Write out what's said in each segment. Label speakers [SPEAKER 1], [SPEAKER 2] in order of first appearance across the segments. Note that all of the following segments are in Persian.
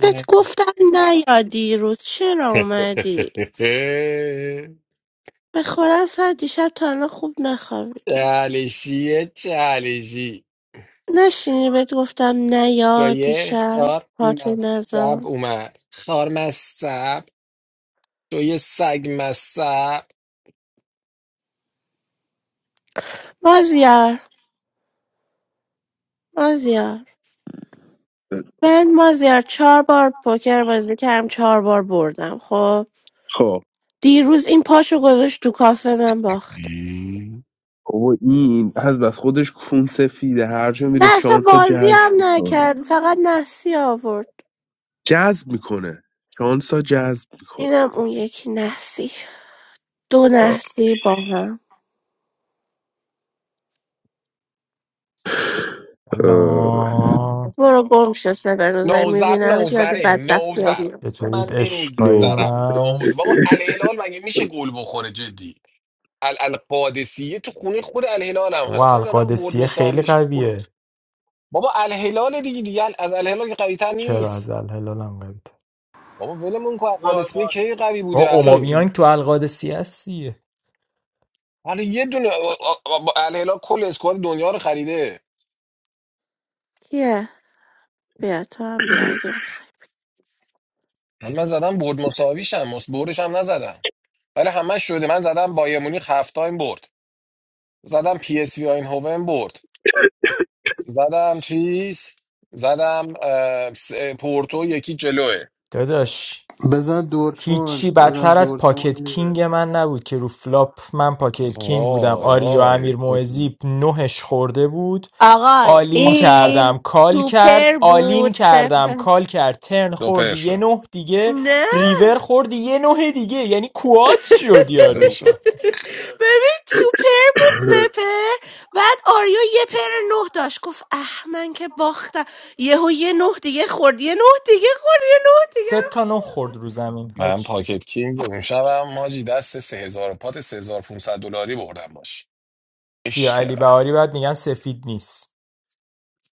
[SPEAKER 1] بهت گفتم نیا دیروز چرا اومدی؟ به خدا سر دیشب تا الان خوب نخوابیدم
[SPEAKER 2] چالشیه چالشی
[SPEAKER 1] نشینی بهت گفتم
[SPEAKER 2] تو
[SPEAKER 1] نیا
[SPEAKER 2] یه
[SPEAKER 1] دیشب
[SPEAKER 2] خار
[SPEAKER 1] پاتو
[SPEAKER 2] مصب
[SPEAKER 1] نزار
[SPEAKER 2] اومد خار مصب تو یه سگ مصب
[SPEAKER 1] مازیار مازیار من مازیار چهار بار پوکر بازی کردم چهار بار بردم خب
[SPEAKER 3] خب
[SPEAKER 1] دیروز این پاشو گذاشت تو کافه من باختم
[SPEAKER 3] بابا این از بس خودش کون سفیده هر جا میره
[SPEAKER 1] نه اصلا
[SPEAKER 3] شانس ها
[SPEAKER 1] بازی
[SPEAKER 3] جذب
[SPEAKER 1] هم
[SPEAKER 3] میکنه
[SPEAKER 1] نکرد فقط نحسی آورد
[SPEAKER 3] جذب میکنه شانس ها جذب میکنه
[SPEAKER 1] اینم اون یکی نحسی دو
[SPEAKER 3] آه.
[SPEAKER 1] نحسی با هم
[SPEAKER 3] آه.
[SPEAKER 4] سلام
[SPEAKER 1] برو گم شو سبر روزایی
[SPEAKER 2] نوزر
[SPEAKER 1] میبینم یاد
[SPEAKER 2] نوزره
[SPEAKER 1] بدبختی هم
[SPEAKER 2] نوزر
[SPEAKER 1] میفته
[SPEAKER 2] من
[SPEAKER 4] چطورید عشقای
[SPEAKER 3] نوبه
[SPEAKER 2] نمیگذرم
[SPEAKER 4] من
[SPEAKER 2] نوز بابا الهلال مگه میشه گل بخوره جدی ال القادسیه تو خونه خود الهلال هم
[SPEAKER 4] و
[SPEAKER 2] هست من زدم برد
[SPEAKER 4] القادسیه خیلی
[SPEAKER 2] مساویش گل
[SPEAKER 4] قویه
[SPEAKER 2] بابا الهلال دیگه دیگه از الهلال که قوی‌تر
[SPEAKER 4] چرا
[SPEAKER 2] نیست
[SPEAKER 4] از الهلال هم قویه
[SPEAKER 2] بابا ولمون کن
[SPEAKER 5] رئال
[SPEAKER 2] قادسیه کی
[SPEAKER 5] مادرید
[SPEAKER 2] قوی بوده
[SPEAKER 4] او
[SPEAKER 2] الان تو
[SPEAKER 4] اومابیانگ تو القادسیه هستیه
[SPEAKER 2] حالا یه دونه با الهلال کل اسکواد دنیا رو خریده
[SPEAKER 1] کیه بیا تو هم بیا اگه میخوای
[SPEAKER 2] من من زدم برد مساویشم مس- بردش هم نزدم ولی همش شده من زدم بایر مونیخ هفت تایم برد زدم پی اس وی آینهوون برد زدم چیز زدم اه، س- پورتو یکی جلوه
[SPEAKER 4] داداش
[SPEAKER 6] بزن دورتموند
[SPEAKER 4] هیچی
[SPEAKER 6] بزن
[SPEAKER 4] بدتر از
[SPEAKER 6] دورتموند
[SPEAKER 4] پاکت کینگ
[SPEAKER 6] میبره
[SPEAKER 4] من نبود که رو فلاپ من پاکت کینگ بودم
[SPEAKER 2] وای
[SPEAKER 4] آریو
[SPEAKER 2] وای
[SPEAKER 4] امیر موعظی نهش خورده بود
[SPEAKER 1] آقا
[SPEAKER 4] آلین
[SPEAKER 2] پات پم
[SPEAKER 4] کردم
[SPEAKER 1] این
[SPEAKER 4] کال کرد
[SPEAKER 1] سوپر
[SPEAKER 4] آلین
[SPEAKER 1] بود
[SPEAKER 4] کردم
[SPEAKER 1] سپر
[SPEAKER 4] کال کرد ترن
[SPEAKER 2] دوپر
[SPEAKER 4] خوردی یه
[SPEAKER 2] شد
[SPEAKER 4] نه دیگه
[SPEAKER 1] نه
[SPEAKER 4] ریور خوردی یه نه دیگه یعنی کوات شد
[SPEAKER 2] آره
[SPEAKER 4] یارو
[SPEAKER 2] شد
[SPEAKER 1] ببین تو پر بود سه بعد آریو یه پر نه داشت گفت اه من که باختم یهو یه نه دیگه خورد یه نه دیگه خورد یه نه دیگه
[SPEAKER 4] سه تا نه خورد رو زمین
[SPEAKER 2] من
[SPEAKER 4] حاج
[SPEAKER 2] پاکت کینگ اون شبم ماجی دست 3000 پات 3500 دلاری بردم باش
[SPEAKER 4] بیا علی
[SPEAKER 2] عشق
[SPEAKER 4] بهاری بعد میگن سفید نیست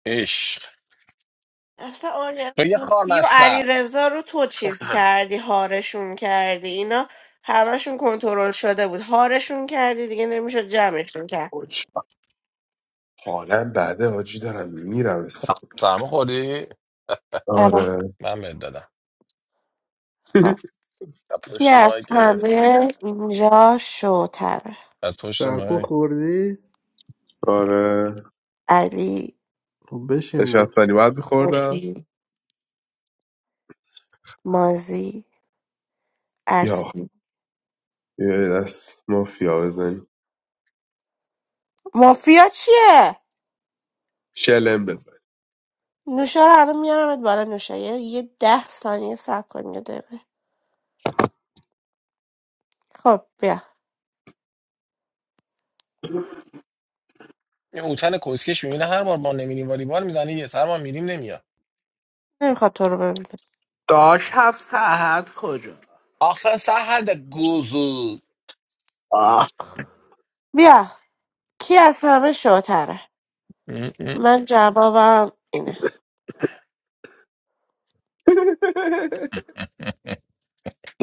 [SPEAKER 2] عشق
[SPEAKER 1] اصلا آریا
[SPEAKER 2] تو یه خار
[SPEAKER 1] صوفی و
[SPEAKER 2] مصب
[SPEAKER 1] علیرضا رو تو چیز کردی هارشون کردی اینا همشون کنترل شده بود هارشون کردی دیگه نمیشد جمعشون کرد
[SPEAKER 3] حاج، حالا بعده حاجی دارم میمیرم اسم
[SPEAKER 2] سرما خوردی؟
[SPEAKER 1] آره
[SPEAKER 3] آره
[SPEAKER 2] من بهت دادم
[SPEAKER 1] خب
[SPEAKER 2] از
[SPEAKER 1] کی
[SPEAKER 2] پشت ماه
[SPEAKER 1] از
[SPEAKER 2] گرفت
[SPEAKER 1] همه اینجا شوتره
[SPEAKER 2] از پشت
[SPEAKER 6] سرپا
[SPEAKER 2] ماه
[SPEAKER 6] خوردی؟
[SPEAKER 3] آره
[SPEAKER 1] علی
[SPEAKER 6] خب بشین برو.
[SPEAKER 3] نشستنی باید میخوردم
[SPEAKER 1] مفی مازی
[SPEAKER 3] یا خ-
[SPEAKER 1] ارسی
[SPEAKER 3] یه دست مافیا بزنیم
[SPEAKER 1] مافیا چیه
[SPEAKER 3] شلم بزن
[SPEAKER 1] نوشا رو الان میارمت بالا نوشا یه یه ده ثانیه صبر کن یه دقیقه خب بیا
[SPEAKER 2] این اوتن کسکش میبینه هر بار ما نمیریم والیبال میزنه یه سر ما میریم نمیاد
[SPEAKER 1] نمیخواد تو رو ببینه
[SPEAKER 3] داش هفت ساعت کجا
[SPEAKER 2] آخه سهر گوزو
[SPEAKER 3] آه.
[SPEAKER 1] بیا کی از همه شوتره من جوابم اینه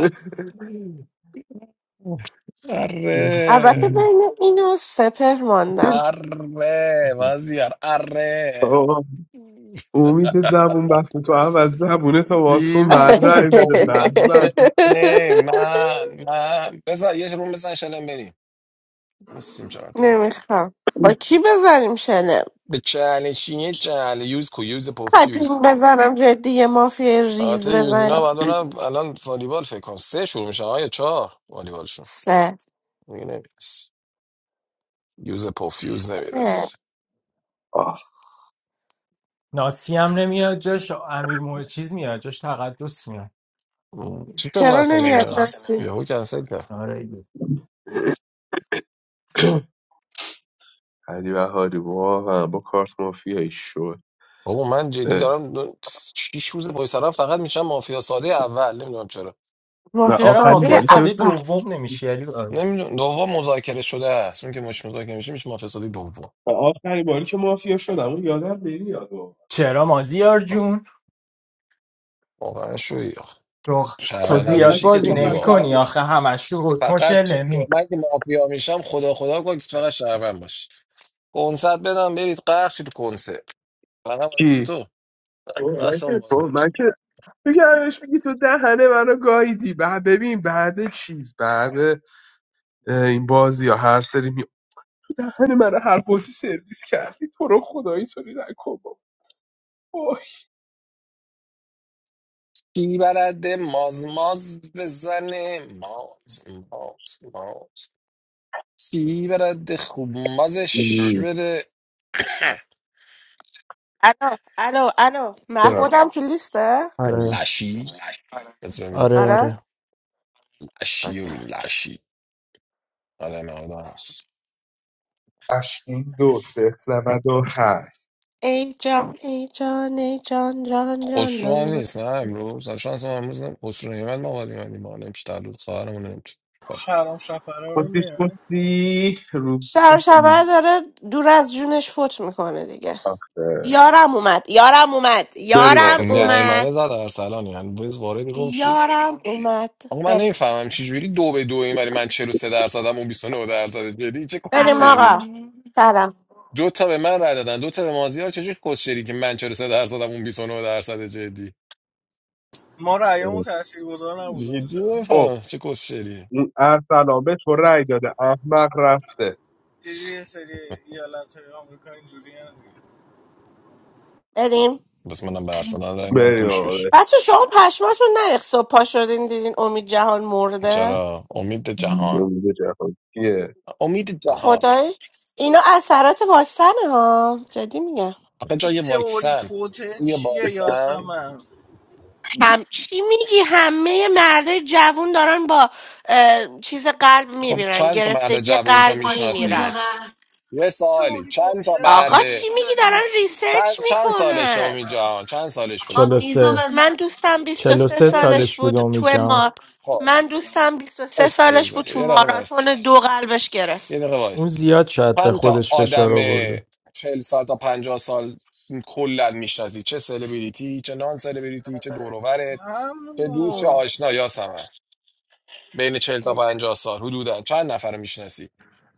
[SPEAKER 1] البته
[SPEAKER 2] اره
[SPEAKER 1] بین اینو سپر ماندم
[SPEAKER 2] اره وزیار اره
[SPEAKER 3] آقا امید زبون بسته تو اول زبونه تو باز
[SPEAKER 2] کی
[SPEAKER 3] کن بعد
[SPEAKER 2] بلده
[SPEAKER 3] رای بده بعد
[SPEAKER 2] تومک
[SPEAKER 3] بعد
[SPEAKER 2] بزنه من من بزن یه روم بزن شلم بریم نیستیم چهار تا
[SPEAKER 1] نمیخوام با کی بزنیم شلم
[SPEAKER 2] به چهلنشینی چهل یوز کو یوز پوفیوز
[SPEAKER 1] حتیم بزنم جدی یه مافیا ریز
[SPEAKER 2] البته یوزینا بعد
[SPEAKER 1] بزنیم
[SPEAKER 2] برن الان والیبال فکر کنم سه شروع میشه آیا چهار والیبالشون
[SPEAKER 1] سه
[SPEAKER 2] دیگه نمیرس یوز پوفیوز
[SPEAKER 1] سه
[SPEAKER 2] نمیرس
[SPEAKER 3] آه
[SPEAKER 4] ناسی هم نمیاد جاش امیر مو... چیز میاد جاش تقدس میاد
[SPEAKER 2] چی شد
[SPEAKER 1] چرا
[SPEAKER 2] ناصر
[SPEAKER 1] نمیاد
[SPEAKER 2] نمیاد
[SPEAKER 1] نسید
[SPEAKER 2] یهو کنسل کرد
[SPEAKER 4] آره دیگه.
[SPEAKER 3] علی بهاری واقعا با کارت مافیایی شد
[SPEAKER 2] بابا من جدی
[SPEAKER 3] اه.
[SPEAKER 2] دارم دو... شیش روز پای سرم فقط میشم مافیا ساده اول نمیدونم چرا
[SPEAKER 3] و
[SPEAKER 1] مافیا
[SPEAKER 4] چرا
[SPEAKER 3] آخرین
[SPEAKER 4] مافیا
[SPEAKER 1] ساده
[SPEAKER 3] باری که
[SPEAKER 4] ساده
[SPEAKER 1] اول
[SPEAKER 4] دوم نمیشی علی بهاری
[SPEAKER 2] نمیدونم دوم مذاکره شده است اون که مش مذاکره میشه میشه مافیا ساده دوم
[SPEAKER 3] و آخرین باری که مافیا شدم اون یادم نمیاد واقعا.
[SPEAKER 4] چرا مازیار
[SPEAKER 2] آخه
[SPEAKER 4] جون
[SPEAKER 2] واقعا شوی آخه
[SPEAKER 4] تو تو
[SPEAKER 2] شهروندم
[SPEAKER 4] زیاد
[SPEAKER 3] همش
[SPEAKER 2] میشی که
[SPEAKER 4] بازی
[SPEAKER 2] تو
[SPEAKER 4] نمی
[SPEAKER 2] دیوار
[SPEAKER 4] کنی آخه همش تو حکم و
[SPEAKER 2] فقط
[SPEAKER 4] شلمی
[SPEAKER 2] من که مافیا میشم خدا خدا کن که فقط شهروند باشی کنسرت بدم برید غرق شید کنسرت فقط از
[SPEAKER 3] کی
[SPEAKER 2] تو بس اون
[SPEAKER 3] تو
[SPEAKER 2] بازی
[SPEAKER 3] من که تو گرمش میگی تو دهنه منو گاییدی بعد ببین بعد چیز بعد اه، این بازی ها هر سری می دهن منو هر بازی سرویس کردی تو رو خدایی تو نکن اوه،
[SPEAKER 2] کی بلده ماز ماز بزنه ماز ماز ماز کی بلده خوب مازش
[SPEAKER 3] ببخشید.
[SPEAKER 2] بده
[SPEAKER 1] الو الو الو محمودم تو لیسته
[SPEAKER 4] آره
[SPEAKER 2] لشی بس ببین
[SPEAKER 4] آره
[SPEAKER 1] آره
[SPEAKER 4] آره
[SPEAKER 2] لشی و
[SPEAKER 1] اوکی
[SPEAKER 2] بین لشی آره نه آدم هست
[SPEAKER 3] اشکین دو صفر نود و هشت
[SPEAKER 1] ای جان ای جان ای جان جان جان
[SPEAKER 2] خسرو هم
[SPEAKER 1] جان
[SPEAKER 2] نیست نه امروز شانس ما امروز نه خسرو نیمت ما قادیم ما نمیشه تولد خواهرمون نمیشه
[SPEAKER 5] شهرام شفره رو
[SPEAKER 3] کسیش
[SPEAKER 5] میاد
[SPEAKER 3] کسی رو
[SPEAKER 1] شر و شبر
[SPEAKER 3] کسی
[SPEAKER 1] داره دور از جونش فوت میکنه دیگه
[SPEAKER 3] آخه
[SPEAKER 1] یارم اومد یارم اومد
[SPEAKER 3] بریم
[SPEAKER 1] یارم
[SPEAKER 3] آقا بریم
[SPEAKER 1] اومد
[SPEAKER 2] نیومده ده درصلانی یعنی بز وارد روم شی
[SPEAKER 1] یارم اومد
[SPEAKER 2] آقا من
[SPEAKER 1] بریم
[SPEAKER 2] نمیفهمم چه جوری دو به دو این ولی من 43 درصدم اون 29 درصد جدی چه
[SPEAKER 1] بریم
[SPEAKER 2] کسشریه
[SPEAKER 1] آقا
[SPEAKER 7] الان
[SPEAKER 1] سلام
[SPEAKER 2] دو تا به من رای دادن دو تا به مازیار چجوری کسشری که من 43 درصدم اون 29 درصد جدی
[SPEAKER 5] ما رأیمون
[SPEAKER 3] بریم.
[SPEAKER 5] تاثیرگذار نبوده
[SPEAKER 2] جدی
[SPEAKER 5] باشم
[SPEAKER 3] خب
[SPEAKER 2] نمیفهمم چه کسشریه
[SPEAKER 3] اون ارسلان به تو رأی داده احمق رفته
[SPEAKER 5] دیدی یه سری ایالت های آمریکا اینجوری دیگه
[SPEAKER 1] بریم
[SPEAKER 2] بس منم به
[SPEAKER 7] بریم
[SPEAKER 2] ارسنال رای میدم
[SPEAKER 3] بریم
[SPEAKER 2] پوش
[SPEAKER 3] آقا
[SPEAKER 2] بش
[SPEAKER 3] بریم.
[SPEAKER 1] بچه شما پشماتون نریخ صبح پا شدین دیدین امید جهان مرده
[SPEAKER 2] چرا امید جهان
[SPEAKER 3] امید جهان کیه؟
[SPEAKER 2] امید جهان
[SPEAKER 1] خدای اینا اثرات واکسنه ها جدی میگم
[SPEAKER 2] آقا
[SPEAKER 5] این
[SPEAKER 2] جای
[SPEAKER 5] تئوری
[SPEAKER 2] واکسن
[SPEAKER 5] توته
[SPEAKER 2] روی
[SPEAKER 5] چیه
[SPEAKER 2] باستن
[SPEAKER 5] یاسمن
[SPEAKER 1] هم چی میگی همه مرده جوون دارن با اه، چیز قلب
[SPEAKER 2] خب
[SPEAKER 1] میمیرن
[SPEAKER 2] چند تا مرد
[SPEAKER 1] گرفتگی
[SPEAKER 2] جوون تو
[SPEAKER 1] قلب
[SPEAKER 7] با چیز
[SPEAKER 1] میمیرن
[SPEAKER 2] میشناسی
[SPEAKER 7] قهر
[SPEAKER 2] یه سوالی
[SPEAKER 5] تئوری
[SPEAKER 2] چند
[SPEAKER 5] توته
[SPEAKER 2] تا
[SPEAKER 1] آقا
[SPEAKER 5] هست
[SPEAKER 2] مرد
[SPEAKER 5] اینی
[SPEAKER 1] چی میگی
[SPEAKER 5] داری
[SPEAKER 1] دارن
[SPEAKER 5] میگی
[SPEAKER 1] ریسرچ
[SPEAKER 2] چند چند سالشه
[SPEAKER 1] میکنن
[SPEAKER 2] امید جان چند سالش
[SPEAKER 7] آقا
[SPEAKER 2] بود
[SPEAKER 4] چلو
[SPEAKER 7] میزو
[SPEAKER 4] سه
[SPEAKER 1] من
[SPEAKER 7] بزن
[SPEAKER 1] دوستم بیست و
[SPEAKER 4] چلو
[SPEAKER 1] سه
[SPEAKER 4] سه
[SPEAKER 2] حالا سه
[SPEAKER 1] سالش
[SPEAKER 4] سالش
[SPEAKER 2] سال
[SPEAKER 4] بود
[SPEAKER 1] بود
[SPEAKER 4] امید
[SPEAKER 1] تو
[SPEAKER 4] جان
[SPEAKER 1] ما
[SPEAKER 2] خب
[SPEAKER 1] من دوستم بیست و
[SPEAKER 2] سه
[SPEAKER 1] سه
[SPEAKER 2] سال یه
[SPEAKER 1] سالش بود
[SPEAKER 2] ذره.
[SPEAKER 1] تو
[SPEAKER 2] یه دقیقه وایس
[SPEAKER 1] ماراتون دو قلبش
[SPEAKER 2] یه
[SPEAKER 1] گرفت
[SPEAKER 2] دقیقه
[SPEAKER 4] اون
[SPEAKER 2] وایس
[SPEAKER 4] زیاد شاید به
[SPEAKER 2] پنج تا
[SPEAKER 4] خودش فشار
[SPEAKER 2] آدم
[SPEAKER 4] آورده
[SPEAKER 2] چهل سال تا پنجاه سال کلا میشناسی چه سلبریتی چه نان سلبریتی چه دوروبرت چه دوست چه آشنا یاسمن بین چهل تا
[SPEAKER 1] خیلی.
[SPEAKER 2] پنجاه سال حدودا چند نفر میشناسی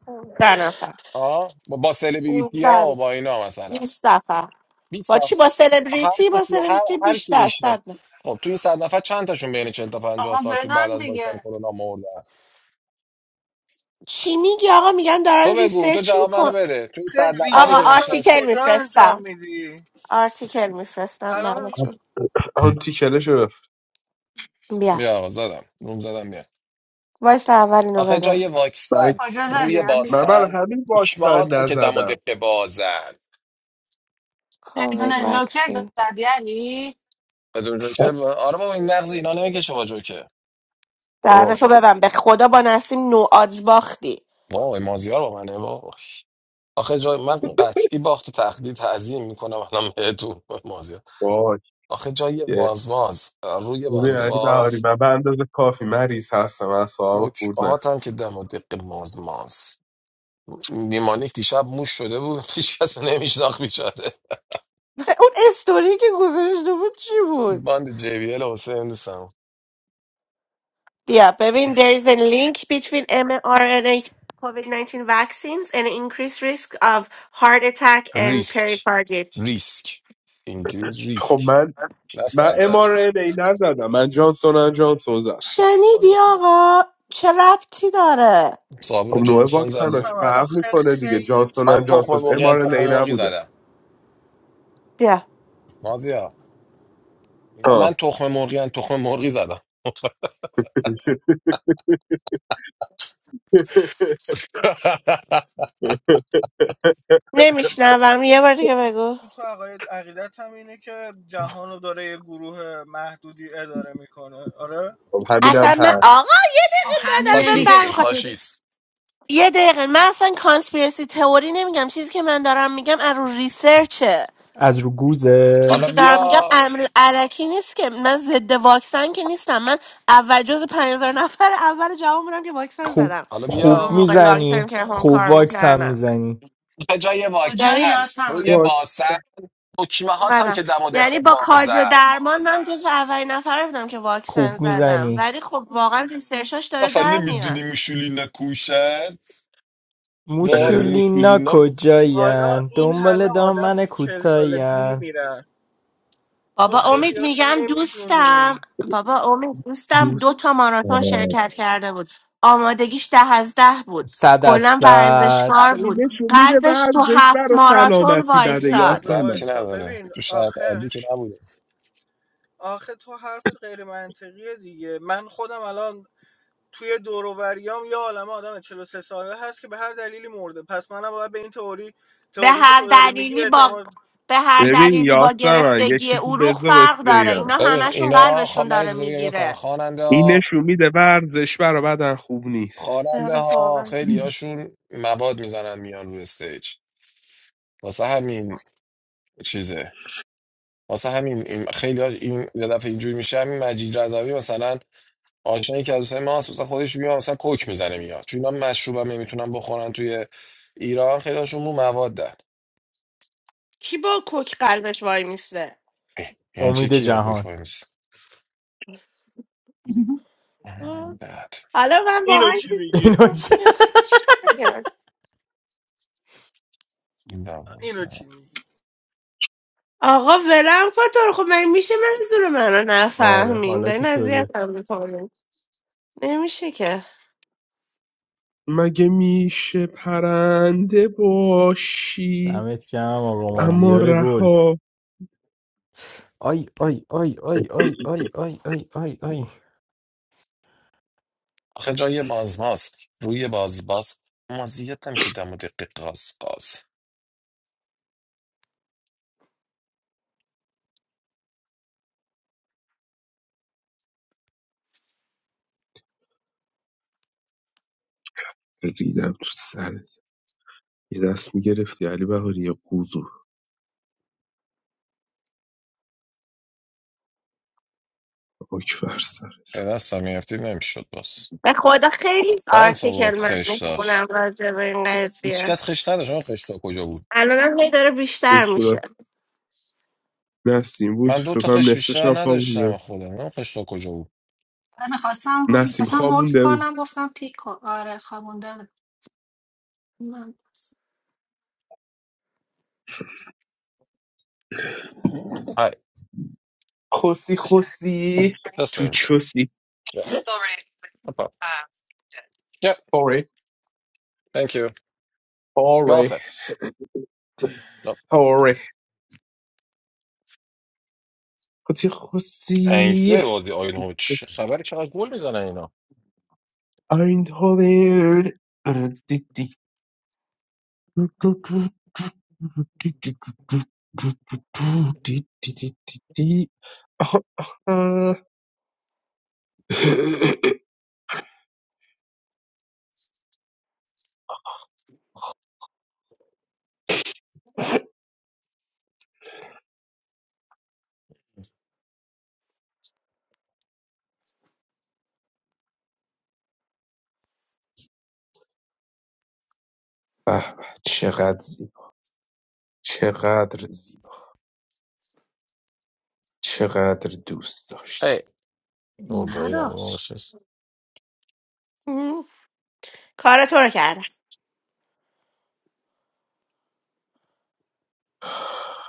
[SPEAKER 1] 15 نفر
[SPEAKER 2] آه با با سلبریتی ها
[SPEAKER 1] 15
[SPEAKER 2] و با اینا مثلا
[SPEAKER 1] 20 نفر
[SPEAKER 2] 20
[SPEAKER 1] با چی
[SPEAKER 2] نفر
[SPEAKER 1] با
[SPEAKER 2] هر
[SPEAKER 1] سلبریتی با
[SPEAKER 2] کسی هر
[SPEAKER 1] سلبریتی
[SPEAKER 2] هر کی
[SPEAKER 1] بیشتر
[SPEAKER 2] میشناس
[SPEAKER 1] صد نفر.
[SPEAKER 2] خب تو این صد نفر چند تاشون بین چهل تا پنجاه
[SPEAKER 7] آقا
[SPEAKER 2] سال تو بعد
[SPEAKER 7] بزن
[SPEAKER 2] از واکسن
[SPEAKER 7] دیگه
[SPEAKER 2] کرونا مردن
[SPEAKER 1] چی میگی آقا میگم دارن
[SPEAKER 2] تو بگو تو
[SPEAKER 1] ریسرچ
[SPEAKER 2] جواب منو
[SPEAKER 1] میکن
[SPEAKER 2] بده تو این
[SPEAKER 5] خیلی
[SPEAKER 2] صد نفری
[SPEAKER 1] آقا
[SPEAKER 2] که
[SPEAKER 5] ریسرچ از
[SPEAKER 1] آرتیکل
[SPEAKER 2] میشناسی
[SPEAKER 5] کجا انجام
[SPEAKER 1] میفرستم
[SPEAKER 5] میدی
[SPEAKER 1] آرتیکل میفرستم
[SPEAKER 5] الان
[SPEAKER 1] براتون
[SPEAKER 3] آن تیکلشو بفرست.
[SPEAKER 1] بیا
[SPEAKER 2] بیا آقا زدم روم زدم بیا
[SPEAKER 1] وایس اولینو
[SPEAKER 2] آخه
[SPEAKER 1] بدم
[SPEAKER 2] جای
[SPEAKER 3] من
[SPEAKER 2] واکسن
[SPEAKER 7] کجا زدی
[SPEAKER 2] روی
[SPEAKER 7] علی
[SPEAKER 3] من برای
[SPEAKER 2] باسن
[SPEAKER 3] همین
[SPEAKER 2] دکمه
[SPEAKER 3] واکسن
[SPEAKER 2] هات هم که دم و
[SPEAKER 3] نزدم
[SPEAKER 2] دقه بازن
[SPEAKER 7] بدون لوکر
[SPEAKER 1] کووید
[SPEAKER 7] زدی علی
[SPEAKER 2] بدون جوکر با- آره بابا این نقض اینا نمیکشه با جوکر
[SPEAKER 3] وای
[SPEAKER 1] دهنشو ببند به خدا با نسیم نو آدز باختی
[SPEAKER 2] وای مازیار با منه بابا آخه جای من قطعی باخت و تقدید تعظیم میکنم الان بهتون مازیار
[SPEAKER 3] وای
[SPEAKER 2] آخه جای
[SPEAKER 3] یه.
[SPEAKER 2] مازماز روی
[SPEAKER 3] ببین علی بهاری
[SPEAKER 2] مازماز
[SPEAKER 3] من به اندازه کافی مریض هستم اصلا خورد
[SPEAKER 2] دکمه
[SPEAKER 3] نه
[SPEAKER 2] هات هم که دم و دقه مازماز نیمانیک دیشب موش شده بود هیچ کس نمیشناخت بیچاره
[SPEAKER 1] اون استوری که گذاشته بود چی بود
[SPEAKER 2] باند JBL واسه این دوستم
[SPEAKER 1] بیا ببین there is a link between mRNA COVID-19 vaccines and increased risk of heart attack and
[SPEAKER 2] ریسک
[SPEAKER 1] pericarditis
[SPEAKER 2] ریسک انگلیس
[SPEAKER 3] خب
[SPEAKER 2] ریسک
[SPEAKER 3] من
[SPEAKER 2] نه
[SPEAKER 3] من
[SPEAKER 2] صد درصد
[SPEAKER 3] mRNA نزدم من جانسون ان جانسون زدم
[SPEAKER 1] شنیدی آقا چه ربطی داره
[SPEAKER 3] خب
[SPEAKER 2] صابون
[SPEAKER 3] نوع
[SPEAKER 2] جانسون زد
[SPEAKER 3] واکسن ها چه
[SPEAKER 5] یاسمن
[SPEAKER 3] فرق
[SPEAKER 5] آخه
[SPEAKER 3] میکنه دیگه
[SPEAKER 5] خیلی
[SPEAKER 3] جانسون
[SPEAKER 2] من
[SPEAKER 3] ان
[SPEAKER 5] تئوری
[SPEAKER 2] تخم
[SPEAKER 3] جانسون
[SPEAKER 2] مرغی ان
[SPEAKER 5] توته
[SPEAKER 2] تخم
[SPEAKER 3] mRNA
[SPEAKER 2] مرغی
[SPEAKER 3] نبوده
[SPEAKER 5] هست
[SPEAKER 2] زدم
[SPEAKER 1] بیا
[SPEAKER 2] مازیا میگم
[SPEAKER 3] آه.
[SPEAKER 2] من تخم مرغی ان تخم مرغی زدم
[SPEAKER 1] نمیشنوم یه بار دیگه بگو
[SPEAKER 5] اون تو عقاید عقیدت هم اینه که جهان رو داره یه گروه محدودی اداره میکنه آره
[SPEAKER 3] خب همین هم
[SPEAKER 1] اصلا من
[SPEAKER 3] هست
[SPEAKER 1] آقا یه
[SPEAKER 7] خب
[SPEAKER 1] دقیقه
[SPEAKER 7] همینه
[SPEAKER 1] نداره من
[SPEAKER 7] دیگه
[SPEAKER 2] ساشیست
[SPEAKER 1] برمیخواد
[SPEAKER 2] ساشیست
[SPEAKER 1] یه دقیقه من اصلا کانسپیرسی تئوری نمیگم چیزی که من دارم میگم از رو ریسرچه
[SPEAKER 4] از رو گوزه
[SPEAKER 1] چیزی
[SPEAKER 2] حالا
[SPEAKER 1] که دارم میگم
[SPEAKER 2] بیا
[SPEAKER 1] عمل علکی نیست که من ضد واکسن که نیستم من اول جز 5000 نفر اول جواب بودم که واکسن
[SPEAKER 4] خوب
[SPEAKER 1] زدم
[SPEAKER 2] حالا
[SPEAKER 1] چون
[SPEAKER 4] خوب
[SPEAKER 1] اون
[SPEAKER 2] بیا
[SPEAKER 1] موقع لانگ ترم
[SPEAKER 4] میزنی
[SPEAKER 1] که هم
[SPEAKER 4] خوب
[SPEAKER 1] کار
[SPEAKER 4] واکس هم
[SPEAKER 1] میکردم
[SPEAKER 4] میزنی
[SPEAKER 2] به جای
[SPEAKER 7] کجا
[SPEAKER 1] یعنی
[SPEAKER 2] واکسن روی
[SPEAKER 7] یاسم
[SPEAKER 3] خب،
[SPEAKER 2] باسن دکمه هم
[SPEAKER 1] اومدم
[SPEAKER 2] که دم و دقیقه
[SPEAKER 1] یعنی با کاج و
[SPEAKER 2] بازن
[SPEAKER 1] درمان من جز اولین نفر بودم که واکسن
[SPEAKER 4] خوب
[SPEAKER 1] زدم
[SPEAKER 4] میزنی
[SPEAKER 1] ولی خب واقعا ریسرچاش داره
[SPEAKER 2] نفر
[SPEAKER 1] در میاد
[SPEAKER 2] نمیدونی موشولینا کوشن وای
[SPEAKER 4] موشولینا
[SPEAKER 2] موشولینا
[SPEAKER 5] حالا
[SPEAKER 4] کجاین
[SPEAKER 5] این همه
[SPEAKER 4] دنبال
[SPEAKER 5] آدم
[SPEAKER 4] دامن
[SPEAKER 5] تو چهل سالگی
[SPEAKER 4] کوتاین
[SPEAKER 5] میمیرن
[SPEAKER 1] بابا
[SPEAKER 5] تو
[SPEAKER 1] امید
[SPEAKER 5] خیلی هاشو
[SPEAKER 1] میگم دوستم
[SPEAKER 5] نمیدونی
[SPEAKER 1] بابا امید دوستم
[SPEAKER 3] دوست
[SPEAKER 1] دو تا ماراتون
[SPEAKER 3] دارم.
[SPEAKER 1] شرکت کرده بود آمادگیش ده از ده بود
[SPEAKER 4] صد از
[SPEAKER 1] کلا
[SPEAKER 4] صد
[SPEAKER 1] ورزشکار
[SPEAKER 3] این
[SPEAKER 1] بود
[SPEAKER 3] نشون میده
[SPEAKER 1] قلبش تو
[SPEAKER 3] ورزش
[SPEAKER 1] هفت
[SPEAKER 3] برای
[SPEAKER 1] ماراتون
[SPEAKER 3] سلامتی بده
[SPEAKER 5] یه
[SPEAKER 1] وایساد
[SPEAKER 5] لحظه
[SPEAKER 2] خب ربطی
[SPEAKER 3] یاسمن
[SPEAKER 5] وایسا
[SPEAKER 2] نداره
[SPEAKER 5] ببین
[SPEAKER 2] تو شرط عادی
[SPEAKER 5] آخه
[SPEAKER 2] که نبوده
[SPEAKER 5] آخه تو حرفت غیر منطقیه دیگه من خودم الان توی دوروبریام یه عالمه آدم 43 ساله هست که به هر دلیلی مرده پس منم باید به این تئوری
[SPEAKER 1] به
[SPEAKER 5] تئوری که
[SPEAKER 1] هر
[SPEAKER 5] تو داری میگی
[SPEAKER 1] دلیلی با
[SPEAKER 5] اعتماد
[SPEAKER 1] به هر
[SPEAKER 3] ببین
[SPEAKER 1] دلیلی با
[SPEAKER 3] یاسمن یه
[SPEAKER 1] گرفتگی
[SPEAKER 3] چیزی
[SPEAKER 1] عروق
[SPEAKER 3] بذار بهت
[SPEAKER 1] فرق داره اینا
[SPEAKER 3] بگم
[SPEAKER 2] ببین
[SPEAKER 1] همشون
[SPEAKER 2] اینا خب
[SPEAKER 1] قلبشون
[SPEAKER 2] من یه
[SPEAKER 1] داره
[SPEAKER 2] چیز دیگه مثلا
[SPEAKER 1] میگیره
[SPEAKER 2] خواننده
[SPEAKER 3] این
[SPEAKER 2] ها
[SPEAKER 3] نشون میده ورزش برای بدن خوب نیست
[SPEAKER 2] خواننده
[SPEAKER 1] آره
[SPEAKER 2] ها
[SPEAKER 1] واقعا
[SPEAKER 2] خیلی هاشون مواد میزنن میان روی استیج واسه همین چیزه واسه همین این خیلی ها این یه دفعه اینجوری میشه همین مجید رضوی مثلا آشنایی که از دوستای ما هست، مثلا خودش میاد مثلا کوک میزنه میاد چون اینا مشروب هم نمیتونن بخورن توی ایران خیلی هاشون مو مواد
[SPEAKER 1] کی با کوک قلبش وای میسته
[SPEAKER 2] یعنی چی
[SPEAKER 4] امید
[SPEAKER 2] کیاکوک
[SPEAKER 4] جهان
[SPEAKER 2] وای میسه
[SPEAKER 1] آه.
[SPEAKER 2] بعد
[SPEAKER 1] حالا من
[SPEAKER 5] اینو
[SPEAKER 1] واقعا
[SPEAKER 5] چی
[SPEAKER 1] چیزی
[SPEAKER 5] میگی
[SPEAKER 4] اینو که
[SPEAKER 1] نمی‌دونم.
[SPEAKER 2] این
[SPEAKER 5] اینو
[SPEAKER 2] دوازده
[SPEAKER 5] چی میگی
[SPEAKER 1] آقا ولم کن تو رو خب من میشه منظور من رو
[SPEAKER 4] آره
[SPEAKER 1] نفهمین
[SPEAKER 4] حالا که
[SPEAKER 1] دارین
[SPEAKER 4] شده
[SPEAKER 1] هم میکنین نمیشه که
[SPEAKER 3] مگه میشه پرنده باشی
[SPEAKER 4] دمت گرم آقا
[SPEAKER 2] بالا
[SPEAKER 3] اما
[SPEAKER 4] مازیار گل
[SPEAKER 3] رها
[SPEAKER 4] آی آی آی آی آی آی آی آی آی آی
[SPEAKER 2] آخه جای بازماست روی بازباس مازیت هم که دم و دقیق قاز قاز
[SPEAKER 3] ریدم تو سرت یه دست میگرفتی علی بهاری یه قوزو آک بر سرت
[SPEAKER 2] به دست هم میرفتی نمیشد باز
[SPEAKER 1] به خدا خیلی
[SPEAKER 2] دانس
[SPEAKER 1] آرتیکل
[SPEAKER 2] آورد
[SPEAKER 1] من
[SPEAKER 2] خش
[SPEAKER 1] میخونم
[SPEAKER 2] داشت
[SPEAKER 1] راجع به این
[SPEAKER 2] هیچ
[SPEAKER 1] قضیه
[SPEAKER 2] کس خش نداشت اون خشتا کجا بود
[SPEAKER 1] الانم هی داره بیشتر میشه
[SPEAKER 3] بشونم. نسیم بود
[SPEAKER 2] من دو
[SPEAKER 3] فکر
[SPEAKER 2] تا
[SPEAKER 3] کنم
[SPEAKER 2] خش
[SPEAKER 3] نصفش
[SPEAKER 2] بیشتر
[SPEAKER 3] هم
[SPEAKER 2] نداشتم
[SPEAKER 3] خوابونده
[SPEAKER 2] خودم اون خشتا کجا بود
[SPEAKER 7] من خواستم
[SPEAKER 3] نسیم
[SPEAKER 7] میخواستم حکم
[SPEAKER 3] خوابونده بود
[SPEAKER 7] کنم گفتم پیک کن آره خوابوندم من بس.
[SPEAKER 2] های
[SPEAKER 3] خوسی خوسی
[SPEAKER 2] just
[SPEAKER 3] تو
[SPEAKER 2] a-
[SPEAKER 3] چوسی
[SPEAKER 2] yeah. It's already- No problem. Yeah,
[SPEAKER 3] آره
[SPEAKER 2] thank you. You're all
[SPEAKER 3] آره
[SPEAKER 2] set. No.
[SPEAKER 3] آره خوسی
[SPEAKER 2] این
[SPEAKER 3] خوسی
[SPEAKER 2] سه بازی آیون هوچ چه خبر چقدر گل میزنه اینا
[SPEAKER 3] Eindhoven آره، دی دی. دو دو دو دو دی دی دو دو دو دو دی دی دی دی دی. آه، آه. به به چقدر زیبا چقدر زیبا چقدر دوست داشته
[SPEAKER 2] هی اوکی then oh,
[SPEAKER 7] نداشت
[SPEAKER 2] she's-
[SPEAKER 1] مم. کار تو رو کردم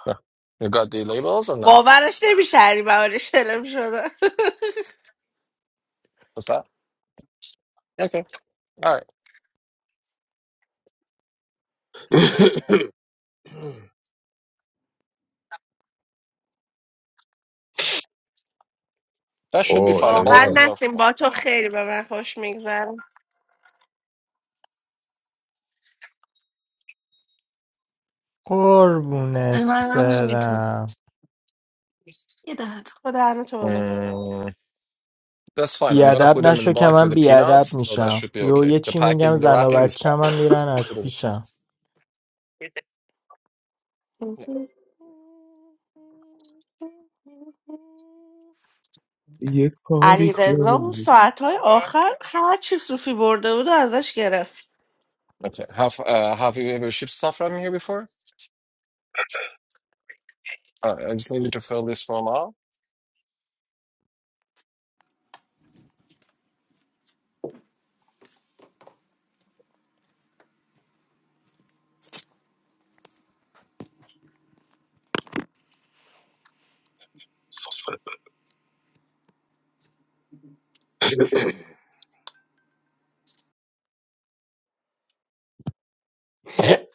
[SPEAKER 2] Yeah. You got the labels or not?
[SPEAKER 1] باورش نمیشه علی بهارش شلم شده
[SPEAKER 2] What's that? Okay. All right. That should be
[SPEAKER 3] اوه
[SPEAKER 2] fine. The
[SPEAKER 3] یعنی
[SPEAKER 1] واقعا
[SPEAKER 3] من
[SPEAKER 2] boxes are
[SPEAKER 1] نسیم
[SPEAKER 2] full.
[SPEAKER 1] با تو خیلی به من خوش میگذره
[SPEAKER 4] قربونت
[SPEAKER 7] منم همینطور
[SPEAKER 4] برم
[SPEAKER 7] یه دهت
[SPEAKER 1] تو دهن تو به من
[SPEAKER 2] Mm, that's fine. I'm gonna
[SPEAKER 4] بیادب
[SPEAKER 2] put them in
[SPEAKER 4] نشو
[SPEAKER 2] the
[SPEAKER 4] که
[SPEAKER 2] box with
[SPEAKER 4] من
[SPEAKER 2] the peanuts,
[SPEAKER 4] بیادب
[SPEAKER 2] so that
[SPEAKER 4] میشم
[SPEAKER 2] should be
[SPEAKER 4] یو
[SPEAKER 2] okay.
[SPEAKER 4] یه
[SPEAKER 2] The
[SPEAKER 4] چی
[SPEAKER 2] packing,
[SPEAKER 4] میگم
[SPEAKER 2] the
[SPEAKER 4] زن و
[SPEAKER 2] wrapping is
[SPEAKER 4] بچه
[SPEAKER 2] fine.
[SPEAKER 4] هم
[SPEAKER 2] I'm just
[SPEAKER 4] میرن
[SPEAKER 2] gonna put
[SPEAKER 4] از
[SPEAKER 2] them in the
[SPEAKER 4] پیشم
[SPEAKER 2] peanuts. Yeah.
[SPEAKER 3] یه کاری
[SPEAKER 1] علی رضا اون
[SPEAKER 3] کنم
[SPEAKER 1] ساعت آخر هر چی صوفی برده بود و ازش گرفت
[SPEAKER 2] Okay. Have uh, have you ever shipped stuff from here before? All right. I just needed to fill this form out.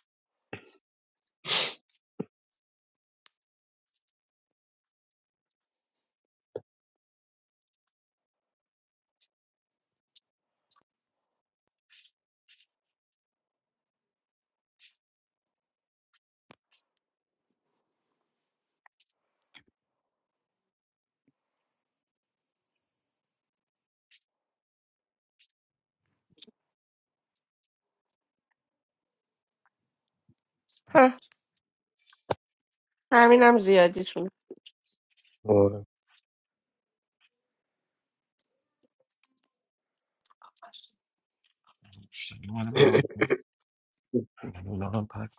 [SPEAKER 1] ها، همینم زیادی
[SPEAKER 3] آره.
[SPEAKER 7] خوش
[SPEAKER 2] Shit, what about on- you know, unpack?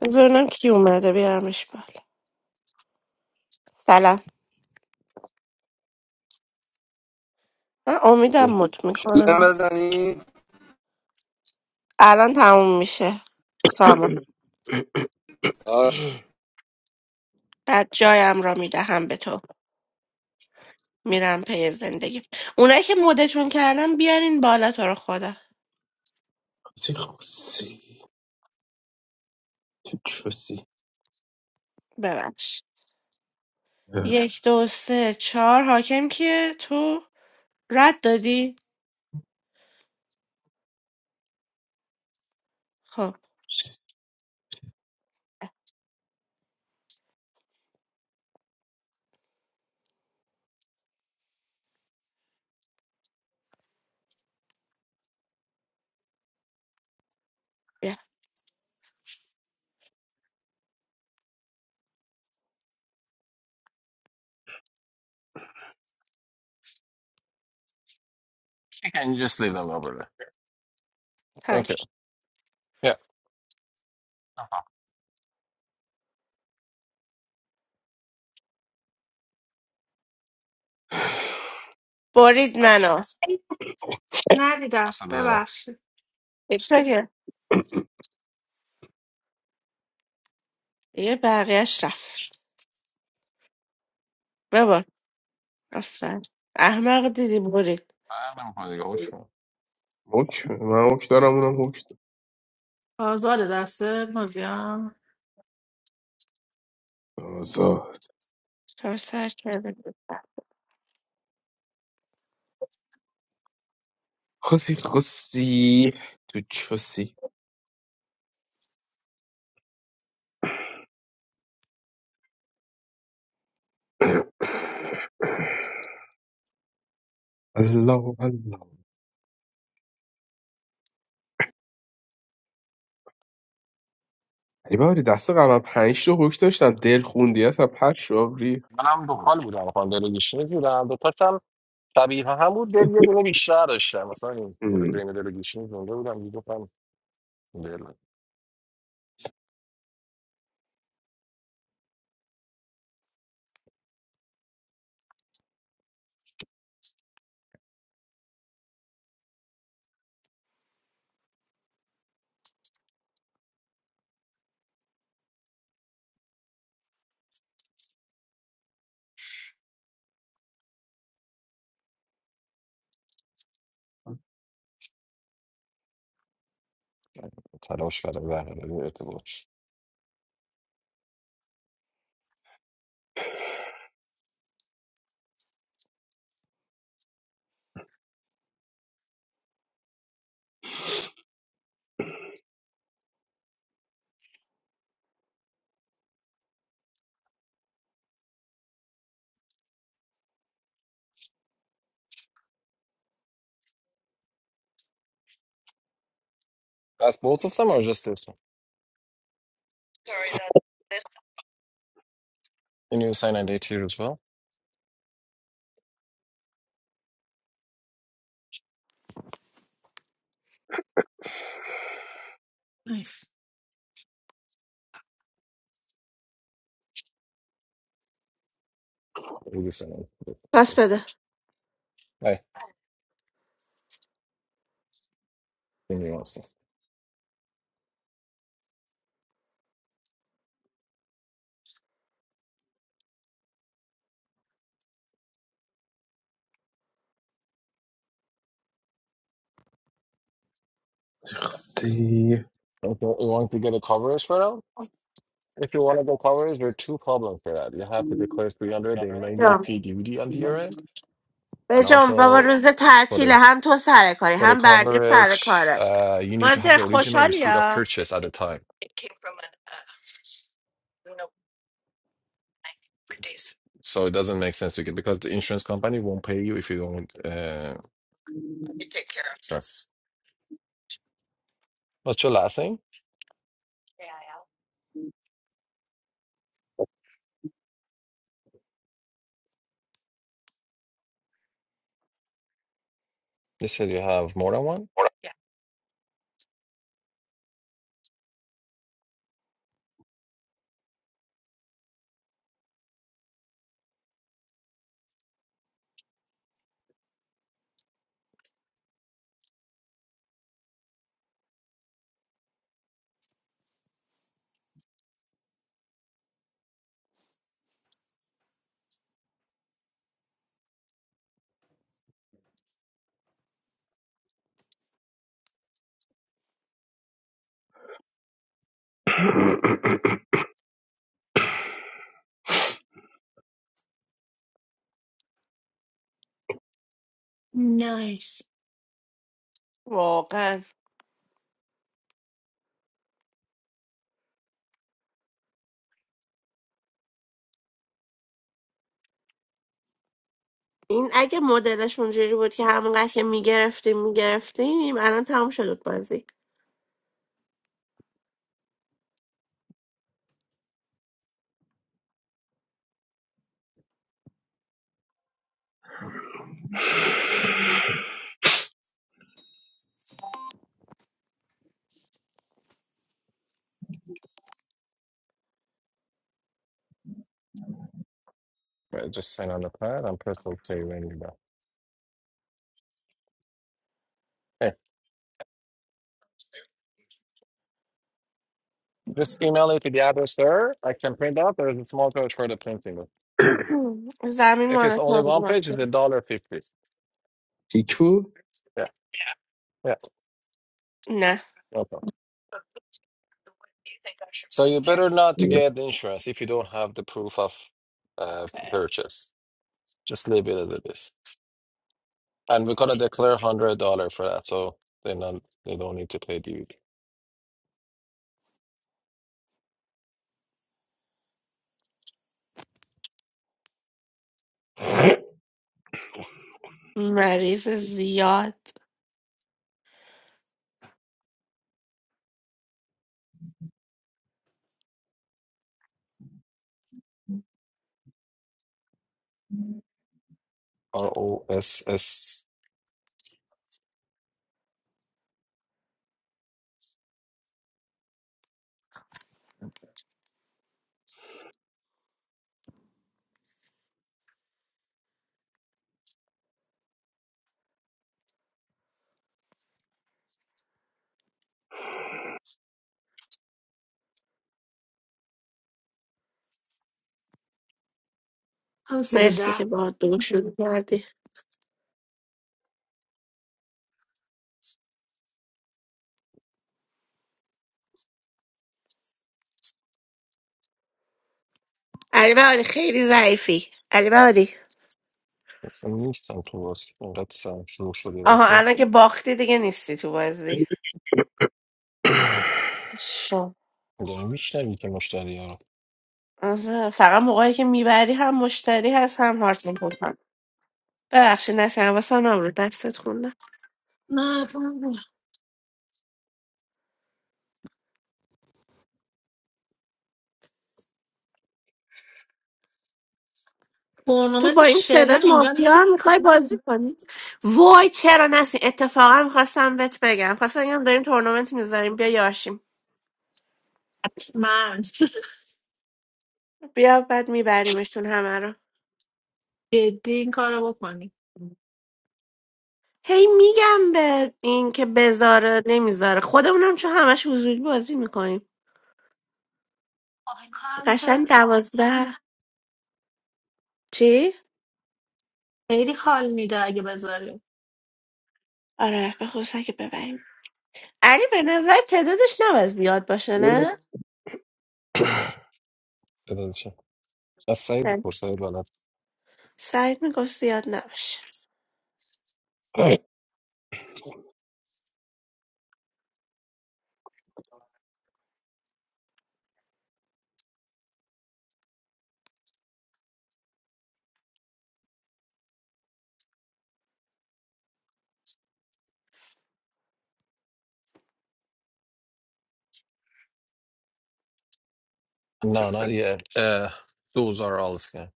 [SPEAKER 1] ببینم کی اومده بیارمش بالا سلام من امیدم مت
[SPEAKER 8] Shalom
[SPEAKER 1] میکنم
[SPEAKER 8] Zani,
[SPEAKER 1] الان تموم میشه سامان
[SPEAKER 8] Ash.
[SPEAKER 1] بعد جایم را میدهم به تو میرم پی زندگی اونایی که مدتون کردم بیارین بالا تو رو خدا
[SPEAKER 3] چه خوصی چه چوسی
[SPEAKER 1] ببخش یک دو سه چهار حاکم کیه تو رد دادی خب بیا
[SPEAKER 2] Can you can just leave them over there?
[SPEAKER 1] تموم
[SPEAKER 2] Thank you.
[SPEAKER 1] شد.
[SPEAKER 2] Yeah. Uh-huh.
[SPEAKER 1] برید
[SPEAKER 2] Got it.
[SPEAKER 1] منو
[SPEAKER 7] ای، ندیدم
[SPEAKER 2] اصلا داره
[SPEAKER 7] ببخشید
[SPEAKER 1] یکی که- یه بقیهش رفت ببر آفر احمق دیدی برید
[SPEAKER 2] فرق نمیکنه دیگه حکم
[SPEAKER 3] مک من مک دارم اونم مک
[SPEAKER 7] آزاد دسته مازیان
[SPEAKER 3] دارم آزاد
[SPEAKER 1] چهار سر کرده
[SPEAKER 3] خوصی خوصی تو چوسی الله الله ای باری دست قبل پنج تا حکم داشتم دل خوندی اصلا پش آوری
[SPEAKER 2] منم دنبال بودم خانم دلگیشینی بودم دو تاشم شبیه هم بود دل یه دونه بیشتر داشتم مثلا این دل بین دلگیشینی زنده بودم دیگه گفتم دل تلاش برای برقراری ارتباط That's both of them or just this one? And you sign a date here as well?
[SPEAKER 7] نیست
[SPEAKER 2] Or you sign on
[SPEAKER 1] پس بده
[SPEAKER 2] Hey, then you want
[SPEAKER 3] شخصی
[SPEAKER 2] If you you want to get a coverage for them? If you want to go coverage, there are two problems for that. You have to declare 300, they may need
[SPEAKER 1] بجام
[SPEAKER 2] P duty on your end. And
[SPEAKER 1] بجام بابا
[SPEAKER 2] also,
[SPEAKER 1] روز
[SPEAKER 2] for the
[SPEAKER 1] تعطیله هم تو سر کاری
[SPEAKER 2] For the
[SPEAKER 1] هم برده سر
[SPEAKER 2] coverage,
[SPEAKER 1] کاره
[SPEAKER 2] uh, you need to have
[SPEAKER 1] مازیار
[SPEAKER 2] the original
[SPEAKER 1] خوشحالی
[SPEAKER 2] receipt of
[SPEAKER 1] ها
[SPEAKER 2] purchase at the time. So it doesn't make sense to get because the insurance company won't pay you if you don't. Uh, start. What's your last name? You said you have more than one.
[SPEAKER 7] نایس
[SPEAKER 1] واقعا این اگه مدلش اونجوری بود که همونقدر که میگرفتیم میگرفتیم الان تمام شد بود بازی
[SPEAKER 2] Right, just sign on the pad and press OK when you're done. Just email it to the address there. I can print out. There's a small charge for the printing.
[SPEAKER 1] هم. زمین
[SPEAKER 2] If it's
[SPEAKER 1] مال
[SPEAKER 2] only
[SPEAKER 1] تو بود،
[SPEAKER 2] one page, it's
[SPEAKER 1] مازیار.
[SPEAKER 2] a dollar fifty.
[SPEAKER 3] کیک بود
[SPEAKER 2] Yeah, yeah,
[SPEAKER 1] نه
[SPEAKER 2] no problem. So you better not to
[SPEAKER 3] نه
[SPEAKER 2] get the insurance if you don't have the proof of uh, purchase. Just leave it as it is. And we're gonna declare hundred dollar for that, so they not they don't need to pay duty.
[SPEAKER 1] مریض زیاد
[SPEAKER 2] R O S S.
[SPEAKER 7] هم زیر
[SPEAKER 1] مرسی
[SPEAKER 7] ده
[SPEAKER 1] که با دور شروع کردی علی بهاری خیلی ضعیفی علی بهاری
[SPEAKER 2] It's a Nissan Cross. Oh, that's uh, شروع شده
[SPEAKER 1] آها
[SPEAKER 2] رفته.
[SPEAKER 1] الان که باختی دیگه نیستی تو بازی
[SPEAKER 2] می‌دونم می‌شنوی که مشتری ها رو.
[SPEAKER 1] آره، فقط موقعی که میبری هم مشتری هست هم هارت میپوشن ببخشید نسی حواسم نبود دستت خوندم
[SPEAKER 7] نه تو-
[SPEAKER 1] تو
[SPEAKER 7] تورنمنت
[SPEAKER 1] با این
[SPEAKER 7] شلم
[SPEAKER 1] صدات
[SPEAKER 7] اینجا
[SPEAKER 1] مافیا هم میخوای
[SPEAKER 7] نیست
[SPEAKER 1] بازی کنی وای چرا نسی اتفاقا میخواستم بهت بگم خواستم بگم داریم تورنمنت میذاریم بیا یاشیم
[SPEAKER 7] حتما
[SPEAKER 1] بیا بعد میبریمشون همه رو
[SPEAKER 7] جدی این کارو بکنی
[SPEAKER 1] هی میگم به این که بذاره نمیذاره خودمونم چون همش حضوری بازی میکنیم
[SPEAKER 7] آه، این کارم که
[SPEAKER 1] قشنگ دوازده چی؟
[SPEAKER 7] خیلی حال میده اگه بذاری
[SPEAKER 1] آره به خصوصا که ببریم علی به نظر تعدادش نباید زیاد باشه نه؟
[SPEAKER 2] بذارشم. از سعید
[SPEAKER 1] خیلی.
[SPEAKER 2] بپرس، سعید بلد
[SPEAKER 1] سعید میگفت زیاد نباشه
[SPEAKER 2] نه نه دیگه اه، دوزار آلز کرد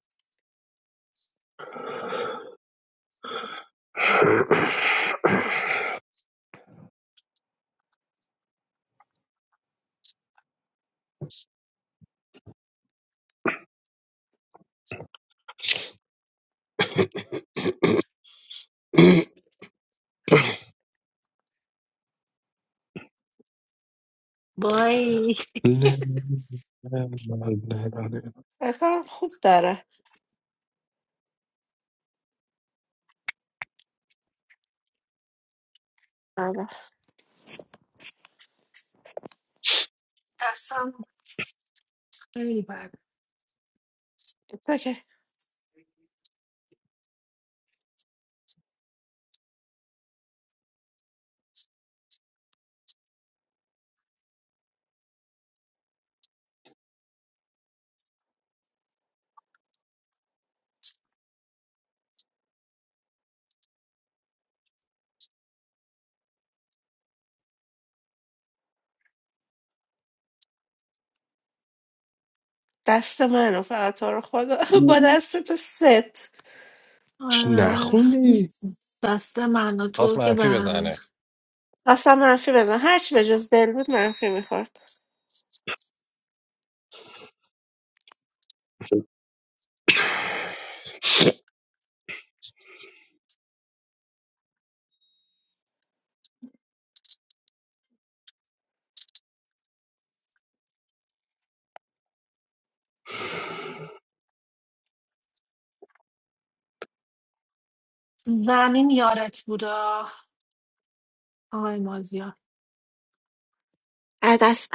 [SPEAKER 7] بای
[SPEAKER 3] نه نه نه
[SPEAKER 1] بکنم خوب داره آره.
[SPEAKER 7] دستم خیلی بد
[SPEAKER 1] تو که دست منو فقط تو رو خدا با دست تو ست
[SPEAKER 7] آه،
[SPEAKER 3] نخونی
[SPEAKER 7] دست من و
[SPEAKER 2] خواست
[SPEAKER 7] تو که به
[SPEAKER 2] منفی
[SPEAKER 7] هم
[SPEAKER 2] بزنه
[SPEAKER 7] می‌خ-
[SPEAKER 1] اصلا منفی بزن هرچی به جز دل بود منفی میخورد
[SPEAKER 7] زمین یارت بودا آقای مازیار
[SPEAKER 1] عدس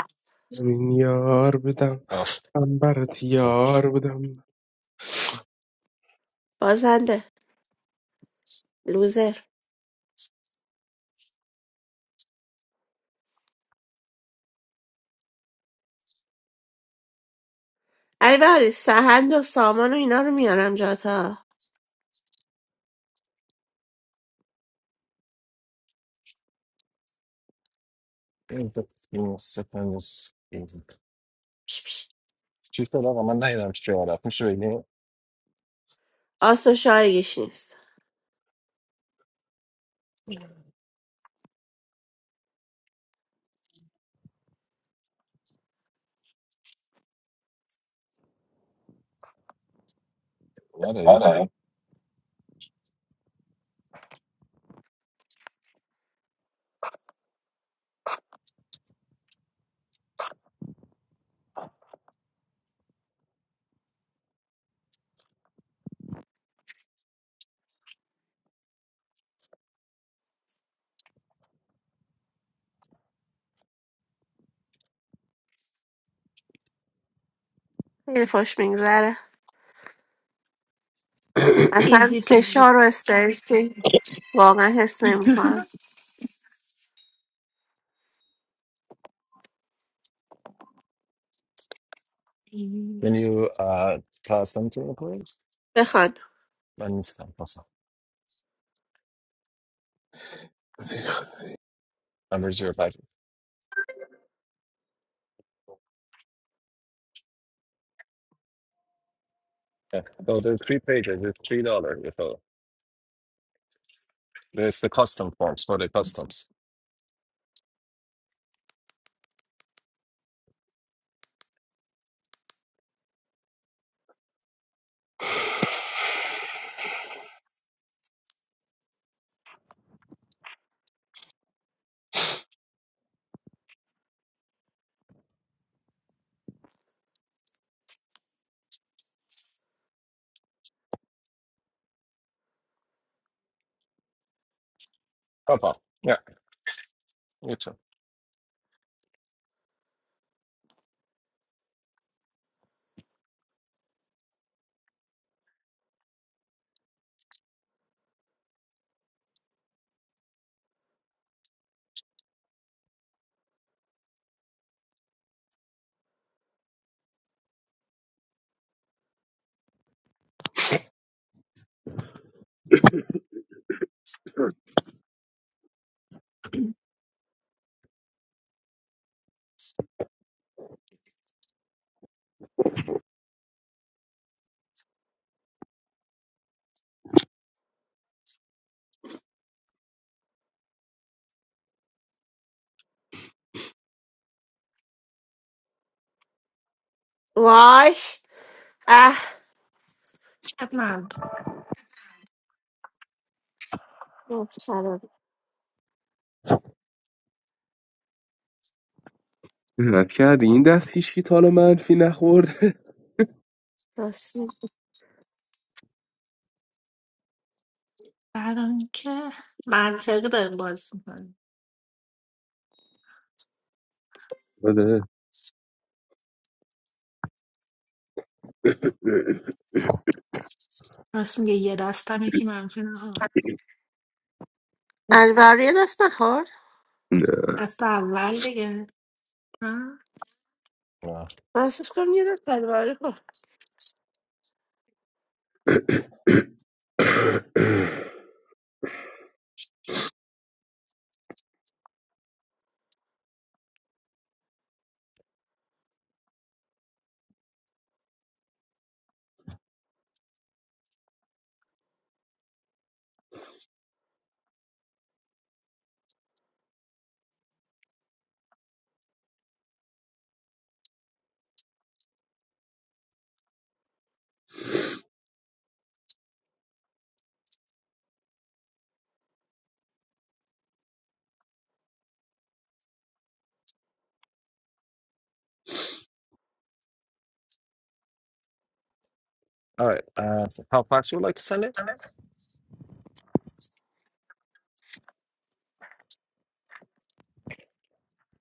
[SPEAKER 3] من یار بدم
[SPEAKER 2] آخ
[SPEAKER 3] من برات
[SPEAKER 2] آخ.
[SPEAKER 3] یار بدم
[SPEAKER 1] بازنده لوزر علی بهاری سهند و سامان و اینا رو میارم جاتا
[SPEAKER 2] این تو- این ستن است. این.
[SPEAKER 1] پش پش.
[SPEAKER 2] چی شد آقا من نهیدم چی رفت میشه بگی
[SPEAKER 1] آس و شایگیش نیست
[SPEAKER 2] نداری
[SPEAKER 1] خیلی خوش میگذره اصلا
[SPEAKER 7] ایزی پیزی
[SPEAKER 1] فشار و استرسی واقعا حس نمیکنم
[SPEAKER 2] Can you uh, pass them to me please
[SPEAKER 1] بخوان
[SPEAKER 2] من نیستم پاسم Numbers your Yeah. So there are three pages. It's three dollars. So, There's the custom forms for the customs. Paul, Paul. Yeah, you too.
[SPEAKER 1] واش اه
[SPEAKER 7] من
[SPEAKER 3] نت کردی این دست که کی تا حالا منفی نخورده
[SPEAKER 7] برای اینکه منطقی داریم بازی میکنیم
[SPEAKER 3] چیه
[SPEAKER 7] راست میگه یه دستم یکی منفی نه
[SPEAKER 1] البریا دست نخورد؟
[SPEAKER 7] دست اول دیگه نه
[SPEAKER 2] Yeah.
[SPEAKER 1] من احساس کنم یه دست البریا خورد
[SPEAKER 2] All right. Uh, so how fast you would like to send it?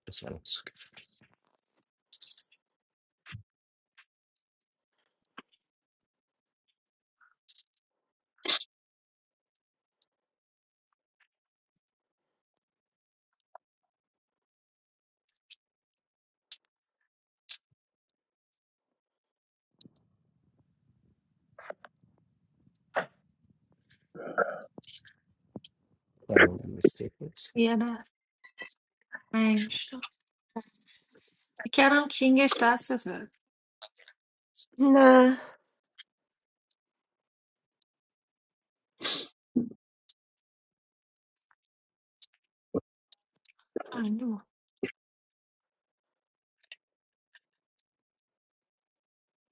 [SPEAKER 2] This one's fine.
[SPEAKER 7] یه دست پنج تا. فکر کردم کینگش دستته
[SPEAKER 1] نه
[SPEAKER 7] آلو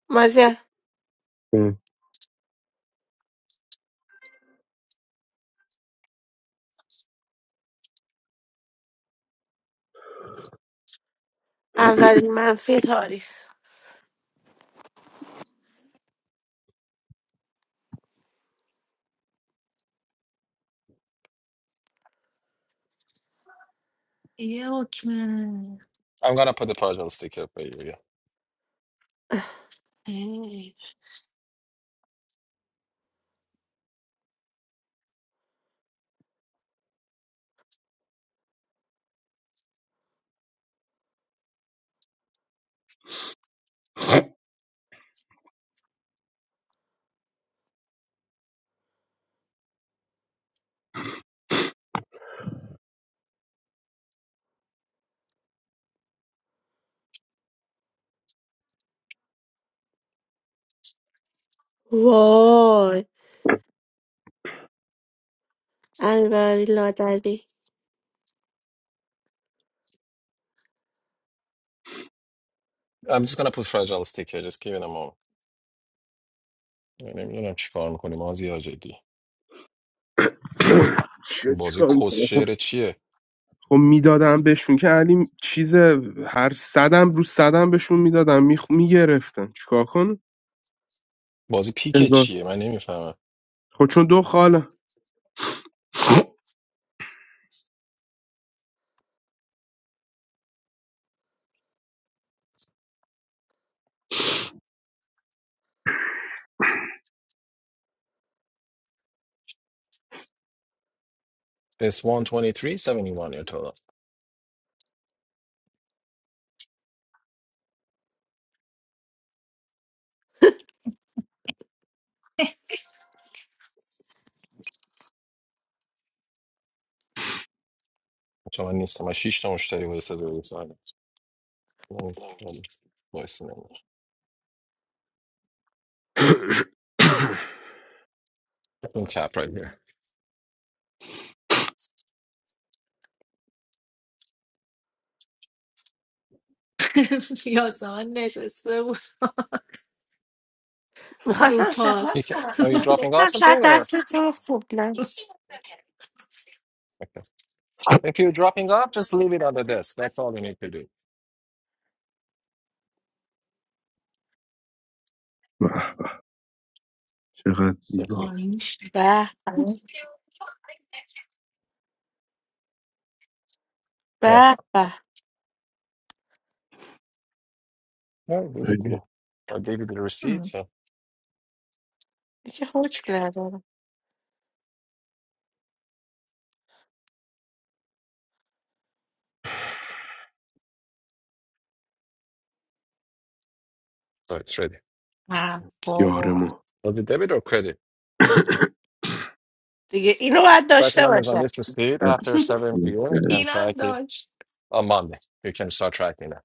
[SPEAKER 1] مازیار اولین منفی تاریخ
[SPEAKER 7] یه حکمه
[SPEAKER 2] I'm gonna put the fragile stick here for you. Yeah.
[SPEAKER 7] ای.
[SPEAKER 1] وای البری لادری
[SPEAKER 2] I'm just gonna put fragile stick here. Just give it a moment. من نمیدونم چی کار میکنی مازی ها جدی این بازی
[SPEAKER 3] چیکار
[SPEAKER 2] کس
[SPEAKER 3] می‌کنم؟
[SPEAKER 2] شعر چیه
[SPEAKER 3] خب میدادم بهشون که علی چیز هر صدم رو صدم بهشون میدادم میگرفتن چیکار کن
[SPEAKER 2] بازی پیک
[SPEAKER 3] هزار
[SPEAKER 2] چیه من نمیفهمم
[SPEAKER 3] خب چون دو خاله
[SPEAKER 2] It's 123.71 your total چون من نیستم من شیش تا مشتری واسه صدا رسانم voice memo. In chat right here.
[SPEAKER 7] یاسمن نشسته بود رو
[SPEAKER 1] میخواستم
[SPEAKER 2] You
[SPEAKER 1] سپاس
[SPEAKER 7] پاس
[SPEAKER 2] can,
[SPEAKER 1] کنم
[SPEAKER 2] are you dropping off
[SPEAKER 1] گفتم
[SPEAKER 2] something
[SPEAKER 1] شاید
[SPEAKER 2] or
[SPEAKER 1] دست تو خوب نه
[SPEAKER 2] okay. if you're dropping off, just leave it on the desk. That's all you need to do.
[SPEAKER 3] واه، چقدر
[SPEAKER 2] That's it.
[SPEAKER 3] زیبا
[SPEAKER 7] آلین شد.
[SPEAKER 1] به به
[SPEAKER 2] Yeah,
[SPEAKER 1] به به
[SPEAKER 2] yeah, we're good to
[SPEAKER 3] خیلی.
[SPEAKER 2] go. I gave you the receipt,
[SPEAKER 7] هم.
[SPEAKER 2] so
[SPEAKER 1] دیگه حکم ندارم
[SPEAKER 2] so it's ready.
[SPEAKER 7] نه
[SPEAKER 3] یار
[SPEAKER 7] بابا
[SPEAKER 3] ما
[SPEAKER 2] Was it debit or credit?
[SPEAKER 1] دیگه اینو باید
[SPEAKER 2] Tracking
[SPEAKER 1] داشته
[SPEAKER 2] numbers on
[SPEAKER 1] باشم
[SPEAKER 2] this receipt after 7 p.m. You can
[SPEAKER 7] اینم
[SPEAKER 2] track it
[SPEAKER 7] داشت
[SPEAKER 2] on Monday. You can start tracking it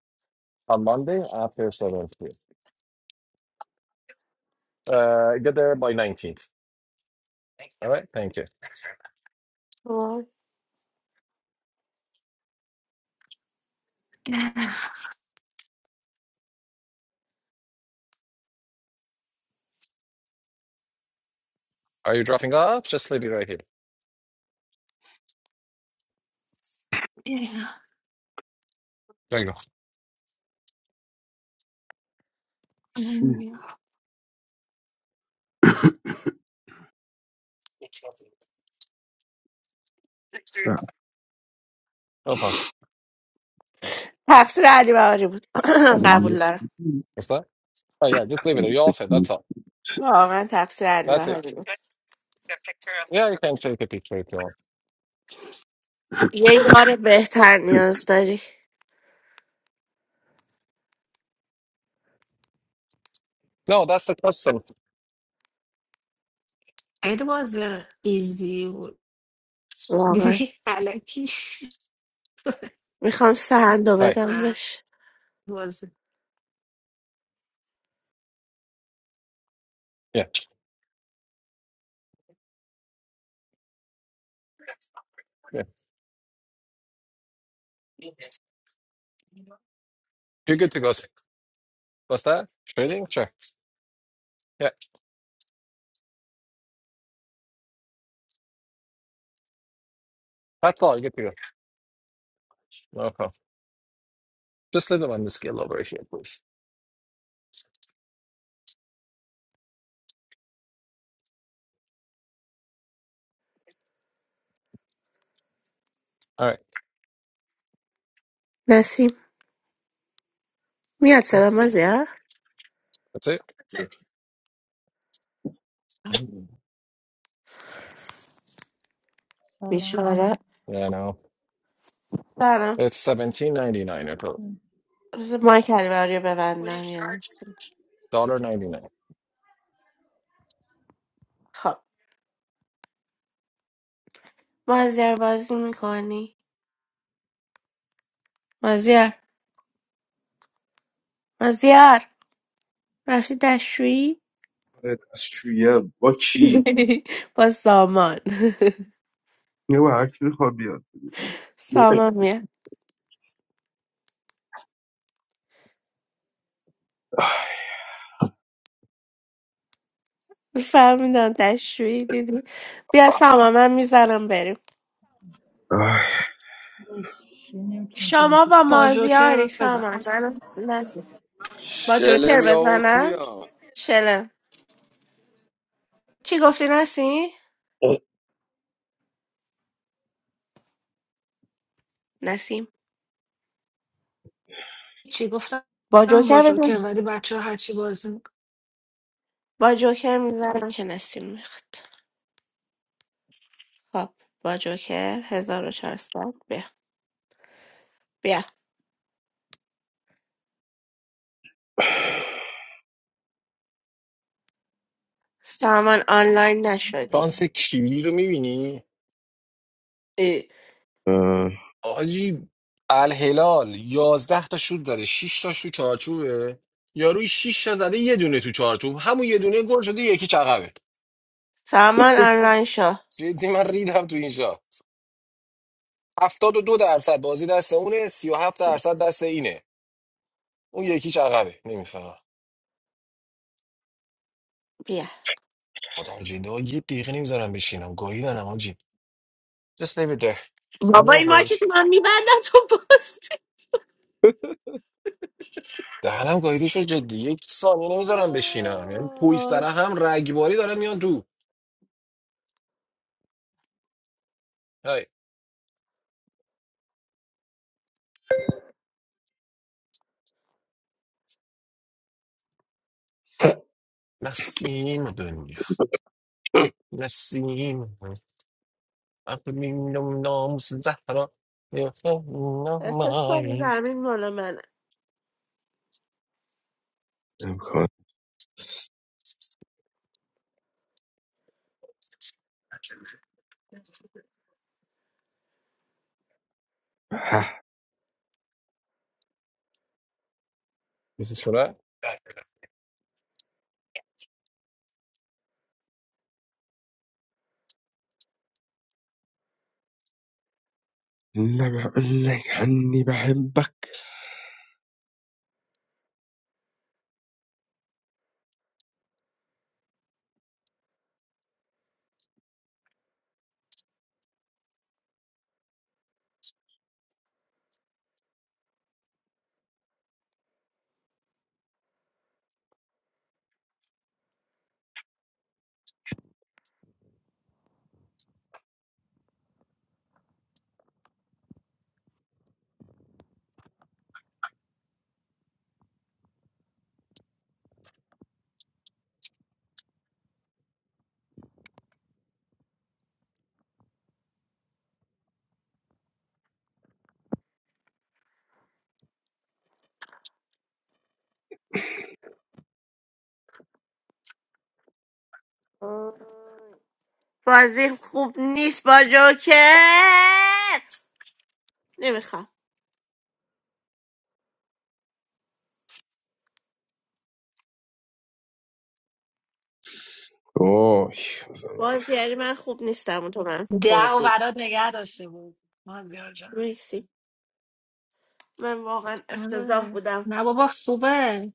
[SPEAKER 2] on Monday after 7 p.m. Uh, get there by 19th. All right, thank you.
[SPEAKER 1] وای.
[SPEAKER 2] Are you dropping off? Just leave it right here.
[SPEAKER 7] اینم.
[SPEAKER 2] There you go.
[SPEAKER 3] چی؟
[SPEAKER 7] آلین بیا.
[SPEAKER 2] No problem.
[SPEAKER 1] تقصیر علی بهاری بود قبول دارم
[SPEAKER 2] What's that? Oh yeah, just leave it. there. You all said that's all.
[SPEAKER 1] واقعا تقصیر علی
[SPEAKER 2] That's it.
[SPEAKER 1] بهاری بود
[SPEAKER 2] Yeah, you can take a picture if you want.
[SPEAKER 1] یه
[SPEAKER 3] دستشویی
[SPEAKER 1] یار بهتر نیاز داری
[SPEAKER 2] No, that's the custom.
[SPEAKER 7] خیلی بازی ایزی بود
[SPEAKER 1] واقعا
[SPEAKER 7] دیدی علکی
[SPEAKER 1] میخوام سهند رو
[SPEAKER 2] Hi.
[SPEAKER 1] بدم
[SPEAKER 7] نه
[SPEAKER 1] بهش
[SPEAKER 7] بازی
[SPEAKER 2] Yeah. Yeah. You're good to go. What's that? Trading? Sure. Yeah. That's all. You're good to go. No problem. Just leave it on the scale over here, please. All right.
[SPEAKER 1] نسیم میاد صدا من
[SPEAKER 2] That's
[SPEAKER 1] زیاد آره
[SPEAKER 2] it. Yeah,
[SPEAKER 9] سلام
[SPEAKER 1] میشوره
[SPEAKER 2] no.
[SPEAKER 1] سلام
[SPEAKER 2] It's seventeen ninety nine or
[SPEAKER 1] روز مایک البری رو ببندم یه لحظه.
[SPEAKER 2] dollar ninety nine.
[SPEAKER 1] خب مازیار بازی میکنی مازیار مازیار رفتی دشویی
[SPEAKER 3] هم. با کی
[SPEAKER 1] با سامان
[SPEAKER 3] یه با هر کی بخواد بیاد
[SPEAKER 1] سامان میاد فهمیدم دشویی دیدی بیا سامان من میزنم بریم
[SPEAKER 3] آه،
[SPEAKER 9] نمیتونه
[SPEAKER 1] شما
[SPEAKER 9] بازی
[SPEAKER 1] با
[SPEAKER 7] با
[SPEAKER 9] کنه
[SPEAKER 1] مازیاری
[SPEAKER 7] جوکر بزن
[SPEAKER 1] سامان من نه. با
[SPEAKER 8] Shalom
[SPEAKER 1] جوکر
[SPEAKER 8] Yauch
[SPEAKER 1] بزنم
[SPEAKER 8] Mia.
[SPEAKER 1] شلم چی گفتی نسی؟ نسیم
[SPEAKER 7] چی گفتم
[SPEAKER 1] با
[SPEAKER 7] با
[SPEAKER 1] جوکر
[SPEAKER 7] جوکر
[SPEAKER 1] بزن
[SPEAKER 7] ولی بچه ها هرچی بازی میکنه
[SPEAKER 1] با جوکر میزنم که نسیم میخواد خب با جوکر 1400 بیا بیا سامان آنلاین نشدی
[SPEAKER 2] スパンセ黄色耳に。
[SPEAKER 1] اه.
[SPEAKER 3] آه،
[SPEAKER 2] آجی الهلال یازده تا شوت زده 6 تا تو چارچوبه یاروی 6 تا زده یه دونه تو چارچوب همون یه دونه گل شده یکی چقبه
[SPEAKER 1] سامان آنلاین شو
[SPEAKER 2] جدی من ریدم تو این شاه 72 درصد بازی دست اونه 37 درصد دست اینه اون یکی چقبه نمیفهمم
[SPEAKER 1] بیا
[SPEAKER 2] مترجم ها یه دقیقه نمیذارم بشینم گاهیدنم آجی just leave it there
[SPEAKER 1] بابا
[SPEAKER 2] نه
[SPEAKER 1] این مارکت
[SPEAKER 2] پالش
[SPEAKER 1] من میبندم تو پست
[SPEAKER 2] دهنم گاهیده شد جدی یک ثانیه نمیذارم بشینم یعنی پویستره هم رگباری دارم میان تو های نسیم دنیا نسیم اقلیم نام زهرا یخون
[SPEAKER 1] احساس کنم
[SPEAKER 2] ماهی.
[SPEAKER 1] زمین مال منه
[SPEAKER 3] امکان است. اه،
[SPEAKER 2] This is for that.
[SPEAKER 3] نب- نکنی بحبک
[SPEAKER 1] آه. بازی خوب نیست با جوکر نمیخوام
[SPEAKER 3] اوه بزن
[SPEAKER 1] بازی یعنی من خوب نیستم و تو منفی
[SPEAKER 7] ده و برات نگه داشته بود مازیار جان
[SPEAKER 1] خوردی من واقعا افتضاح
[SPEAKER 7] آره.
[SPEAKER 1] بودم
[SPEAKER 7] نه بابا خوبه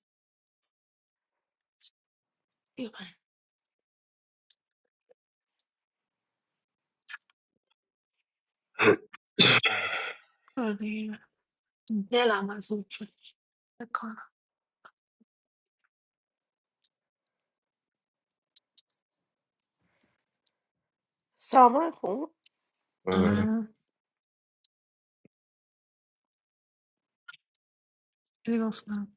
[SPEAKER 7] آره. دلم از اون شد. فکر کنم.
[SPEAKER 1] سامان خون
[SPEAKER 3] آه،
[SPEAKER 7] آه، چی گفتم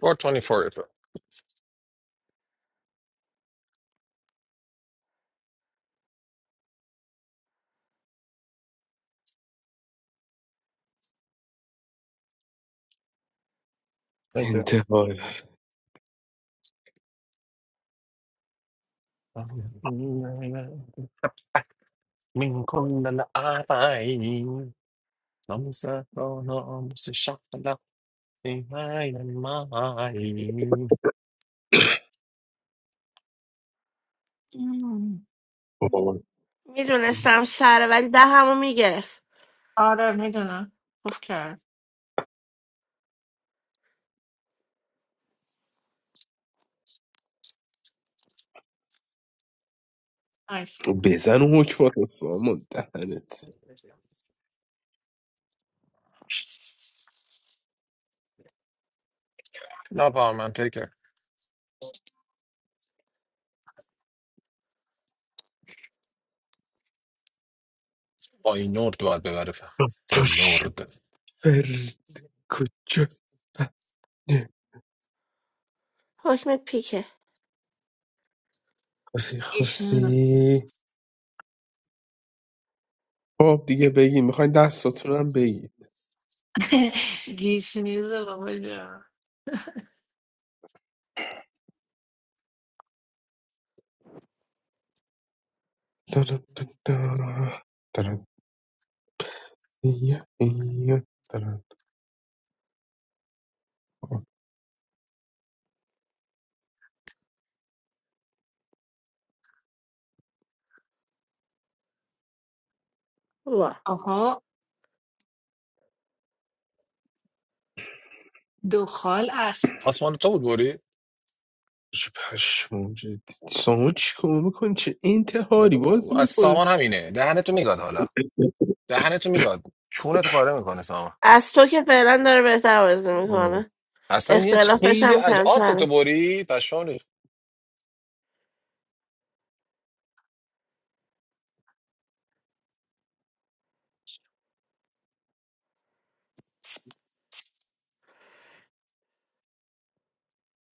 [SPEAKER 2] 424 is it? Thank you.
[SPEAKER 3] انتهای
[SPEAKER 2] من كل الأعراين نمسة نمسة شغلة في هاي الماي.
[SPEAKER 3] آه.
[SPEAKER 1] میدونستم سره ولی دهمو میگرفت
[SPEAKER 7] آره میدونم خوب کرد ایش
[SPEAKER 3] بزن و حکم رو سامان دهنت
[SPEAKER 2] No problem, man. Take care. فاینورد باید ببره فقط
[SPEAKER 3] تو
[SPEAKER 2] فاینورد
[SPEAKER 3] شفر کجا بده
[SPEAKER 1] حکمت پیکه
[SPEAKER 3] خسی
[SPEAKER 7] گیش نیزه
[SPEAKER 3] خسی خب دیگه بگی میخواین دستاتون هم بگی
[SPEAKER 7] گیش نیزه بابا جان
[SPEAKER 1] وا
[SPEAKER 7] آها دخال است
[SPEAKER 2] آسمان تو بود بری؟
[SPEAKER 3] چه پشمام جدی سامو چی کار میکنی چه انتحاری
[SPEAKER 2] نرو.
[SPEAKER 3] بازی
[SPEAKER 2] از
[SPEAKER 3] میکنی
[SPEAKER 2] سامان همینه دهنتو میگاد حالا دهنتو میگاد چونت پاره میکنه سامان
[SPEAKER 1] از تو که فعلا داره بهتر بازی
[SPEAKER 2] ام.
[SPEAKER 1] میکنه
[SPEAKER 2] اصلا یه چ-
[SPEAKER 1] اختلافش
[SPEAKER 2] خیلی
[SPEAKER 1] هم
[SPEAKER 2] عجب آس تو
[SPEAKER 1] کمتره
[SPEAKER 2] بری پشون ریخت.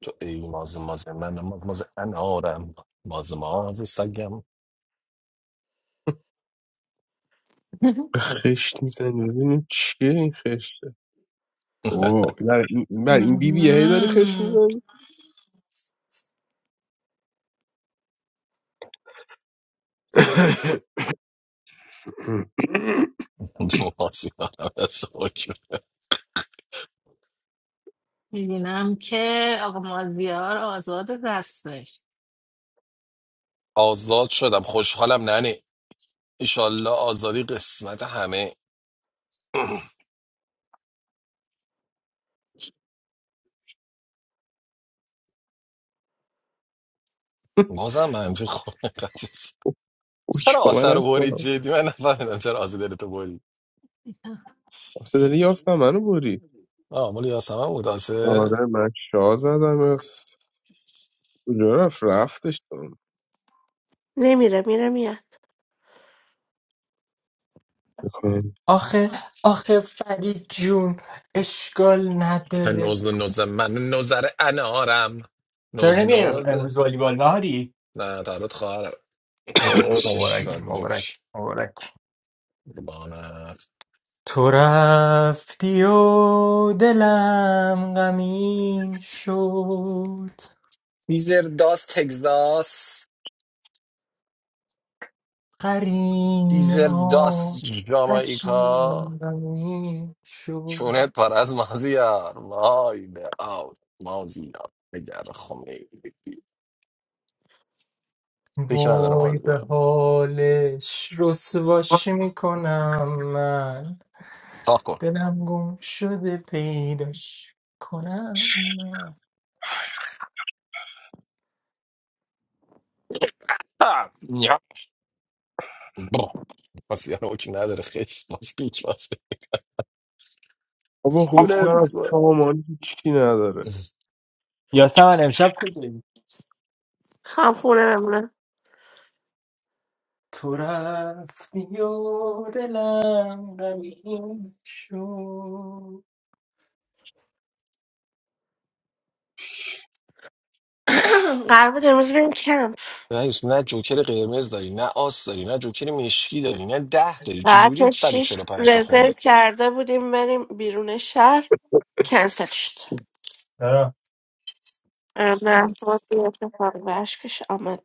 [SPEAKER 2] تو ای ماز ماز من ماز ماز انارم ماز ماز سگم
[SPEAKER 3] خشت میزنی ببینیم چیه این خشته اوه بر این, بر این بی بی هی داری خشت
[SPEAKER 7] مهم.
[SPEAKER 3] میزنی
[SPEAKER 2] ماز یارم از حکم.
[SPEAKER 7] میبینم که آقا مازیار آزاد دستش
[SPEAKER 2] آزاد شدم خوشحالم ننه ایشالله آزادی قسمت همه بازم منفی خونه قضیه
[SPEAKER 3] اوی
[SPEAKER 2] چرا
[SPEAKER 3] با
[SPEAKER 2] آسه
[SPEAKER 3] من
[SPEAKER 2] رو
[SPEAKER 3] رفت
[SPEAKER 2] برید
[SPEAKER 3] کنم
[SPEAKER 2] جدی من نفهمیدم چرا آسه دلتو برید
[SPEAKER 3] اصلا داری یافتم منو بری
[SPEAKER 2] آه مال یاسمن بود آسه
[SPEAKER 3] آره من شاه زدم یاس کجا رفت رفتش دارم
[SPEAKER 1] نمیره میره میاد
[SPEAKER 3] بکنم
[SPEAKER 4] آخه
[SPEAKER 7] آس-
[SPEAKER 4] آخه فرید جون اشکال نداره
[SPEAKER 2] نوز نوز من نوزر انارم
[SPEAKER 4] چرا
[SPEAKER 2] نوز
[SPEAKER 4] نمیای
[SPEAKER 2] نوز
[SPEAKER 4] امروز والیبال بهاری
[SPEAKER 2] نه تولد خواهرم این سر
[SPEAKER 4] اوه
[SPEAKER 2] شیش باید
[SPEAKER 4] مبارک مبارک
[SPEAKER 2] میجوش
[SPEAKER 4] مبارک
[SPEAKER 2] بانت
[SPEAKER 4] تو رفتی و دلم غمین شد
[SPEAKER 2] سیزر داس تگزاس
[SPEAKER 4] قرین
[SPEAKER 2] سیزر داس جامائیکا
[SPEAKER 4] آتشین غمین شد
[SPEAKER 2] چونت پر از مازیار وای به آوت مازیار بگر خمه فکر نداره
[SPEAKER 4] وای به
[SPEAKER 2] مازیار
[SPEAKER 4] حالش رسواش میکنم من
[SPEAKER 2] تا کن
[SPEAKER 4] دلم گم شده پیداش کنم نه
[SPEAKER 2] آه، نیا. با مازیار اوکی نداره خشت باز پیچ باز
[SPEAKER 3] بابا حکم
[SPEAKER 2] چونت
[SPEAKER 3] نرفت سامان چی نداره
[SPEAKER 4] یاسمن امشب کجایی
[SPEAKER 1] خام خونه بمونه
[SPEAKER 4] تو رفتی و دلم غمین شد
[SPEAKER 1] قرار بود امروز بریم کمپ
[SPEAKER 2] رئیس نه جوکر قرمز داری نه آس داری نه جوکر مشکی داری نه ده داری چجوری
[SPEAKER 1] ساعت شیش
[SPEAKER 2] 145 رو
[SPEAKER 1] رزرو
[SPEAKER 2] خوندی
[SPEAKER 1] کرده بودیم بریم بیرون شهر کنسل شد
[SPEAKER 4] چرا؟
[SPEAKER 1] ام، نه بازی اتفاقی برش پیش آمد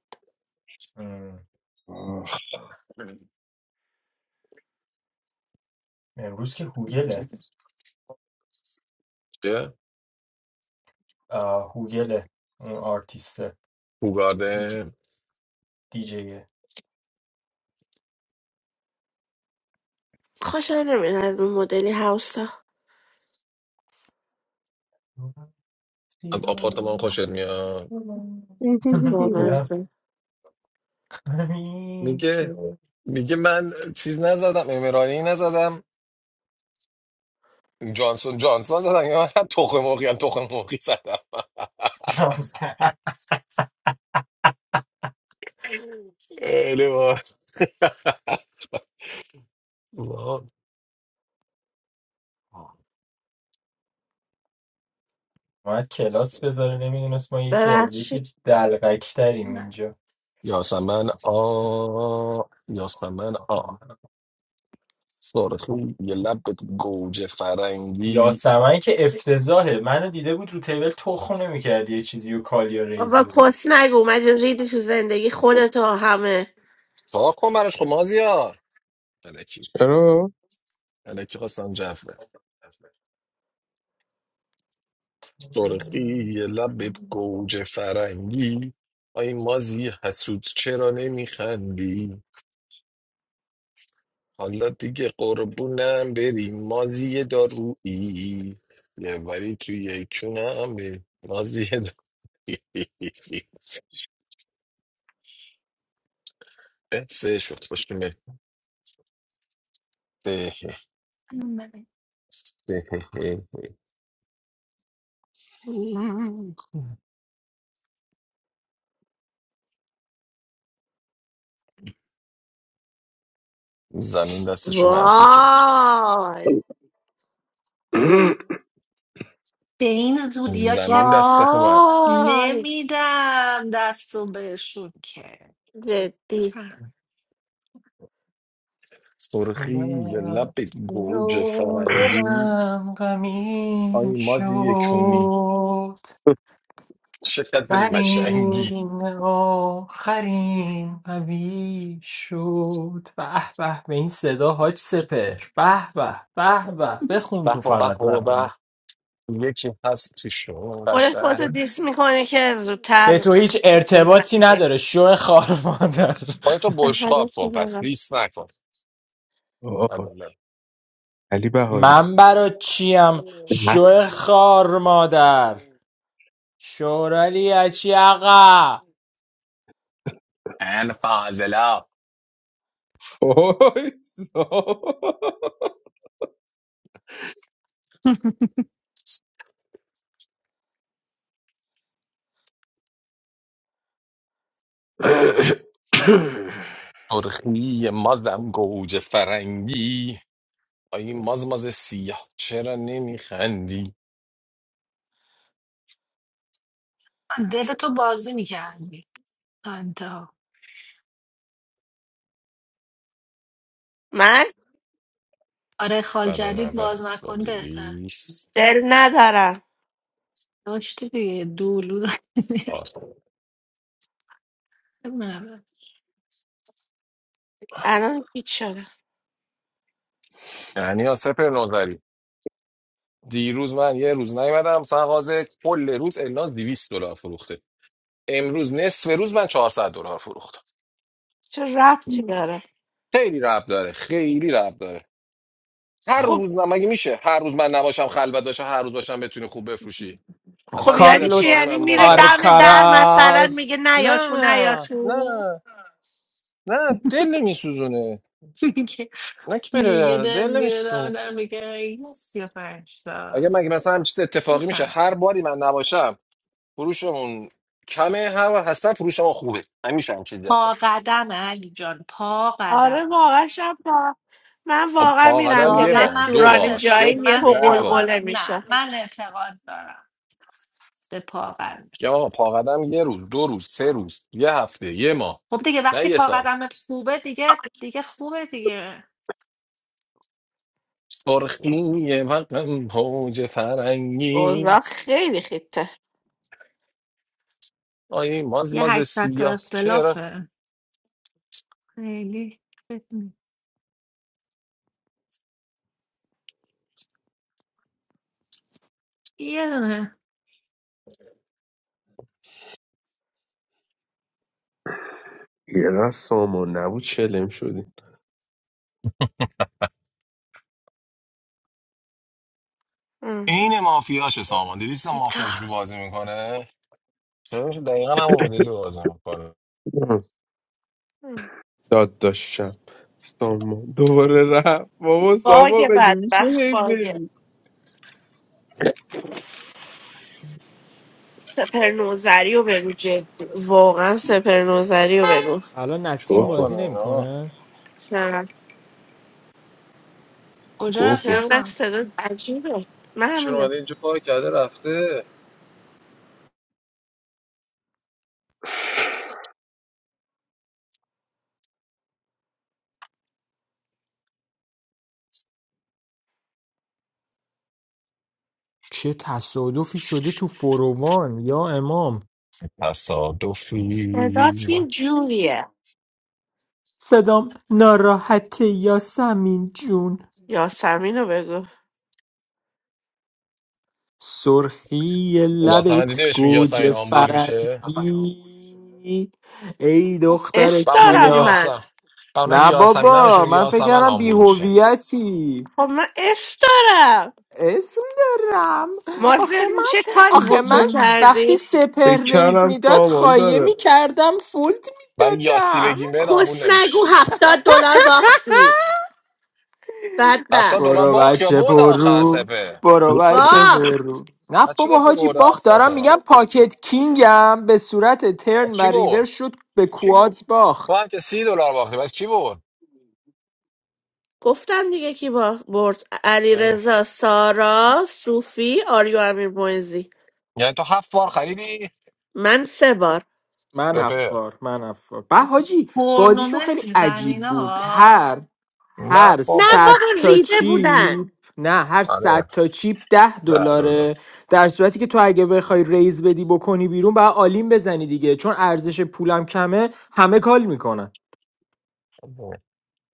[SPEAKER 4] ام،
[SPEAKER 3] آخ.
[SPEAKER 4] امروز که هوگله
[SPEAKER 2] چیه؟
[SPEAKER 4] آه، هوگله اون آرتیسته دیج-
[SPEAKER 2] هوگارده
[SPEAKER 4] دیجیه
[SPEAKER 1] خوشم نمیاد از اون مدلی هاوسا
[SPEAKER 4] تو
[SPEAKER 2] از
[SPEAKER 4] رفتی و
[SPEAKER 2] آپارتمان خوشت میاد
[SPEAKER 4] دلم
[SPEAKER 1] بامزه
[SPEAKER 4] غمین
[SPEAKER 2] میگه
[SPEAKER 4] شد.
[SPEAKER 2] میگه من چیز نزدم امرانی نزدم جانسون جانسون زدم یا من تخم مرغی هم تخم مرغی زدم خیلی باحال. واو.
[SPEAKER 4] اومد کلاس بذاره نمیدونست ما یکی از یکی
[SPEAKER 1] ببخشید
[SPEAKER 4] دلغک تریم
[SPEAKER 7] نه،
[SPEAKER 4] اینجا
[SPEAKER 2] یاسمن آ یاسمن آ سارخون یه لبت گوجه فرنگی
[SPEAKER 4] یاسمن که افتضاحه منو دیده بود رو تیبل تخم نمیکرد یه چیزی و کالیا ریز
[SPEAKER 1] آقا
[SPEAKER 4] بده
[SPEAKER 1] پس نگو من ریدی تو زندگی خودتو همه
[SPEAKER 2] صاف کن براش خب مازیار الکی
[SPEAKER 3] چرا
[SPEAKER 2] الکی خواستم جفت سرخی یه لبت گوجه فرنگی آی مازی حسود چرا نمیخندی حالا دیگه قربونم بری مازی دارویی یه وری توی یک چونم بری مازی دارویی سه شد باشه
[SPEAKER 7] اون بده.
[SPEAKER 2] زمین دستشو منفی کرد
[SPEAKER 1] وای
[SPEAKER 7] به این زودیا
[SPEAKER 2] زمین
[SPEAKER 7] که
[SPEAKER 2] دستت من
[SPEAKER 1] وای
[SPEAKER 7] نمیدم دست رو بهشون که
[SPEAKER 1] جدی
[SPEAKER 7] بفهم.
[SPEAKER 2] سرخی یه لب گوجه
[SPEAKER 4] تو
[SPEAKER 2] فرنگی
[SPEAKER 4] دلم غمین
[SPEAKER 2] آی مازی یکونی
[SPEAKER 4] شد
[SPEAKER 2] چقدر مشنگی
[SPEAKER 4] قرین آخرین قوی شد به به به این صدا حاج سپر به به به به بخون
[SPEAKER 2] به
[SPEAKER 4] تو
[SPEAKER 2] و به
[SPEAKER 4] فقط
[SPEAKER 2] و
[SPEAKER 4] برام
[SPEAKER 2] به یکی هست تو شما
[SPEAKER 1] خودت
[SPEAKER 2] قشنگ
[SPEAKER 1] خودتو دیس میکنه که
[SPEAKER 4] به
[SPEAKER 1] زودتر
[SPEAKER 4] تو هیچ
[SPEAKER 1] چیز
[SPEAKER 4] ارتباطی
[SPEAKER 1] نشی
[SPEAKER 4] نداره شو خار مادر
[SPEAKER 2] باید تو بشقاب
[SPEAKER 1] نفرات
[SPEAKER 2] کن پس
[SPEAKER 1] می‌برم.
[SPEAKER 2] لیست نکن
[SPEAKER 3] آه.
[SPEAKER 2] عدالت.
[SPEAKER 3] علی بهاری
[SPEAKER 4] من برا چیم شو خار مادر شورالی اچی آقا
[SPEAKER 2] ان فاضلا
[SPEAKER 3] وایسا.
[SPEAKER 2] سرخی مازم گوجه فرنگی با این ماز ماز سیاه چرا نمیخندی
[SPEAKER 7] دل تو بازی میکردی تا انتها
[SPEAKER 1] من
[SPEAKER 7] آره خال جدید باز
[SPEAKER 2] 190 با
[SPEAKER 7] نکنی بهتر
[SPEAKER 2] 200
[SPEAKER 1] دل ندارم
[SPEAKER 7] داشتی دیگه دولو
[SPEAKER 2] آه.
[SPEAKER 7] داشتی. نه.
[SPEAKER 1] الان هیچ شده
[SPEAKER 2] یعنی یا سپر نوزری دیروز من یه روز نیومدم سنغاز کل روز الناز دویست دلار فروخته امروز نصف روز من 400 دلار فروختم
[SPEAKER 1] چه ربطی داره
[SPEAKER 2] خیلی رب داره خیلی رب داره هر
[SPEAKER 1] خب
[SPEAKER 2] روز نه مگه میشه هر روز من نباشم خلوت باشه هر روز باشم بتونی خوب بفروشی از
[SPEAKER 1] خب
[SPEAKER 2] همچین
[SPEAKER 1] یعنی چی
[SPEAKER 2] اتفاقی
[SPEAKER 4] کارلوس
[SPEAKER 2] من
[SPEAKER 1] یعنی میره
[SPEAKER 2] ممکنه
[SPEAKER 1] دم در مثلا
[SPEAKER 4] آرکاراس
[SPEAKER 1] میگه نیا تو نیا
[SPEAKER 2] نه نه
[SPEAKER 1] تو
[SPEAKER 2] نه دل نمیسوزونه
[SPEAKER 7] میگه
[SPEAKER 2] نه که
[SPEAKER 7] میگه
[SPEAKER 2] بره
[SPEAKER 7] دل
[SPEAKER 2] دل
[SPEAKER 7] میره دم
[SPEAKER 2] نمیسوزونه
[SPEAKER 7] در میگه ای سی و پنج
[SPEAKER 2] اگه
[SPEAKER 7] تا
[SPEAKER 2] مگه مثلا همین چیز اتفاقی میشه
[SPEAKER 7] بفهم
[SPEAKER 2] هر باری من نباشم فروشمون کمه هر هستن فروش ما خوبه که دست
[SPEAKER 7] پا قدم علی جان پا قدم.
[SPEAKER 1] آره واقعا شب تا من
[SPEAKER 2] خب،
[SPEAKER 1] واقعا
[SPEAKER 2] پا قدم
[SPEAKER 1] میرم یه
[SPEAKER 2] یه
[SPEAKER 7] واقعا
[SPEAKER 2] بار
[SPEAKER 7] من
[SPEAKER 2] دو
[SPEAKER 7] بهش
[SPEAKER 1] رستورانی
[SPEAKER 2] بار سه
[SPEAKER 7] اعتقاد
[SPEAKER 1] جایی
[SPEAKER 2] بار
[SPEAKER 1] یه
[SPEAKER 7] من
[SPEAKER 2] ده بار
[SPEAKER 7] اعتقاد
[SPEAKER 1] قلقله میشه
[SPEAKER 7] نه من اعتقاد دارم به پاقدم
[SPEAKER 2] یا آقا پا قدم یه روز دو روز سه روز یه هفته یه ماه
[SPEAKER 7] خب دیگه
[SPEAKER 2] نه
[SPEAKER 7] وقتی
[SPEAKER 2] یه سال
[SPEAKER 7] پاقدمت خوبه دیگه دیگه خوبه دیگه
[SPEAKER 2] سرخی وقتم حوج
[SPEAKER 1] اوضاع
[SPEAKER 2] فرنگی
[SPEAKER 1] خیلی خیته
[SPEAKER 2] آی ماز
[SPEAKER 7] یه
[SPEAKER 2] ماز
[SPEAKER 7] 800 تا
[SPEAKER 2] سیاه چرا
[SPEAKER 7] اختلافه خیلی فکر نی- یه دونه
[SPEAKER 3] یه سامان نبود چلم شدیم
[SPEAKER 1] ام.
[SPEAKER 2] این مافیاشه سامان دیدی سامان
[SPEAKER 7] دیتا
[SPEAKER 2] مافیاش رو بازی میکنه صداش دقیقا همون مدلی بازی میکنه
[SPEAKER 1] ام.
[SPEAKER 3] داد داشتم سامان دوباره رفت بابا سامان
[SPEAKER 1] باگ
[SPEAKER 3] بگی میشه
[SPEAKER 1] بدبخت
[SPEAKER 3] هی
[SPEAKER 1] باگ
[SPEAKER 3] بری
[SPEAKER 1] سپر نوزری رو بگو جدی واقعا سپر نوزری رو بگو
[SPEAKER 4] الان نسیم
[SPEAKER 2] چیکار
[SPEAKER 3] گفت
[SPEAKER 4] بازی
[SPEAKER 2] میکنه اینا
[SPEAKER 4] نمیکنه
[SPEAKER 1] چرا
[SPEAKER 7] کجا
[SPEAKER 3] گفت
[SPEAKER 7] رفتی
[SPEAKER 1] چرا
[SPEAKER 7] اصلا
[SPEAKER 1] صدا عجیبه من
[SPEAKER 2] چون
[SPEAKER 1] همینه
[SPEAKER 2] اومده اینجا پارک کرده رفته
[SPEAKER 4] چه تصادفی شده تو فروان یا امام
[SPEAKER 2] تصادفی
[SPEAKER 1] صدات یه جوریه
[SPEAKER 4] صدام ناراحته یاسمین جون
[SPEAKER 1] یاسمین رو بگو
[SPEAKER 4] سرخی
[SPEAKER 2] یاسمن
[SPEAKER 4] لبت
[SPEAKER 2] دیدی بهش میگه یاسمین
[SPEAKER 4] گوجه
[SPEAKER 2] آمبول میشه
[SPEAKER 4] فرنگی ای دختر
[SPEAKER 1] اس
[SPEAKER 2] و اونایی که
[SPEAKER 1] دارم
[SPEAKER 4] سیاه
[SPEAKER 1] من
[SPEAKER 2] یاسم و اونایی که
[SPEAKER 4] نه
[SPEAKER 2] یاسمین هم بهشون
[SPEAKER 4] بابا
[SPEAKER 2] میگه
[SPEAKER 4] من فکر
[SPEAKER 2] یاسمن
[SPEAKER 4] کردم
[SPEAKER 2] آمبول میشه
[SPEAKER 4] بیهویتی
[SPEAKER 1] خب من اس دارم
[SPEAKER 4] اسم دارم آخه
[SPEAKER 1] مازن
[SPEAKER 4] من
[SPEAKER 1] چه کاری با
[SPEAKER 4] آخه
[SPEAKER 1] تو
[SPEAKER 4] من
[SPEAKER 7] مهم.
[SPEAKER 1] کردی
[SPEAKER 4] وقتی سپر
[SPEAKER 3] فکر
[SPEAKER 4] ریز
[SPEAKER 3] کردم
[SPEAKER 4] میداد
[SPEAKER 3] سامان
[SPEAKER 4] خایه
[SPEAKER 3] داره
[SPEAKER 4] میکردم فولد
[SPEAKER 2] ولی یاسی
[SPEAKER 4] میدادم
[SPEAKER 2] بگیم بهت آمبول
[SPEAKER 1] کس نگو
[SPEAKER 2] نمیشه
[SPEAKER 1] هفتاد دلار باختی
[SPEAKER 2] هفتاد
[SPEAKER 1] بدبخت
[SPEAKER 2] دلار
[SPEAKER 4] برو
[SPEAKER 2] باخ یا
[SPEAKER 4] بچه
[SPEAKER 2] بود آخر
[SPEAKER 4] برو
[SPEAKER 2] سپه
[SPEAKER 4] برو بچه
[SPEAKER 1] باخت
[SPEAKER 4] برو نه
[SPEAKER 2] و چی
[SPEAKER 4] بابا
[SPEAKER 2] گفتی
[SPEAKER 4] حاجی
[SPEAKER 2] برده
[SPEAKER 4] باخت
[SPEAKER 2] هفتاد
[SPEAKER 4] دارم میگم
[SPEAKER 2] تا
[SPEAKER 4] پاکت کینگم به صورت
[SPEAKER 2] و
[SPEAKER 4] ترن و
[SPEAKER 2] کی برد
[SPEAKER 4] ریور شد به کوادز
[SPEAKER 2] تو هم
[SPEAKER 4] باخت
[SPEAKER 2] که سی دلار باختی بس کی برد
[SPEAKER 1] گفتم دیگه کی با برد علی
[SPEAKER 2] نگفتی
[SPEAKER 1] رضا سارا صوفی آریو امیر مویزی
[SPEAKER 2] یعنی تو هفت بار خریدی
[SPEAKER 1] من سه بار
[SPEAKER 4] من
[SPEAKER 2] سپر
[SPEAKER 4] حفار من حفار به حاجی بازیشون خیلی
[SPEAKER 7] تورنمنت
[SPEAKER 4] عجیب
[SPEAKER 7] میزنین
[SPEAKER 4] بود
[SPEAKER 7] آقا
[SPEAKER 4] هر
[SPEAKER 2] نه
[SPEAKER 4] هر
[SPEAKER 1] نه
[SPEAKER 2] بابا
[SPEAKER 4] صد
[SPEAKER 1] بابا
[SPEAKER 4] تا
[SPEAKER 1] ریده بودن
[SPEAKER 4] چیپ نه هر صد
[SPEAKER 2] آره
[SPEAKER 4] تا چیپ ده
[SPEAKER 2] ده دلار
[SPEAKER 4] دلاره در صورتی که تو اگه بخوای ریز بدی بکنی بیرون باید آلیم بزنی دیگه چون ارزش پولم کمه همه کال میکنن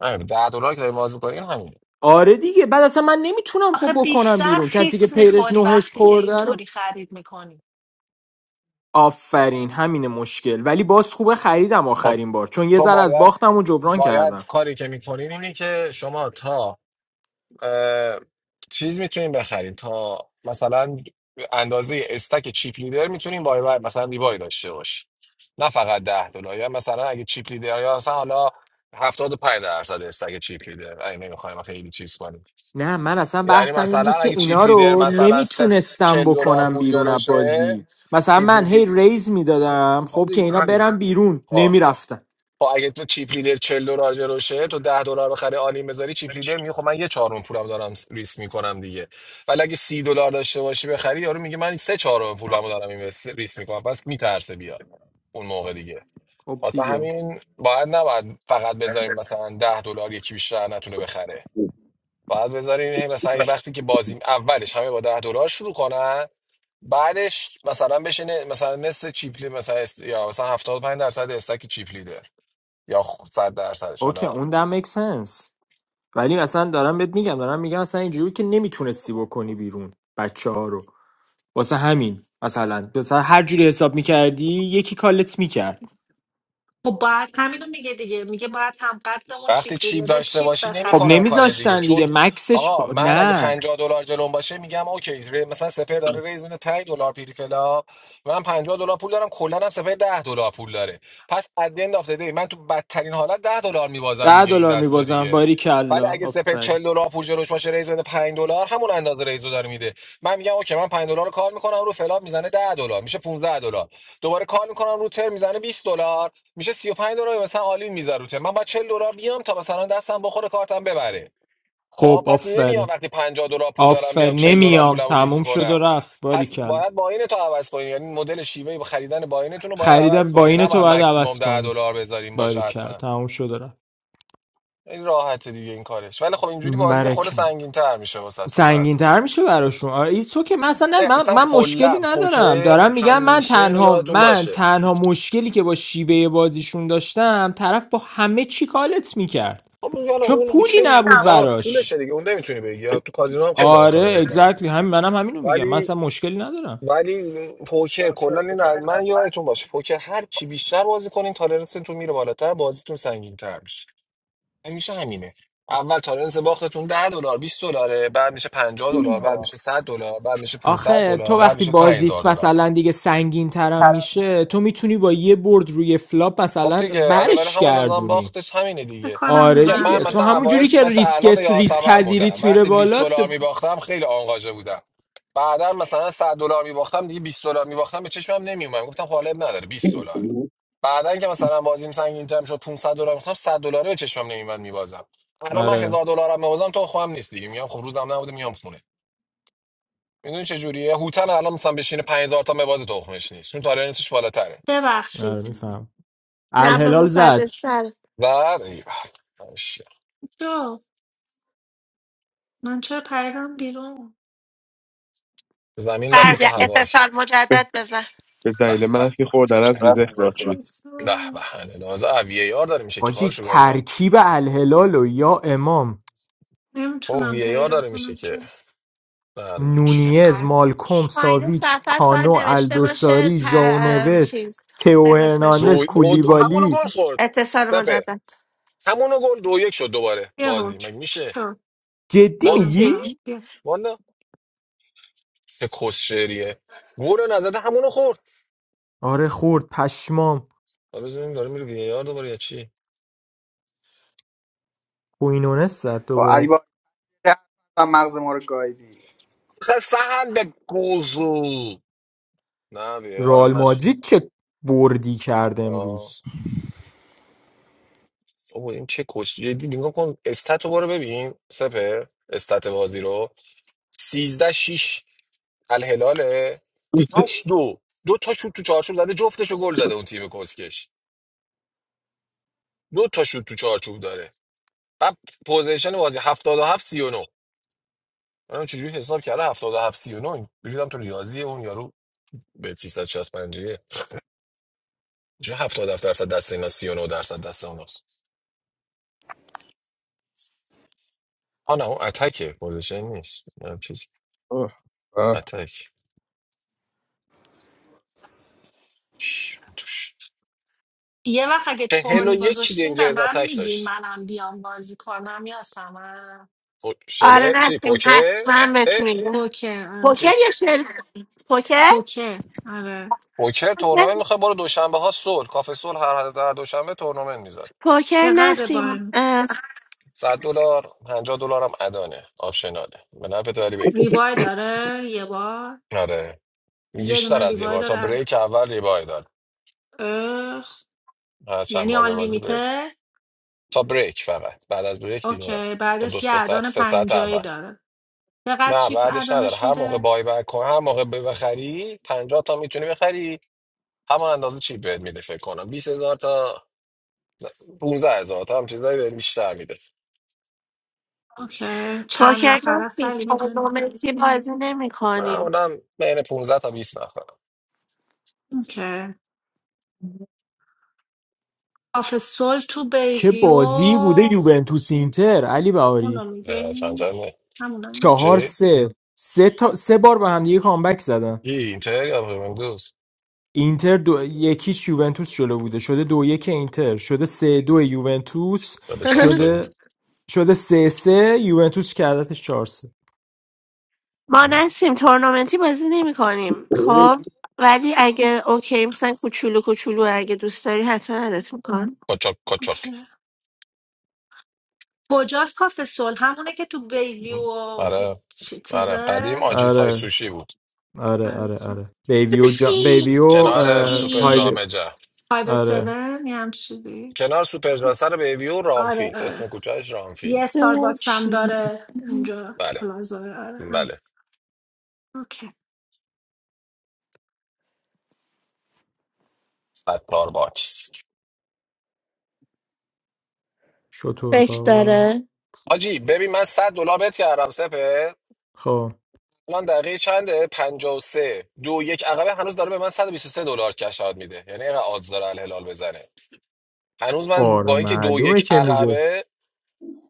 [SPEAKER 2] آره، ده دلار که داری باز می‌کنی همین
[SPEAKER 4] آره دیگه بعد اصلا من نمیتونم خب
[SPEAKER 7] آخه
[SPEAKER 4] بکنم
[SPEAKER 7] بیشتر
[SPEAKER 4] بیرون کسی که
[SPEAKER 7] خیس
[SPEAKER 4] پیرش
[SPEAKER 7] میخوری
[SPEAKER 4] نوهش
[SPEAKER 7] وقتی که
[SPEAKER 4] خورده رو
[SPEAKER 7] اینطوری خرید میکنی
[SPEAKER 4] آفرین همین مشکل ولی باز خوبه خریدم
[SPEAKER 2] خب
[SPEAKER 4] آخرین بار چون یه
[SPEAKER 2] تو
[SPEAKER 4] ذره از
[SPEAKER 2] باید
[SPEAKER 4] باختم و جبران کردم
[SPEAKER 2] باید کاری که میکنین اینه که شما تا اه، چیز میتونین بخرین تا مثلا اندازه استک چیپ لیدر میتونین بای بای مثلا ریبای داشته باشی نه فقط ده دلار یا مثلا اگه چیپ لیدر یا مثلا حالا 75 درصد استک چیپ لیدر اگه نمیخوایم خیلی چیز کنیم
[SPEAKER 4] نه من اصلا
[SPEAKER 2] یعنی
[SPEAKER 4] بحثم این
[SPEAKER 2] مثلا
[SPEAKER 4] بود که
[SPEAKER 2] اگه
[SPEAKER 4] اینا
[SPEAKER 2] چیپ لیدر
[SPEAKER 4] رو
[SPEAKER 2] مثلا ست
[SPEAKER 4] نمیتونستم
[SPEAKER 2] 40 دلار
[SPEAKER 4] بکنم
[SPEAKER 2] پول
[SPEAKER 4] بیرون از
[SPEAKER 2] جلوشه
[SPEAKER 4] بازی مثلا
[SPEAKER 2] چیپ
[SPEAKER 4] من
[SPEAKER 2] لیدر
[SPEAKER 4] هی ریز
[SPEAKER 2] خب
[SPEAKER 4] میدادم خب که
[SPEAKER 2] دیگه
[SPEAKER 4] اینا
[SPEAKER 2] همین
[SPEAKER 4] برن بیرون
[SPEAKER 2] خب
[SPEAKER 4] نمیرفتن
[SPEAKER 2] خب اگه تو چیپ لیدر 40 دلار جلوشه تو ده دلار بخره آلین بذاری چیپ لیدر میگه خب من یه چهارم پولم دارم ریسک میکنم دیگه ولی اگه سی دلار داشته باشی بخری یارو میگه من سه چهارم پولمو دارم این ریسک میکنم پس میترسه بیاد اون موقع دیگه
[SPEAKER 4] خب
[SPEAKER 2] واسه
[SPEAKER 4] دیگه
[SPEAKER 2] همین باید نباید فقط بذاریم مثلا ده دلار یکی بیشتر نتونه بخره باید بذارین هی مثلا این وقتی که بازی اولش همه با ده دلار شروع کنن بعدش مثلا بشه ن مثلا نصف چیپلی مثلا است- یا مثلا 75 درصد استک چیپلی دار یا خ- 100 درصدش
[SPEAKER 4] اوکی
[SPEAKER 2] حالا
[SPEAKER 4] اون در make sense ولی اصلا دارم بهت میگم دارم میگم اصلا اینجوری بود که نمیتونستی بکنی بیرون بچه ها. واسه همین مثلا مثلا هر جوری حساب میکردی یکی کالت میکرد
[SPEAKER 7] خب باید همینو میگه دیگه میگه باید هم قدمون
[SPEAKER 2] وقتی
[SPEAKER 7] چیپ
[SPEAKER 2] چیپ
[SPEAKER 7] لیدره
[SPEAKER 2] داشته
[SPEAKER 7] چیپ
[SPEAKER 2] باشی
[SPEAKER 4] خب
[SPEAKER 2] نمیکنن
[SPEAKER 7] بخری
[SPEAKER 2] کار دیگه
[SPEAKER 4] نمیذاشتن دیگه
[SPEAKER 2] چون
[SPEAKER 4] مکسش خ...
[SPEAKER 2] آقا من اگه
[SPEAKER 4] نه
[SPEAKER 2] 50 دلار جلوم باشه میگم اوکی ری- مثلا سپر داره ریز میده 5 دلار پیری فلا من 50 دلار پول دارم کلا هم سپر 10 دلار پول داره پس اد اند اف من تو بدترین حالت 10 دلار میبازم
[SPEAKER 4] ده
[SPEAKER 2] دیگه این
[SPEAKER 4] دلار
[SPEAKER 2] دستا
[SPEAKER 4] میبازم
[SPEAKER 2] دیگه
[SPEAKER 4] باری
[SPEAKER 2] ولی
[SPEAKER 4] کلا
[SPEAKER 2] اگه سپر
[SPEAKER 4] آفرین
[SPEAKER 2] 40 دلار پول جلوش باشه ریز بده 5 دلار همون اندازه ریزو داره میده من میگم اوکی من 5 دلار رو کار میکنم رو فلاب میزنه 10 دلار میشه 15 دلار دوباره کال میکنم رو تر میزنه 20 دلار میشه سی و پنج دلار مثلا آلین میذاره رو تر من با چهل دلار بیام تا مثلا دستم بخوره کارتم ببره خب
[SPEAKER 4] خب
[SPEAKER 2] پس نمیام
[SPEAKER 4] آفرین
[SPEAKER 2] وقتی 50 دلار پول دارم بیام
[SPEAKER 4] آفرین
[SPEAKER 2] چهل دلار
[SPEAKER 4] نمیام
[SPEAKER 2] پولم رو ریسک
[SPEAKER 4] تموم شد و
[SPEAKER 2] کنم
[SPEAKER 4] رفت باری
[SPEAKER 2] پس
[SPEAKER 4] کلا
[SPEAKER 2] باید باین تو عوض کنی یعنی مدل شیوه خریدن باینتون رو باید عوض
[SPEAKER 4] خریدم با
[SPEAKER 2] کنی
[SPEAKER 4] این
[SPEAKER 2] نه
[SPEAKER 4] تو
[SPEAKER 2] باید
[SPEAKER 4] باید
[SPEAKER 2] مکسیمم
[SPEAKER 4] عوض
[SPEAKER 2] ده
[SPEAKER 4] کنی
[SPEAKER 2] دلار بذاریم باشه
[SPEAKER 4] باری کلا
[SPEAKER 2] حتما
[SPEAKER 4] تموم شد و رفت
[SPEAKER 2] این راحته دیگه این کارش ولی خب اینجوری بازی خود
[SPEAKER 4] برکلا.
[SPEAKER 2] سنگین تر میشه واسهتون بعدو
[SPEAKER 4] سنگین‌تر میشه براشون آره ایتس که مثلا نه، من
[SPEAKER 2] اصلا
[SPEAKER 4] من مشکلی
[SPEAKER 2] کلا
[SPEAKER 4] ندارم
[SPEAKER 2] پوکر
[SPEAKER 4] دارم میگم من
[SPEAKER 2] همیشه اینو
[SPEAKER 4] تنها
[SPEAKER 2] یادتون
[SPEAKER 4] من
[SPEAKER 2] باشه
[SPEAKER 4] تنها مشکلی که با شیوه بازیشون داشتم طرف با همه چی کالت میکرد
[SPEAKER 2] خب یالا
[SPEAKER 4] چون
[SPEAKER 2] اون
[SPEAKER 4] پولی
[SPEAKER 2] اوکیه اون
[SPEAKER 4] نبود
[SPEAKER 2] آ پولشه
[SPEAKER 4] براش
[SPEAKER 2] دیگه اون نمیتونی بگی تو کازینو هم خیلی این کارو
[SPEAKER 4] آره
[SPEAKER 2] میکنن
[SPEAKER 4] اگزکتلی همین منم همینو میگم من
[SPEAKER 2] ولی
[SPEAKER 4] اصلا مشکلی ندارم
[SPEAKER 2] ولی پوکر کلا این من یادتون باشه پوکر هر چی بیشتر بازی کنین تالرنستون میره بالاتر بازیتون سنگین‌تر میشه همیشه همینه اول تالرنس باختتون ده دلار بیست دلاره بعد میشه 50 دلار بعد میشه صد دلار بعد میشه 500
[SPEAKER 4] آخه
[SPEAKER 2] دلار
[SPEAKER 4] تو
[SPEAKER 2] بعد
[SPEAKER 4] وقتی
[SPEAKER 2] میشه 5000
[SPEAKER 4] بازیت
[SPEAKER 2] دلار
[SPEAKER 4] مثلا دیگه سنگین ترم میشه تو میتونی با یه برد روی فلاپ
[SPEAKER 2] خب
[SPEAKER 4] مثلا
[SPEAKER 2] دیگه آره ولی
[SPEAKER 4] برش
[SPEAKER 2] همون نظام
[SPEAKER 4] گردونی
[SPEAKER 2] باختش همینه
[SPEAKER 7] فکر
[SPEAKER 2] دیگه
[SPEAKER 7] کنم
[SPEAKER 4] آره
[SPEAKER 2] میگم من
[SPEAKER 4] دیگه
[SPEAKER 7] منفی
[SPEAKER 4] تو
[SPEAKER 2] مثلا
[SPEAKER 4] همون
[SPEAKER 7] خورد
[SPEAKER 2] اوایل
[SPEAKER 4] جوری که
[SPEAKER 2] مثلا الان
[SPEAKER 4] ریسکت ریسک
[SPEAKER 2] یاسمن بودم
[SPEAKER 4] پذیریت میره
[SPEAKER 2] وقتی 20
[SPEAKER 4] بالا
[SPEAKER 2] دلار
[SPEAKER 4] تو-
[SPEAKER 2] میباختم خیلی آنگاژه بودم بعدا مثلا 100 دلار میباختم دیگه 20 دلار میباختم به چشمم نمیومد گفتم خب حالا اب نداره 20 دلار بعدا که مثلا بازیم سنگین ترم شد 500 دلار میخوام 100 دلار به چشمم نمیومد میبازم الان من
[SPEAKER 4] آره
[SPEAKER 2] 1000 دلارم میبازم تو خواهم نیست دیگه میام خب روزم نبوده میام خونه میدونی چه جوریه هوتن الان مثلا بشینه 5000 تا مباز تخمش نیست چون تالر نیستش بالاتره
[SPEAKER 7] ببخشید
[SPEAKER 4] آره میفهم
[SPEAKER 1] نه
[SPEAKER 4] الهلال
[SPEAKER 1] بابا
[SPEAKER 4] زد
[SPEAKER 1] فرد سر
[SPEAKER 2] و
[SPEAKER 7] جو من چرا پریدم بیرون
[SPEAKER 2] زمین دست
[SPEAKER 1] فرد
[SPEAKER 2] تو هواش
[SPEAKER 1] اتصال
[SPEAKER 3] به
[SPEAKER 1] مجدد بزن
[SPEAKER 3] به
[SPEAKER 2] به
[SPEAKER 3] دلیل
[SPEAKER 2] به
[SPEAKER 3] منفی خوردن از میز اخراج شد
[SPEAKER 2] به به هنه از وی ای آر داره میشه که خارش
[SPEAKER 4] حاجی
[SPEAKER 2] رو گاهی نم.
[SPEAKER 4] ترکیب الهلال و یا امام
[SPEAKER 2] او
[SPEAKER 7] نمیتونم
[SPEAKER 2] وی ای آر
[SPEAKER 7] پیدا
[SPEAKER 2] داره میشه
[SPEAKER 7] کنم
[SPEAKER 2] که
[SPEAKER 7] چرا
[SPEAKER 2] من
[SPEAKER 4] نونیز
[SPEAKER 7] چقدر
[SPEAKER 4] مالکوم
[SPEAKER 1] پایین
[SPEAKER 4] ساویچ
[SPEAKER 1] صفحت
[SPEAKER 4] کانو
[SPEAKER 1] باید نوشته باشه
[SPEAKER 4] الدوساری
[SPEAKER 1] تا...
[SPEAKER 4] ژاونوس
[SPEAKER 1] چیز
[SPEAKER 4] تئو
[SPEAKER 1] بگو اسمشو
[SPEAKER 4] هرناندز
[SPEAKER 2] دو او دو همونو
[SPEAKER 4] کولیبالی
[SPEAKER 2] گل خورد
[SPEAKER 1] اتصال
[SPEAKER 2] سپه
[SPEAKER 1] مجدد
[SPEAKER 2] همونو گل دو یک شد دوباره
[SPEAKER 7] یه
[SPEAKER 2] بازی مگه
[SPEAKER 7] حکم
[SPEAKER 2] میشه
[SPEAKER 7] چطور
[SPEAKER 4] جدی
[SPEAKER 7] من
[SPEAKER 2] با
[SPEAKER 4] میگی
[SPEAKER 7] نمیفهم بیا
[SPEAKER 2] والا سه کس شعریه گل نزده همونو خورد
[SPEAKER 4] آره خورد پشمام
[SPEAKER 2] حالا بزنیم داره میره وی ای آر دوباره یا چی
[SPEAKER 4] کوینونس زد
[SPEAKER 10] با علی
[SPEAKER 4] دوباره
[SPEAKER 10] بابا که اصلا مغز ما رو گایدی
[SPEAKER 2] خیلی فهم به گوزو نه وی ای آر
[SPEAKER 4] رئال
[SPEAKER 2] هم نشد
[SPEAKER 4] مادرید چه بردی کرد
[SPEAKER 2] آه.
[SPEAKER 4] امروز
[SPEAKER 2] بابا این چه کس جدی نگاه کن استاتو برو ببین سپه استات بازی رو 13 6 الهلاله هشت دو دو تا شوت تو چارچوب زده جفتشو گل زده اون تیم کسکش دو تا شوت تو چارچوب داره بعد پوزیشن بازی 77 39 منم چجوری حساب کرده 77 39 بجودم تو ریاضی اون یارو به 365 یه چه 77 درصد دست اینا 39 درصد دست اوناست ها نه اون اتکه پوزیشن نیست نه چیز
[SPEAKER 3] آه، آه.
[SPEAKER 2] اتک ش- توش
[SPEAKER 7] یه وقت اگه
[SPEAKER 2] چهل و
[SPEAKER 7] تورنی
[SPEAKER 2] یک
[SPEAKER 7] گذاشتین به
[SPEAKER 2] دینجرز
[SPEAKER 7] من
[SPEAKER 2] اتک
[SPEAKER 7] میگین
[SPEAKER 2] داشت
[SPEAKER 7] منم بیام بازی کنم یا سمن
[SPEAKER 2] پو-
[SPEAKER 1] آره
[SPEAKER 2] شله چی
[SPEAKER 1] نسیم
[SPEAKER 2] پوکر
[SPEAKER 1] حتما بهت
[SPEAKER 2] اه؟
[SPEAKER 1] میگم
[SPEAKER 7] پوکر آره.
[SPEAKER 1] پوکر
[SPEAKER 2] چیز
[SPEAKER 1] یا شل پوکر
[SPEAKER 7] پوکر آره
[SPEAKER 2] پوکر تورنمنت میخواد برو دوشنبه ها صلح کافه صلح هر هر دوشنبه تورنمنت میذاره
[SPEAKER 1] پوکر
[SPEAKER 7] چقدر با
[SPEAKER 1] نسیم
[SPEAKER 7] این
[SPEAKER 1] اه،
[SPEAKER 2] 100 دلار 50 دلار هم ادانه آپشناله به نفع داری بگیر
[SPEAKER 7] ریوای داره یه بار
[SPEAKER 2] آره
[SPEAKER 7] یه
[SPEAKER 2] بیشتر
[SPEAKER 7] دونه
[SPEAKER 2] از یه
[SPEAKER 7] ریوای
[SPEAKER 2] بار تا
[SPEAKER 7] داره
[SPEAKER 2] بریک اول ریبای داره
[SPEAKER 7] اه.
[SPEAKER 2] هر چند
[SPEAKER 7] یعنی
[SPEAKER 2] بار
[SPEAKER 7] آن
[SPEAKER 2] به بازی بریک
[SPEAKER 7] لیمیته.
[SPEAKER 2] تا بریک فقط بعد از بریک دیگه نه
[SPEAKER 7] اوکی
[SPEAKER 2] تا دو
[SPEAKER 7] بعدش یه
[SPEAKER 2] سه ساعت
[SPEAKER 7] اعدان
[SPEAKER 2] سه ساعت
[SPEAKER 7] پنجایی
[SPEAKER 2] اول
[SPEAKER 7] داره چقدر
[SPEAKER 2] نه
[SPEAKER 7] چی
[SPEAKER 2] بعدش نداره
[SPEAKER 7] اعدانش
[SPEAKER 2] هر موقع
[SPEAKER 7] میده
[SPEAKER 2] بای بک کن هر موقع ب- بخری 50 تا میتونی بخری همان اندازه چی بهت میده فکر کنم 20000 تا 15000 تا هم چیزایی بهت بیشتر میده
[SPEAKER 7] اوکی چند
[SPEAKER 1] پوکر
[SPEAKER 7] نفره
[SPEAKER 1] نسیم
[SPEAKER 7] سلی میدون
[SPEAKER 1] تورنمنتی بازی نمی کنیم
[SPEAKER 2] معمولا بین 15 تا بیست نفر
[SPEAKER 7] اوکی آف سول تو
[SPEAKER 4] چه
[SPEAKER 7] بیویو
[SPEAKER 4] بازی بوده یوونتوس اینتر علی بهاری
[SPEAKER 7] اونو میگه
[SPEAKER 2] اه، چند چنده
[SPEAKER 7] همونو
[SPEAKER 4] چهار
[SPEAKER 2] چی؟
[SPEAKER 4] سه سه تا سه بار به هم دیگه کامبک زدن
[SPEAKER 2] ای اینتر یا رومندوز
[SPEAKER 4] اینتر دو یکیش یوونتوس جلو بوده شده دو یک اینتر شده سه دو یوونتوس
[SPEAKER 2] به چهار سایی بود
[SPEAKER 4] شده شده سه سه یوونتوس کردتش چهار سه
[SPEAKER 1] ما
[SPEAKER 2] ام.
[SPEAKER 1] نسیم تورنمنتی بازی نمی کنیم خب ولی اگه اوکی مثلا کوچولو کوچولو اگه دوست داری حتما عادت میکن
[SPEAKER 2] کچاک کچاک
[SPEAKER 7] اوکی کجاست کافه صلح همونه که تو بیوی
[SPEAKER 2] ام.
[SPEAKER 7] و
[SPEAKER 2] آره
[SPEAKER 7] چ-
[SPEAKER 2] آره قدیم
[SPEAKER 7] چیزه
[SPEAKER 2] آجی سای
[SPEAKER 4] آره
[SPEAKER 2] سوشی بود
[SPEAKER 4] آره آره آره بیبیو جا...
[SPEAKER 1] سوشی
[SPEAKER 4] بیبیو
[SPEAKER 2] کنار
[SPEAKER 4] اه...
[SPEAKER 2] سوپر
[SPEAKER 1] سوشی
[SPEAKER 4] های
[SPEAKER 2] جامجه
[SPEAKER 7] فایو
[SPEAKER 4] آره
[SPEAKER 7] سیون یه هم چیزی
[SPEAKER 2] کنار سوپر جا سر بیبیو
[SPEAKER 7] آره
[SPEAKER 2] رامفیلد اسم
[SPEAKER 7] آره
[SPEAKER 2] کوچهش
[SPEAKER 7] یه
[SPEAKER 2] رامفیلد
[SPEAKER 7] استارباکس هم
[SPEAKER 1] سوشی
[SPEAKER 7] داره اونجا تو
[SPEAKER 2] بله
[SPEAKER 7] پلازا آره هم
[SPEAKER 2] بله
[SPEAKER 7] اوکی
[SPEAKER 2] صد دلار باکس
[SPEAKER 4] شطور
[SPEAKER 1] فکر
[SPEAKER 4] با
[SPEAKER 1] داره
[SPEAKER 2] آجی ببین من صد دلار بهت کردم سپه
[SPEAKER 4] خب
[SPEAKER 2] الان دقیقه چنده پنجاه و سه دو یک عقبه هنوز داره به من 123 دلار کشاد میده یعنی اینقدر آدز داره الهلال بزنه هنوز من
[SPEAKER 4] آره
[SPEAKER 2] با اینکه دو
[SPEAKER 4] معلومه
[SPEAKER 2] یک
[SPEAKER 4] که میده
[SPEAKER 2] عقبه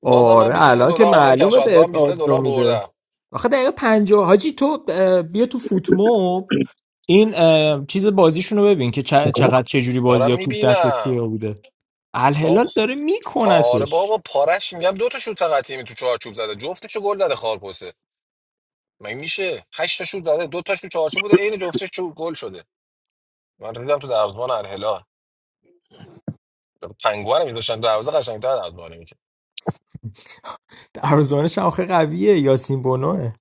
[SPEAKER 2] بازم من
[SPEAKER 4] آره
[SPEAKER 2] 23
[SPEAKER 4] الان که
[SPEAKER 2] دلار الان
[SPEAKER 4] معلومه بهت
[SPEAKER 2] کشاتگاهم 23
[SPEAKER 4] آدزو
[SPEAKER 2] دلار
[SPEAKER 4] میده
[SPEAKER 2] بردم
[SPEAKER 4] آخه دقیقه پنجاه حاجی تو اه، بیا تو فوتموب این اه، چیز بازیشون رو ببین که چ- چقدر چجوری بازی
[SPEAKER 2] دارم
[SPEAKER 4] ها توپ دست
[SPEAKER 2] میبینم
[SPEAKER 4] کیا بوده الهلال داره
[SPEAKER 2] آره
[SPEAKER 4] میکنتش
[SPEAKER 2] بابا پارش میگم دو تا شوت فقط تیمی تو چارچوب زده جفتشو گل زده خارپوسه مگه میشه هشت تا شوت زده دو تاش تو چارچوب بوده عین جفتش تو گل شده من ریدم تو دروازه الهلال پنگوانم میذاشتن دروازه قشنگ‌تر دروازه میشه
[SPEAKER 4] دروازه‌بانش هم آخه قویه یاسین بونوه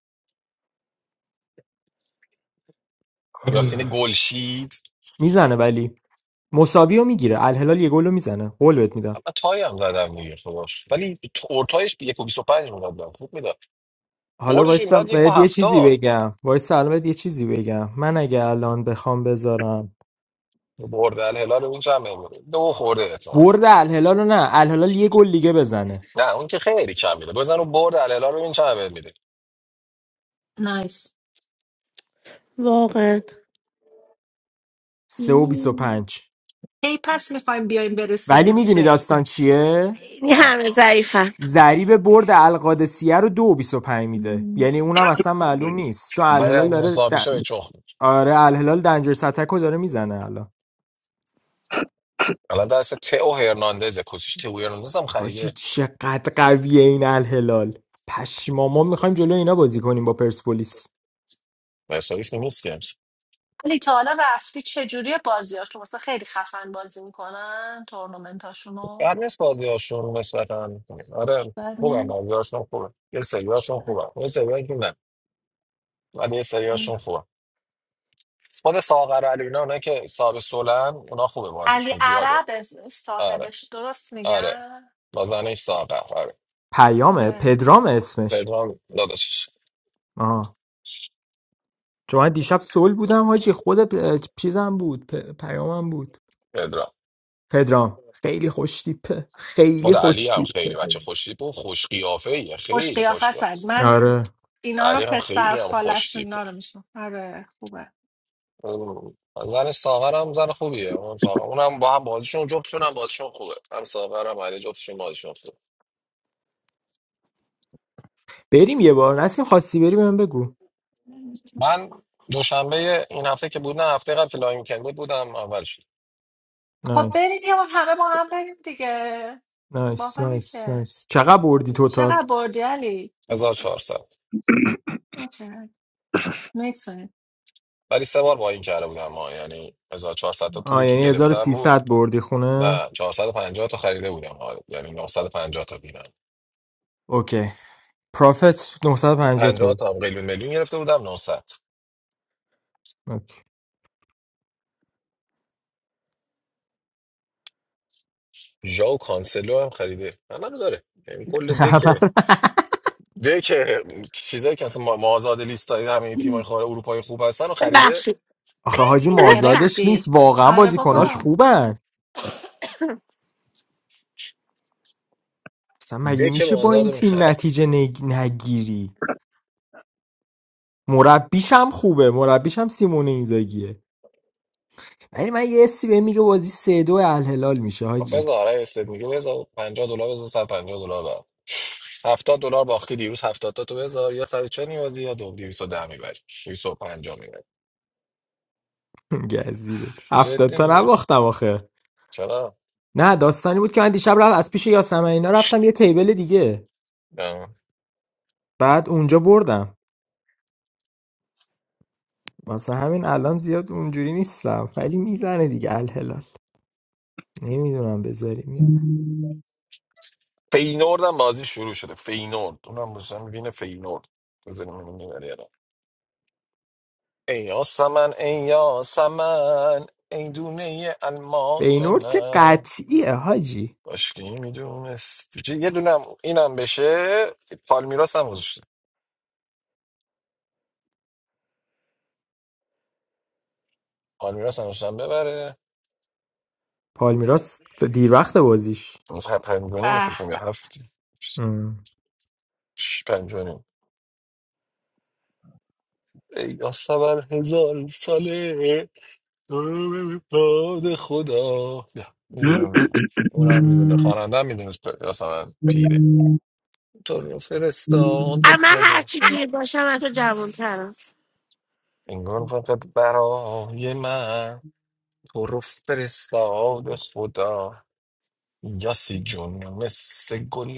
[SPEAKER 2] یاسین گلشید
[SPEAKER 4] میزنه ولی مساوی رو میگیره الهلال یه گل رو میزنه قول بهت میدم
[SPEAKER 2] من تایی هم زدم دیگه خداش ولی اورتایش 1.25 میداد خوب میداد
[SPEAKER 4] حالا
[SPEAKER 2] بردش
[SPEAKER 4] وایسا
[SPEAKER 2] میداد
[SPEAKER 4] بهت یه چیزی
[SPEAKER 2] 1.70
[SPEAKER 4] بگم وایسا الان بهت یه چیزی بگم من اگه الان بخوام بذارم
[SPEAKER 2] برد الهلال ببین چند بهت میده دو خورده احتمال
[SPEAKER 4] برد الهلال رو نه الهلال یه گل دیگه بزنه
[SPEAKER 2] نه اون که خیلی کم میده بزن اون برد الهلال ببین چند بهت میده
[SPEAKER 7] نایس
[SPEAKER 1] واقعا
[SPEAKER 4] سه و بیس و پنج
[SPEAKER 7] کی پس میخوایم بیایم برسیم
[SPEAKER 4] ولی
[SPEAKER 7] به
[SPEAKER 4] میدونی
[SPEAKER 7] صفر
[SPEAKER 4] داستان چیه
[SPEAKER 1] این
[SPEAKER 2] آه.
[SPEAKER 1] همه ضعیفم
[SPEAKER 4] ضریب برد القادسیه رو دو و بیس و پنج میده
[SPEAKER 7] مم.
[SPEAKER 4] یعنی اونم اصلا معلوم نیست چون
[SPEAKER 2] ولی
[SPEAKER 4] الهلال
[SPEAKER 2] اگه
[SPEAKER 4] داره
[SPEAKER 2] مساوی
[SPEAKER 4] د...
[SPEAKER 2] شه به چخ می‌شه.
[SPEAKER 4] آره الهلال دنجر ستک رو داره میزنه الان
[SPEAKER 2] الان دست تئو هرناندز کوسیش تئو هرناندز هم
[SPEAKER 4] حاجی
[SPEAKER 2] خریده
[SPEAKER 4] چقدر قویه این الهلال پشما ما میخوایم جلو اینا بازی کنیم با پرسپولیس
[SPEAKER 2] پرسپولیس نیست که امس
[SPEAKER 7] ولی تا حالا رفتی چجوری بازیاش تو مثلا خیلی خفن بازی میکنن
[SPEAKER 2] بعد
[SPEAKER 7] تورنمنتاشونو
[SPEAKER 2] نیست بازیاشون نسبتا آره
[SPEAKER 7] بر
[SPEAKER 2] خوبن بازیاشون خوبه یه سریاشون خوبه یه سریاشون که نه ولی یه سریاشون خوبه خود ساغر علی اینا اونایی که صاحب سولن اونا خوبه
[SPEAKER 7] علی
[SPEAKER 2] بازیشون زیاد
[SPEAKER 7] عرب از-
[SPEAKER 2] آره
[SPEAKER 7] صاحبش درست
[SPEAKER 2] آره
[SPEAKER 7] میگن
[SPEAKER 2] بازنه ساغر آره
[SPEAKER 4] پیامه
[SPEAKER 7] آره
[SPEAKER 4] پدرام اسمش
[SPEAKER 2] پدرام داداش
[SPEAKER 4] آها چون من دیشب سول بودم حاجی خود پ... چیزم بود پ... پیامم بود
[SPEAKER 2] پدرام
[SPEAKER 4] پدرام خیلی خوش تیپه خیلی
[SPEAKER 2] خود علی
[SPEAKER 4] خوش
[SPEAKER 2] هم خیلی
[SPEAKER 4] تیپه
[SPEAKER 2] بچه خوش تیپ و خوش قیافه ایه.
[SPEAKER 7] خوش
[SPEAKER 2] خیلی خوش
[SPEAKER 7] قیافه
[SPEAKER 2] قیافه
[SPEAKER 7] سد
[SPEAKER 2] است.
[SPEAKER 7] من
[SPEAKER 4] آره
[SPEAKER 7] اینا
[SPEAKER 2] علی
[SPEAKER 7] رو
[SPEAKER 2] هم
[SPEAKER 7] پسر
[SPEAKER 2] خیلی هم خوش
[SPEAKER 7] خالش
[SPEAKER 2] تیپه
[SPEAKER 7] اینا رو میشنم آره خوبه
[SPEAKER 2] ام. زن ساغر هم زن خوبیه اون ساغر اونم با هم بازیشون جفتشون هم بازیشون خوبه هم ساغر هم علی جفتشون بازیشون خوبه
[SPEAKER 4] بریم یه بار نسیم خواستی بریم من بگو
[SPEAKER 2] من دوشنبه این هفته که بود نه هفته قبل که لاین کن بود بودم اول شد
[SPEAKER 7] خب بریم
[SPEAKER 4] نایس
[SPEAKER 7] یه بار همه با هم بریم دیگه
[SPEAKER 4] نایس
[SPEAKER 7] باحاله
[SPEAKER 4] نایس
[SPEAKER 7] که
[SPEAKER 4] نایس چقدر بردی توتال
[SPEAKER 7] چقدر بردی علی
[SPEAKER 2] 1400
[SPEAKER 7] اوکی. مرسی.
[SPEAKER 2] ولی سه بار با این کرده بودم ما یعنی 1400 تا
[SPEAKER 4] آه
[SPEAKER 2] پولی که
[SPEAKER 4] یعنی
[SPEAKER 2] گرفتم بود
[SPEAKER 4] 1300 بردی خونه
[SPEAKER 2] نه چهارصد و پنجاه تا خریده بودم آره یعنی نهصد و پنجاه تا بینم
[SPEAKER 4] اوکی پرافت 950 تو
[SPEAKER 2] 50
[SPEAKER 4] بود.
[SPEAKER 2] تا هم قلیون میلیون گرفته بودم 900
[SPEAKER 4] اوکی.
[SPEAKER 2] ژاو کانسلو هم خریده همه رو داره یعنی کل دکه
[SPEAKER 4] خبر
[SPEAKER 2] دکه چیزایی که اصلا ما- مازاد لیست های همه تیمای خارج اروپای خوب هستن رو خریده
[SPEAKER 1] ببخشید
[SPEAKER 4] آخه حاجی
[SPEAKER 1] ببخشم
[SPEAKER 4] مازادش نیست
[SPEAKER 7] گرفتی
[SPEAKER 4] واقعا
[SPEAKER 7] آره
[SPEAKER 4] بازیکناش
[SPEAKER 7] بابا
[SPEAKER 4] خوبن اصلا مگه
[SPEAKER 2] دک
[SPEAKER 4] میشه با
[SPEAKER 2] مازاد
[SPEAKER 4] این
[SPEAKER 2] رو
[SPEAKER 4] تیم
[SPEAKER 2] میخره
[SPEAKER 4] نتیجه نگ... نگیری مربیش هم خوبه مربیش هم سیمون اینزاگیه ولی من یه حسی بهم میگه بازی سه دو الهلال میشه حاجی
[SPEAKER 2] بذار آره استد میگه بذار 50 دلار بذار 150 دلار بر 70 دلار باختی دیروز 70 تا تو بذار یا 140 نیازی یا دو- 210 میبری 250 میبری
[SPEAKER 4] گزیده هفتاد
[SPEAKER 2] جدی
[SPEAKER 4] تا
[SPEAKER 2] میگم
[SPEAKER 4] نباختم آخه
[SPEAKER 2] چرا
[SPEAKER 4] نه داستانی بود که من دیشب رفت از پیش یاسمن اینا رفتم یه تیبل دیگه بعد اونجا بردم واسه همین الان زیاد اونجوری نیستم ولی میزنه دیگه الهلال نمیدونم بذاریم یا نه
[SPEAKER 2] فینورد هم بازی شروع شده فینورد اونم بازم میبینه فینورد بذاریم اینو میبری الان ای یاسمن ای یاسمن ای دونه الماس
[SPEAKER 4] فینورد که
[SPEAKER 2] من
[SPEAKER 4] قطعیه حاجی
[SPEAKER 2] باشکی میدونست چی؟ یه دونم اینم بشه پالمیراس هم گذاشته پالمیراس هم گذاشتم ببره
[SPEAKER 4] پالمیراس دیر وقت بازیش
[SPEAKER 2] از هر پنجانیم
[SPEAKER 7] به
[SPEAKER 2] فکر کنم یا
[SPEAKER 7] به
[SPEAKER 2] هفت
[SPEAKER 4] ام.
[SPEAKER 2] شش- پنجانیم ای یاسمن هزار ساله باد خدا میدونم اونم میدونه
[SPEAKER 3] آقا
[SPEAKER 2] خواننده میدونست یاسمن پیره تو رو فرستاد
[SPEAKER 1] اما
[SPEAKER 2] خدا
[SPEAKER 1] هرچی پیر باشم از تو جوانترم
[SPEAKER 2] انگار فقط برای من تو رو فرستاد خدا یاسی جون مثل گل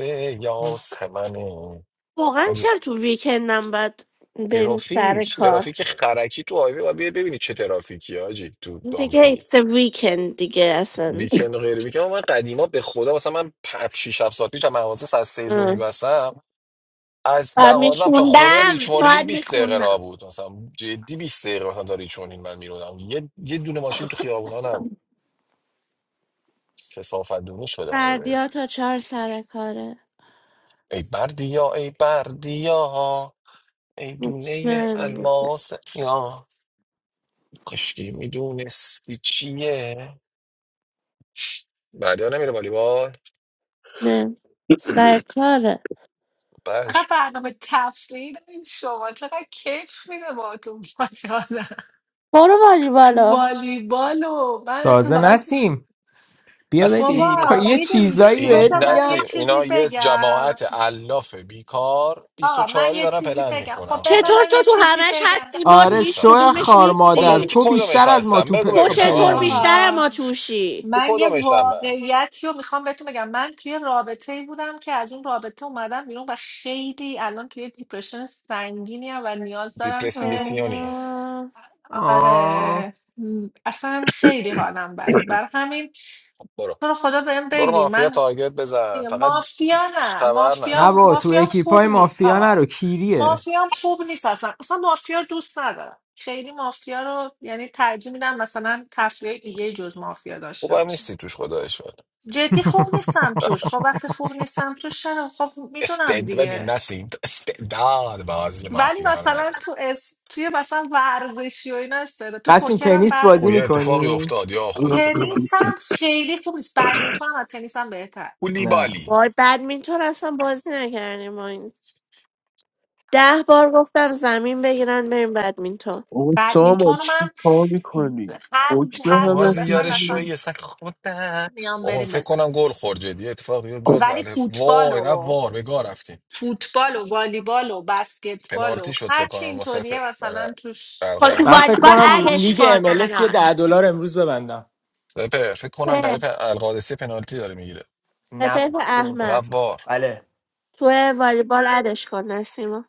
[SPEAKER 2] یاسمنه
[SPEAKER 1] واقعا
[SPEAKER 2] مگه
[SPEAKER 1] چرا تو ویکندم باید بریم سر
[SPEAKER 2] ترافیک
[SPEAKER 1] کار
[SPEAKER 2] ترافیک خرکی تو هایوی و ببینی چه ترافیکی آجی تو
[SPEAKER 1] دیگه
[SPEAKER 2] دانبلیه
[SPEAKER 1] ایتس ویکند دیگه اصلا
[SPEAKER 2] ویکند و غیر ویکند من قدیما به خدا مثلا من 5 6 7 ساعت پیش از مغازه ساعت 3 ظهر
[SPEAKER 1] اه.
[SPEAKER 2] میبستم از
[SPEAKER 1] باید
[SPEAKER 2] مغازم تا خونه
[SPEAKER 1] میخوندم
[SPEAKER 2] ریچمون هیل
[SPEAKER 1] باید
[SPEAKER 2] 20 دقیقه
[SPEAKER 1] میخوندم
[SPEAKER 2] راه بود مثلا جدی بیست دقیقه مثلا تا ریچمون هیل من میرودم یه یه دونه ماشین تو خیابونا نبود کثافت دونی شده های بده
[SPEAKER 1] بردیا تا چهار سر کاره
[SPEAKER 2] ای بردیا ای بردیا ای دونه
[SPEAKER 1] مطمئن بوده
[SPEAKER 2] الماس یا کاشکی میدونستی چیه بردیا نمیره والیبال
[SPEAKER 1] نه سر کاره
[SPEAKER 7] فقط
[SPEAKER 2] بش
[SPEAKER 7] برنامه تفریحی دارین شما چقدر کیف میده با تو ماشاءالله.
[SPEAKER 1] برو والی بالا
[SPEAKER 7] والیبال و من
[SPEAKER 4] تازه
[SPEAKER 7] اتفاقا تو-
[SPEAKER 4] نسیم بیا بدی
[SPEAKER 2] بسی
[SPEAKER 7] بابا
[SPEAKER 4] یه
[SPEAKER 7] میدونی
[SPEAKER 4] چیزایی
[SPEAKER 7] چی
[SPEAKER 2] این
[SPEAKER 4] بهت
[SPEAKER 7] بذار من
[SPEAKER 4] میگم
[SPEAKER 7] یه
[SPEAKER 2] نسیم
[SPEAKER 7] چیزی
[SPEAKER 2] اینا یه
[SPEAKER 7] بگم
[SPEAKER 2] جماعت علاف بیکار
[SPEAKER 7] آقا
[SPEAKER 2] 24
[SPEAKER 7] من یه
[SPEAKER 2] دارن
[SPEAKER 7] چیزی
[SPEAKER 2] پلن
[SPEAKER 7] بگم خب
[SPEAKER 2] میکنن
[SPEAKER 7] بذار
[SPEAKER 2] فر
[SPEAKER 1] چطور
[SPEAKER 7] من
[SPEAKER 1] تو
[SPEAKER 7] یه
[SPEAKER 1] تو
[SPEAKER 7] چیزی
[SPEAKER 1] همش
[SPEAKER 7] بگم
[SPEAKER 1] هستی ما تو
[SPEAKER 4] آره
[SPEAKER 1] هیچ
[SPEAKER 4] شو
[SPEAKER 2] نیستن
[SPEAKER 1] کدومش
[SPEAKER 4] خار مادر
[SPEAKER 2] کدوم تو
[SPEAKER 1] نیستی
[SPEAKER 4] تو
[SPEAKER 2] کدومش
[SPEAKER 4] بیشتر از ما
[SPEAKER 2] هستم
[SPEAKER 4] تو
[SPEAKER 2] بگو
[SPEAKER 1] تو
[SPEAKER 4] پ...
[SPEAKER 2] ببینم
[SPEAKER 1] چطور
[SPEAKER 2] آقا
[SPEAKER 4] پلنی
[SPEAKER 1] بیشتر
[SPEAKER 7] آقا
[SPEAKER 1] ما توشی
[SPEAKER 2] تو
[SPEAKER 7] من یه
[SPEAKER 2] کدومش هم من
[SPEAKER 7] واقعیتی رو میخوام بهتون بگم من توی رابطه ای بودم که از اون رابطه اومدم بیرون و خیلی الان توی دیپرشن سنگینی و نیاز دارم که
[SPEAKER 2] دیپرسیونی
[SPEAKER 1] آه.
[SPEAKER 4] آه
[SPEAKER 7] آره م، اصلا خیلی حالم بده بر همین
[SPEAKER 2] برو
[SPEAKER 7] تو رو خدا بهم
[SPEAKER 2] برو
[SPEAKER 7] بگین
[SPEAKER 2] مافیا
[SPEAKER 7] من
[SPEAKER 2] تارگت بزن
[SPEAKER 7] میگم
[SPEAKER 2] فقط
[SPEAKER 7] مافیا نه
[SPEAKER 2] تبر
[SPEAKER 4] نه
[SPEAKER 7] مافیا
[SPEAKER 2] نزن
[SPEAKER 4] با تو
[SPEAKER 7] مافیام
[SPEAKER 4] اکیپای
[SPEAKER 7] خوب نیست
[SPEAKER 4] مافیا
[SPEAKER 7] آقا
[SPEAKER 4] نرو کیریه
[SPEAKER 7] مافیام خوب نیست اصلا اصلا مافیا دوست ندارم خیلی مافیا رو یعنی ترجیح میدم مثلا تفریح دیگه جز مافیا
[SPEAKER 2] خوب
[SPEAKER 7] داشته
[SPEAKER 2] هم
[SPEAKER 7] باشه
[SPEAKER 2] نیستی توش خدایش بده
[SPEAKER 7] جدی خوب نیستم توش خب وقتی خوب نیستم توش چرا خب میدونم
[SPEAKER 2] استد ببین
[SPEAKER 7] دیگه
[SPEAKER 2] نسیم تو استعداد بازی
[SPEAKER 7] ولی
[SPEAKER 2] مافیا رو
[SPEAKER 7] مثلا
[SPEAKER 2] نداره
[SPEAKER 7] تو اس توی مثلا ورزشی و اینا استعداد- تو
[SPEAKER 4] رفتیم
[SPEAKER 7] پوکرم
[SPEAKER 4] تنیس
[SPEAKER 7] بد
[SPEAKER 2] او
[SPEAKER 4] بازی
[SPEAKER 2] یه
[SPEAKER 7] نیستم
[SPEAKER 2] اتفاقی
[SPEAKER 4] میکنی؟
[SPEAKER 2] افتاد یا خدا فکر کنم
[SPEAKER 7] تنیس هم خیلی خوب نیست بدمینتون هم از تنیس هم بهتر
[SPEAKER 2] کولی
[SPEAKER 4] نه
[SPEAKER 1] وای بدمینتون اصلا بازی نکردیم ما این ده بار گفتم زمین بگیرن بریم بدمینتون
[SPEAKER 3] سامان
[SPEAKER 7] بدمینتون رو
[SPEAKER 3] چی
[SPEAKER 7] من
[SPEAKER 3] کار میکنی
[SPEAKER 7] هر
[SPEAKER 3] حکم
[SPEAKER 2] این
[SPEAKER 7] هر جا
[SPEAKER 3] همه
[SPEAKER 2] قاضی
[SPEAKER 7] بخوایم
[SPEAKER 2] یارش
[SPEAKER 7] اصلا
[SPEAKER 2] شوی سگ خودم
[SPEAKER 7] میام
[SPEAKER 2] آقا
[SPEAKER 7] بریم
[SPEAKER 2] فکر کنم
[SPEAKER 7] بزنیم
[SPEAKER 2] گل خورد جدی اتفاق یه جد
[SPEAKER 7] ولی
[SPEAKER 2] بله
[SPEAKER 7] فوتبال
[SPEAKER 2] وای رفت
[SPEAKER 7] و
[SPEAKER 2] وار به گاه رفتیم
[SPEAKER 7] فوتبال و والیبال و بسکتبال
[SPEAKER 2] پنالتی
[SPEAKER 7] و
[SPEAKER 2] شد فکر
[SPEAKER 7] هرچی
[SPEAKER 2] کنم واسه
[SPEAKER 7] اینطوریه
[SPEAKER 2] پ- برای
[SPEAKER 7] مثلا توش
[SPEAKER 1] خب تو
[SPEAKER 4] من
[SPEAKER 2] القادس
[SPEAKER 4] فکر
[SPEAKER 1] والیبال
[SPEAKER 4] کنم رو
[SPEAKER 1] ادش
[SPEAKER 4] لیگ
[SPEAKER 1] کن
[SPEAKER 4] MLS یه
[SPEAKER 1] الان
[SPEAKER 4] ده دلار امروز ببندم
[SPEAKER 2] سپر فکر کنم برای
[SPEAKER 1] سپهر
[SPEAKER 2] پ- القادسی پنالتی داره میگیره
[SPEAKER 4] نه بابا.
[SPEAKER 1] احمق
[SPEAKER 2] رفت وار
[SPEAKER 4] بله
[SPEAKER 1] تو والیبال ادش کن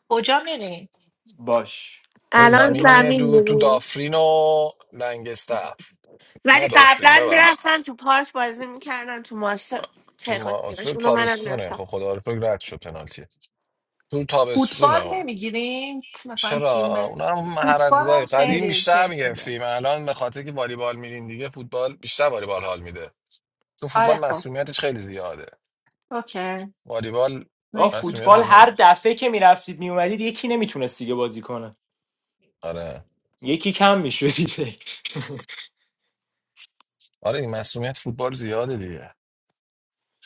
[SPEAKER 7] کجا میریم
[SPEAKER 4] باش
[SPEAKER 2] یه
[SPEAKER 4] باش
[SPEAKER 1] الان
[SPEAKER 7] فوت-
[SPEAKER 2] زمینیه
[SPEAKER 1] زمین
[SPEAKER 2] دو تو
[SPEAKER 1] می‌بینیم.
[SPEAKER 2] دافرین و لنگستف نه
[SPEAKER 1] ولی
[SPEAKER 2] دافرین
[SPEAKER 1] قبلا
[SPEAKER 2] ببخش
[SPEAKER 1] میرفتن تو پارک بازی میکردن تو ماسه
[SPEAKER 2] تو
[SPEAKER 1] خیلی خوش
[SPEAKER 2] ما تو
[SPEAKER 1] گذشت. اونو منم
[SPEAKER 2] تابستونه خب
[SPEAKER 1] میرفتم
[SPEAKER 2] خدا رو شکر رد شد پنالتی تو
[SPEAKER 7] فوتبال
[SPEAKER 2] تابستونه
[SPEAKER 7] نمیگیریم مثلا تیم
[SPEAKER 2] چرا
[SPEAKER 7] به
[SPEAKER 2] اونم
[SPEAKER 7] فوتبال
[SPEAKER 2] هرزگاهی
[SPEAKER 7] هم
[SPEAKER 2] قدیم
[SPEAKER 7] خیلی
[SPEAKER 2] بیشتر
[SPEAKER 7] کیف میده
[SPEAKER 2] میگرفتیم الان به خاطر که والیبال میریم دیگه فوتبال بیشتر والیبال حال میده چون
[SPEAKER 7] آره
[SPEAKER 2] فوتبال
[SPEAKER 7] خب
[SPEAKER 2] مسئولیتش خیلی زیاده
[SPEAKER 7] اوکی
[SPEAKER 2] والیبال
[SPEAKER 4] آه
[SPEAKER 7] نیکسن
[SPEAKER 2] مسئولیت
[SPEAKER 4] فوتبال
[SPEAKER 2] خیلی
[SPEAKER 4] هر
[SPEAKER 2] نداره
[SPEAKER 4] دفعه که میرفتید میومدید یکی نمیتونست دیگه بازی کنه
[SPEAKER 2] آره
[SPEAKER 4] یکی کم میشدی
[SPEAKER 2] آره این مسئولیت فوتبال زیاده دیگه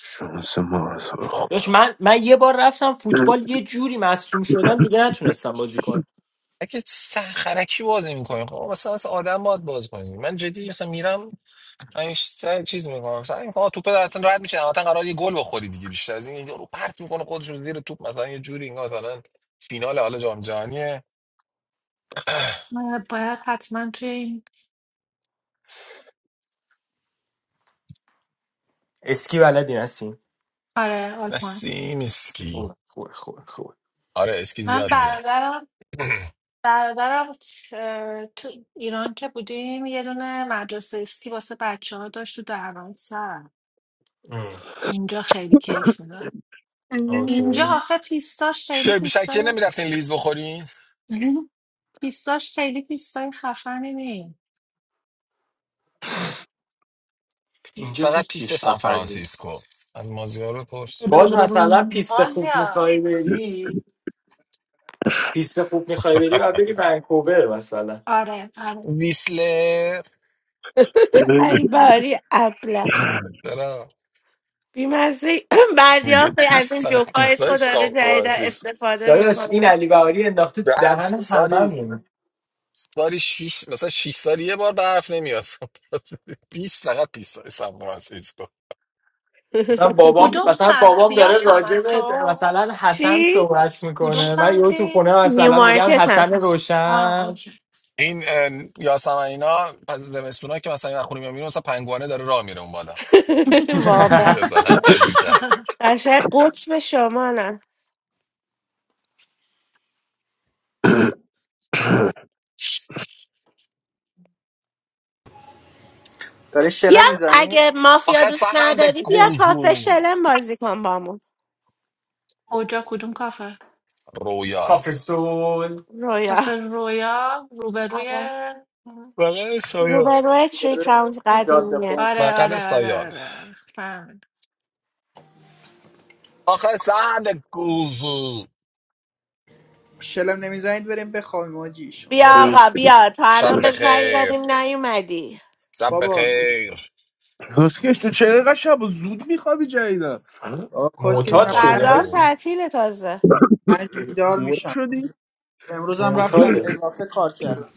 [SPEAKER 3] شانس ما رو سراخ.
[SPEAKER 4] داشت من من یه بار رفتم فوتبال یه جوری مصدوم شدم دیگه نتونستم بازی کنم
[SPEAKER 2] اگه سرخرکی بازی میکنیم خب مثلا مثل آدم باید باز کنیم من جدی مثلا میرم همیشه سر چیز میکنم مثلا این آقا توپ درتون رد میشه مثلا قرار یه گل بخوری دیگه بیشتر از این یارو پرت میکنه خودش رو زیر توپ مثلا یه جوری اینا مثلا فینال حالا جام جهانیه
[SPEAKER 7] من باید حتما توی این
[SPEAKER 4] اسکی بلدی هستیم
[SPEAKER 7] آره آلمان
[SPEAKER 2] نسیم اسکی
[SPEAKER 4] خوبه خوبه خوبه خوبه
[SPEAKER 2] آره اسکی
[SPEAKER 7] من
[SPEAKER 2] زیاد میره
[SPEAKER 7] برادرم برادرم اه، تو ایران که بودیم یه دونه مدرسه اسکی واسه بچه ها داشت تو سر
[SPEAKER 4] ام،
[SPEAKER 7] اونجا خیلی کیف میده اینجا
[SPEAKER 4] اوکی
[SPEAKER 7] آخه پیستاش خیلی
[SPEAKER 2] شب شکر
[SPEAKER 7] پیستای
[SPEAKER 2] نمیرفتین لیز بخورین
[SPEAKER 7] پیستاش خیلی پیستای خفنی نی
[SPEAKER 2] پیست
[SPEAKER 4] اینجا
[SPEAKER 2] فقط پیست
[SPEAKER 4] هیچیش
[SPEAKER 2] سان
[SPEAKER 4] خفن
[SPEAKER 2] فرانسیسکو
[SPEAKER 4] نیست
[SPEAKER 2] از مازیار بپرس
[SPEAKER 4] باز مثلا پیست خوب
[SPEAKER 7] مازیار
[SPEAKER 4] میخوای بری پیست خوب میخوای بری و بری ونکوور مثلا
[SPEAKER 7] آره آره
[SPEAKER 2] ویسلر
[SPEAKER 1] ای باری ابله
[SPEAKER 2] چرا
[SPEAKER 1] بیمزه
[SPEAKER 2] میگه
[SPEAKER 1] بردیافت از
[SPEAKER 2] پیست
[SPEAKER 1] این
[SPEAKER 2] فقط
[SPEAKER 1] جوکای
[SPEAKER 2] پیست های
[SPEAKER 1] تو داره
[SPEAKER 2] سان
[SPEAKER 1] جدیدا
[SPEAKER 2] فرانسیسکو
[SPEAKER 1] استفاده
[SPEAKER 4] داداش این
[SPEAKER 1] میکنم
[SPEAKER 4] علی بهاری انداخته تو
[SPEAKER 2] بعد
[SPEAKER 4] دهن
[SPEAKER 2] سالی
[SPEAKER 4] هممون
[SPEAKER 2] سالی شیش مثلا شیش سالی یه بار برف نمیاد سان فرانسیسکو. پیست فقط پیست های سان فرانسیسکو
[SPEAKER 4] مثلا بابام
[SPEAKER 7] کدوم
[SPEAKER 4] مثلا بابام
[SPEAKER 7] سمتی یا
[SPEAKER 4] داره راجع
[SPEAKER 7] سمن
[SPEAKER 4] به
[SPEAKER 7] تو
[SPEAKER 4] مثلا حسن
[SPEAKER 1] چی؟
[SPEAKER 4] صحبت
[SPEAKER 7] کدوم
[SPEAKER 4] میکنه من یهو تو
[SPEAKER 7] سمتی
[SPEAKER 4] خونه
[SPEAKER 1] نیو
[SPEAKER 4] مثلا میگم
[SPEAKER 1] مارکت هم
[SPEAKER 4] حسن
[SPEAKER 7] آه
[SPEAKER 4] روشن
[SPEAKER 7] اوکی
[SPEAKER 2] این یاسمن اینا پس زمستونا که مثلا این خونه میام میرون مثلا پنگوانه داره راه میره اون بالا اینجوری
[SPEAKER 1] واقعا
[SPEAKER 2] مثلا هر دو کرد.
[SPEAKER 1] قشنگ قطب شمالم
[SPEAKER 10] داره
[SPEAKER 1] بیا
[SPEAKER 10] شلم میزنی
[SPEAKER 1] اگه مافیا
[SPEAKER 2] آخه
[SPEAKER 1] دوست
[SPEAKER 2] فهند
[SPEAKER 1] نداری بیا کافه
[SPEAKER 2] گوزون
[SPEAKER 1] شلم بازی کن بامون
[SPEAKER 7] کجا کدوم کافه
[SPEAKER 2] رویال
[SPEAKER 4] کافه سول
[SPEAKER 1] رویا
[SPEAKER 7] کافه رویا روبروی
[SPEAKER 2] بغل سایه
[SPEAKER 1] روبروی تری
[SPEAKER 10] داره
[SPEAKER 1] کراونز
[SPEAKER 7] اوه.
[SPEAKER 10] جاده
[SPEAKER 1] قدیمیه
[SPEAKER 10] قوم
[SPEAKER 7] آره
[SPEAKER 2] بغل
[SPEAKER 7] آره آره
[SPEAKER 2] سایان
[SPEAKER 7] آره آره. فهمیدم
[SPEAKER 2] آخه سهند گوزون
[SPEAKER 10] شلم نمیزنید بریم بخوابیم آجیشون
[SPEAKER 2] برو
[SPEAKER 1] بیا
[SPEAKER 2] بخ
[SPEAKER 1] آقا بیا تا
[SPEAKER 2] شب
[SPEAKER 1] الان به زنگ
[SPEAKER 2] بخیر
[SPEAKER 1] زدیم نیومدی
[SPEAKER 2] شب
[SPEAKER 10] بابا
[SPEAKER 2] بخیر
[SPEAKER 3] کسکش تو چرا اینقدر شب و زود میخوابی جدیدن
[SPEAKER 10] بابا کس که
[SPEAKER 2] چونش
[SPEAKER 4] معتاد
[SPEAKER 10] من
[SPEAKER 2] پاره
[SPEAKER 4] شده
[SPEAKER 10] پنج,
[SPEAKER 1] فردا هم
[SPEAKER 4] آجی.
[SPEAKER 2] کردم
[SPEAKER 1] تعطیل تازه
[SPEAKER 10] پنج بیدار
[SPEAKER 3] مرد
[SPEAKER 10] میشم
[SPEAKER 3] شدی
[SPEAKER 10] امروز هم رفتم
[SPEAKER 4] معتاده
[SPEAKER 10] اضافه کار کردم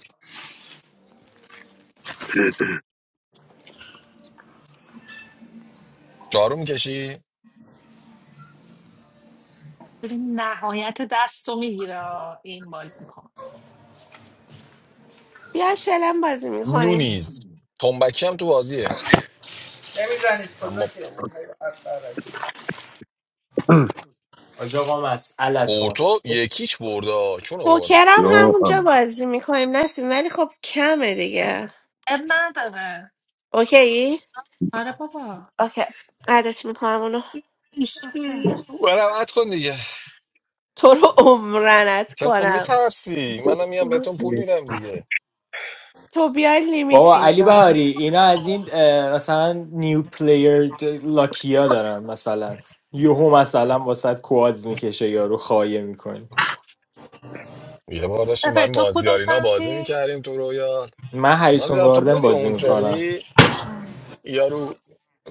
[SPEAKER 2] جارو میکشی
[SPEAKER 7] ببین نهایت دست رو میگیره این بازی کن
[SPEAKER 1] بیا شلم بازی میکنیم
[SPEAKER 2] نونیز تنبکی هم تو بازیه
[SPEAKER 10] نمیزنید کجا
[SPEAKER 2] اما
[SPEAKER 10] که
[SPEAKER 4] حاج آقا مسئلتون
[SPEAKER 2] پورتو یکیچ برده چون آوردم
[SPEAKER 1] پوکر هم
[SPEAKER 3] یا
[SPEAKER 1] همونجا
[SPEAKER 3] الله.
[SPEAKER 1] بازی میکنیم نسیم ولی خب کمه دیگه
[SPEAKER 7] اب نداره
[SPEAKER 1] اوکی؟
[SPEAKER 7] آره بابا
[SPEAKER 1] اوکی عدت میکنم اونو
[SPEAKER 7] اوکی
[SPEAKER 2] برم ات کن دیگه
[SPEAKER 1] تو رو عمرنت
[SPEAKER 2] چرا خب
[SPEAKER 1] کنم
[SPEAKER 2] میترسی منم میام بهتون پول میدم دیگه
[SPEAKER 1] تو بیای لیمیت
[SPEAKER 4] بابا علی بهاری
[SPEAKER 1] میذارم
[SPEAKER 4] اینا از این اه، مثلا نیو پلیر د- لاکیا دارن مثلا یوهو مثلا واسه کواز میکشه یارو خایه میکنه
[SPEAKER 2] یه بار داشتیم با
[SPEAKER 7] افر
[SPEAKER 2] این
[SPEAKER 7] تو کدوم
[SPEAKER 2] مازیارینا بازی
[SPEAKER 7] سمتی؟
[SPEAKER 2] میکردیم تو رویا
[SPEAKER 4] من هریسون
[SPEAKER 2] مازیار تو
[SPEAKER 4] گاردن
[SPEAKER 2] بودی
[SPEAKER 4] بازی
[SPEAKER 2] اون
[SPEAKER 4] میکنم
[SPEAKER 2] سری
[SPEAKER 7] ام.
[SPEAKER 2] یارو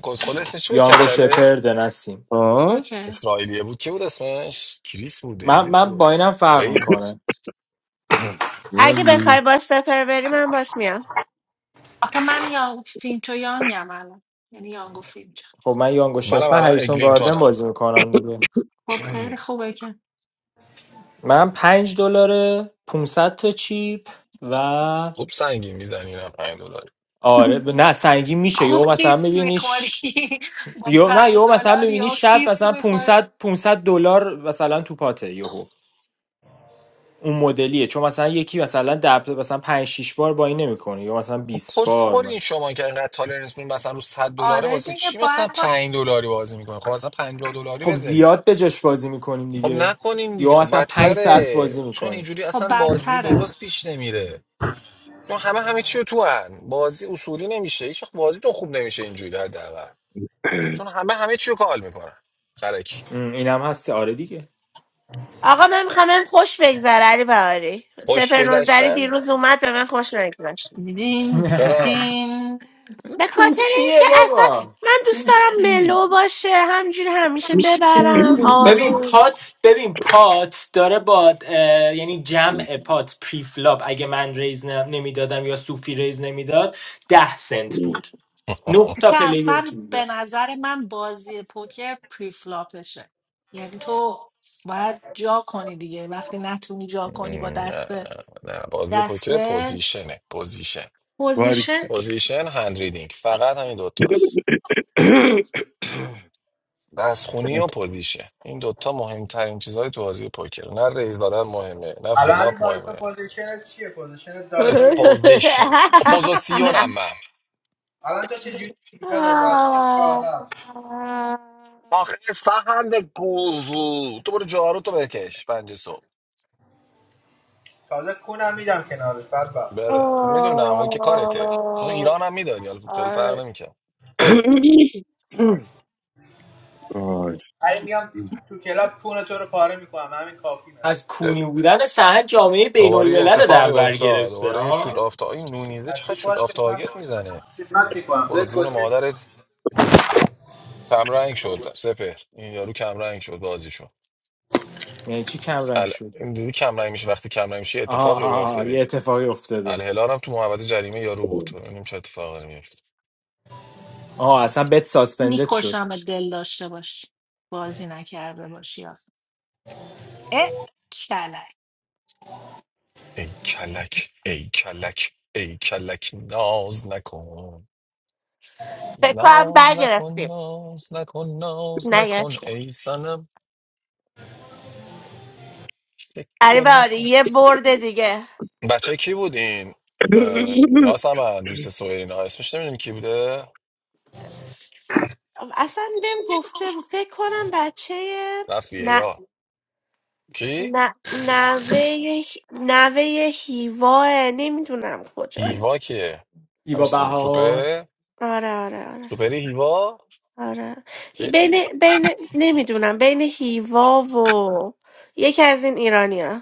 [SPEAKER 2] کسخل اسمش چی بود
[SPEAKER 4] یانگو
[SPEAKER 2] کچله
[SPEAKER 4] شپرد نسیم
[SPEAKER 3] آه؟
[SPEAKER 7] اوکی
[SPEAKER 2] اسرائیلیه بود کی بود اسمش کریس بود
[SPEAKER 4] من
[SPEAKER 2] دیوید
[SPEAKER 4] من
[SPEAKER 2] بود
[SPEAKER 4] با اینم فرق
[SPEAKER 2] دیوید بود
[SPEAKER 4] میکنه
[SPEAKER 3] یا
[SPEAKER 1] اگه بخوای با سپر بری من باش میام
[SPEAKER 7] آخه من یا فینچو یانگم الان یعنی یانگو فینچو
[SPEAKER 4] خب من یانگو شپ
[SPEAKER 2] منم
[SPEAKER 4] من
[SPEAKER 2] الان
[SPEAKER 4] هریسون گاردن
[SPEAKER 2] اگلینتونم
[SPEAKER 4] بازی میکنم دیگه
[SPEAKER 7] خب خیلی خوبه که
[SPEAKER 4] من پنج دلاره 500 تا چیپ و
[SPEAKER 2] خوب سنگین میزنی نه 5 دلار
[SPEAKER 4] آره ب- نه سنگین میشه
[SPEAKER 7] خوب
[SPEAKER 4] یهو مثلا
[SPEAKER 7] خیس
[SPEAKER 4] میبینی
[SPEAKER 7] میخوری با
[SPEAKER 4] یو نه
[SPEAKER 7] پنج
[SPEAKER 4] یو مثلا
[SPEAKER 7] دلار
[SPEAKER 4] میبینی
[SPEAKER 7] یا
[SPEAKER 4] شب
[SPEAKER 7] خیس
[SPEAKER 4] مثلا
[SPEAKER 7] میخوری
[SPEAKER 4] 500 500 دلار مثلا تو پاته یهو اون مدلیه چون مثلا یکی مثلا دب مثلا 5 6 بار با این نمیکنه یا مثلا
[SPEAKER 2] خب
[SPEAKER 4] 20 بار
[SPEAKER 2] کسخل این
[SPEAKER 4] مثلا
[SPEAKER 2] شما که اینقدر تالرنس می‌کنی، مثلا رو 100 دلاره
[SPEAKER 7] آره
[SPEAKER 2] واسه
[SPEAKER 7] دیگه
[SPEAKER 2] چی مثلا
[SPEAKER 7] باید با
[SPEAKER 2] 5
[SPEAKER 7] س...
[SPEAKER 2] دلاری بازی میکنه خب مثلا 50 دلاری
[SPEAKER 4] خب
[SPEAKER 2] بزنین
[SPEAKER 4] زیاد به جاش بازی میکنیم
[SPEAKER 2] خب
[SPEAKER 4] دیگه
[SPEAKER 2] نکنین دیگه
[SPEAKER 4] یا
[SPEAKER 2] خب
[SPEAKER 4] مثلا 5 ساعت
[SPEAKER 2] بدتره
[SPEAKER 4] بازی
[SPEAKER 2] چون
[SPEAKER 4] میکنیم
[SPEAKER 2] اینجوری
[SPEAKER 7] خب
[SPEAKER 2] اصلا بازی
[SPEAKER 7] بدتره
[SPEAKER 2] درست پیش نمیره چون همه همه چی رو تو هن. بازی اصولی نمیشه هیچ وقت بازیتون خوب نمیشه اینجوری حداقل چون همه همه چی رو کال میکنن خرک
[SPEAKER 4] اینم هست آره دیگه
[SPEAKER 1] آقا من میخوام بهم خوش بگذره علی بهاری
[SPEAKER 2] خوش
[SPEAKER 1] سپر نوزری
[SPEAKER 2] گذشتن
[SPEAKER 1] دیروز اومد به من خوش نگذشت
[SPEAKER 7] دیدین،
[SPEAKER 2] چرا
[SPEAKER 7] دیدیدین.
[SPEAKER 1] به خاطر
[SPEAKER 4] پوسیه
[SPEAKER 1] اینکه اصلا
[SPEAKER 4] بابا
[SPEAKER 1] من دوست دارم
[SPEAKER 4] پوسی
[SPEAKER 1] ملو باشه همجور همیشه ببرم
[SPEAKER 4] PC. ببین
[SPEAKER 1] آروم
[SPEAKER 4] پات ببین پات داره با اه، یعنی جمع پات پری فلاپ اگه من ریز ن- نمیدادم یا سوفی ریز نمیداد ده سنت بود نه تا
[SPEAKER 7] که
[SPEAKER 4] پلیر
[SPEAKER 7] اصلا
[SPEAKER 4] تو بودن.
[SPEAKER 7] به نظر من بازی پوکر پریفلاپشه یعنی تو باید جا کنی دیگه وقتی نتونی جا
[SPEAKER 2] م،
[SPEAKER 7] کنی با
[SPEAKER 2] نه
[SPEAKER 7] دست
[SPEAKER 2] نه بازی پوکر
[SPEAKER 7] دسته
[SPEAKER 2] پوزیشنه پوزیشن
[SPEAKER 3] الله.
[SPEAKER 7] پوزیشن
[SPEAKER 2] پوزیشن هند ریدینگ فقط همین دوتاست دستخونی و
[SPEAKER 3] Ai,
[SPEAKER 2] پوزیشن این دوتا مهمترین چیزهای تو بازی پوکر نه رئیس بدن مهمه نه
[SPEAKER 10] الان علی
[SPEAKER 2] فلاپ
[SPEAKER 10] باری تو
[SPEAKER 2] مهمه
[SPEAKER 10] پوزیشنت چیه پوزیشن
[SPEAKER 2] It's
[SPEAKER 10] داگیه یا
[SPEAKER 2] position اپوزیسیون اما
[SPEAKER 10] الان تو چه جوری داداش از توش
[SPEAKER 1] آه.
[SPEAKER 10] کارم
[SPEAKER 1] آه.
[SPEAKER 2] آخه فهند گوزو تو برو جارو تو بکش پنج صبح
[SPEAKER 10] تازه کونم میدم کنارش بعد
[SPEAKER 2] بله. خب میدونم اون که کارته اون ایران هم میدادی حالا خیلی فرق
[SPEAKER 1] آه.
[SPEAKER 2] نمیکنه
[SPEAKER 10] علی
[SPEAKER 3] que
[SPEAKER 10] میام
[SPEAKER 3] sinto.
[SPEAKER 10] تو کلاب کون تو رو پاره میکنم همین کافی نه
[SPEAKER 4] از کونی بودن سهن جامعه بین
[SPEAKER 2] دوباره یه
[SPEAKER 4] الملل رو
[SPEAKER 2] اتفاقی
[SPEAKER 4] در بر
[SPEAKER 2] افتاد
[SPEAKER 4] گرفته
[SPEAKER 2] دوباره یه شوت
[SPEAKER 4] ها
[SPEAKER 2] آفتا این نونیزه چقدر
[SPEAKER 10] هستی
[SPEAKER 2] شوت آف
[SPEAKER 10] کشکش من
[SPEAKER 2] تارگت میزنه
[SPEAKER 10] خدمت میکنم
[SPEAKER 2] برو
[SPEAKER 10] بیاید
[SPEAKER 2] جون
[SPEAKER 10] کشکش کنم.
[SPEAKER 2] مادرت کمرنگ شد سپر این یارو کمرنگ شد بازیشون
[SPEAKER 4] یعنی چی کم رنگ
[SPEAKER 2] ال...
[SPEAKER 4] شد
[SPEAKER 2] این دیدی کمرنگ میشه وقتی کمرنگ میشه یه
[SPEAKER 4] آها
[SPEAKER 2] اتفاقی
[SPEAKER 4] آها آها، یه
[SPEAKER 2] میافتادی
[SPEAKER 4] اتفاقی افتاده
[SPEAKER 2] الهلال هم تو محوطه جریمه یارو بود ببینیم چه اتفاقی داره میفته
[SPEAKER 4] آها اصلا بت ساسپندد شد
[SPEAKER 7] میکشم دل داشته باشی بازی نکرده باشی آخه اه کلک
[SPEAKER 2] ای کلک ای کلک ای کلک ناز نکن
[SPEAKER 1] فکر کنم
[SPEAKER 2] ناز نکن
[SPEAKER 1] برگرفتیم
[SPEAKER 2] ناز نکن ناز نکن
[SPEAKER 1] نگرفتیم
[SPEAKER 2] ای سنم
[SPEAKER 1] علی
[SPEAKER 2] فکر
[SPEAKER 1] بهاری
[SPEAKER 2] نکن
[SPEAKER 1] یه برد دیگه
[SPEAKER 2] بچه کی بودین اه، یاسمن دوست سوئرین ها اسمش نمیدونی کی بوده
[SPEAKER 1] اصلا بهم گفته بود فکر کنم بچه
[SPEAKER 2] رفیه
[SPEAKER 1] نه
[SPEAKER 2] یا کی
[SPEAKER 1] نه نوه نوه هیواه نمیدونم کجاه
[SPEAKER 2] هیوا که همین
[SPEAKER 4] ایوا
[SPEAKER 2] سو-
[SPEAKER 4] بهار
[SPEAKER 2] سوپر
[SPEAKER 1] آره آره آره
[SPEAKER 2] سوپری هیوا
[SPEAKER 1] آره هی-
[SPEAKER 2] جدی
[SPEAKER 1] بین بین نمیدونم بین هیوا و یکی از این ایرانیا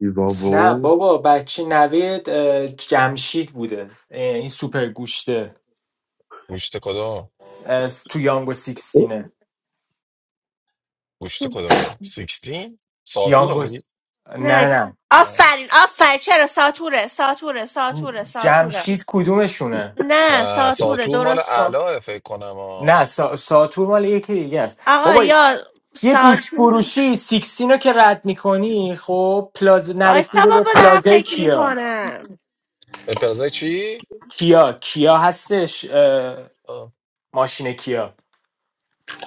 [SPEAKER 3] e
[SPEAKER 4] نه
[SPEAKER 3] vovô.
[SPEAKER 4] بابا بچه نوید اه، جمشید بوده اه، این سوپر گوشته
[SPEAKER 2] گوشت کدوم
[SPEAKER 4] از- تو یانگو سیکستینه
[SPEAKER 2] گوشت کدومه 16 ساتور رو
[SPEAKER 4] یانگو س- نه
[SPEAKER 1] نه
[SPEAKER 4] نه
[SPEAKER 2] میگی
[SPEAKER 1] آفرین آفرین چرا ساتوره ساتوره
[SPEAKER 4] نه
[SPEAKER 1] ساتوره ساتوره
[SPEAKER 4] جمشید کدومشونه
[SPEAKER 1] نه
[SPEAKER 2] نه
[SPEAKER 1] ساتوره
[SPEAKER 2] ساتور مال
[SPEAKER 1] درست گفت
[SPEAKER 2] اعلاه فکر کنم ها
[SPEAKER 4] نه سا... ساتور مال یکی دیگه است
[SPEAKER 1] آقا
[SPEAKER 4] بابا
[SPEAKER 1] یا
[SPEAKER 4] یه گوش
[SPEAKER 1] ساتور
[SPEAKER 4] فروشی سیکستینو که رد میکنی خب پلاز
[SPEAKER 1] وایسا
[SPEAKER 4] نرسیده به
[SPEAKER 1] بابا دارم
[SPEAKER 4] پلازای
[SPEAKER 1] فکر
[SPEAKER 4] کیا
[SPEAKER 1] میکنم
[SPEAKER 2] به پلازای چی؟
[SPEAKER 4] کیا کیا هستش اه،
[SPEAKER 2] آه.
[SPEAKER 4] ماشین کیا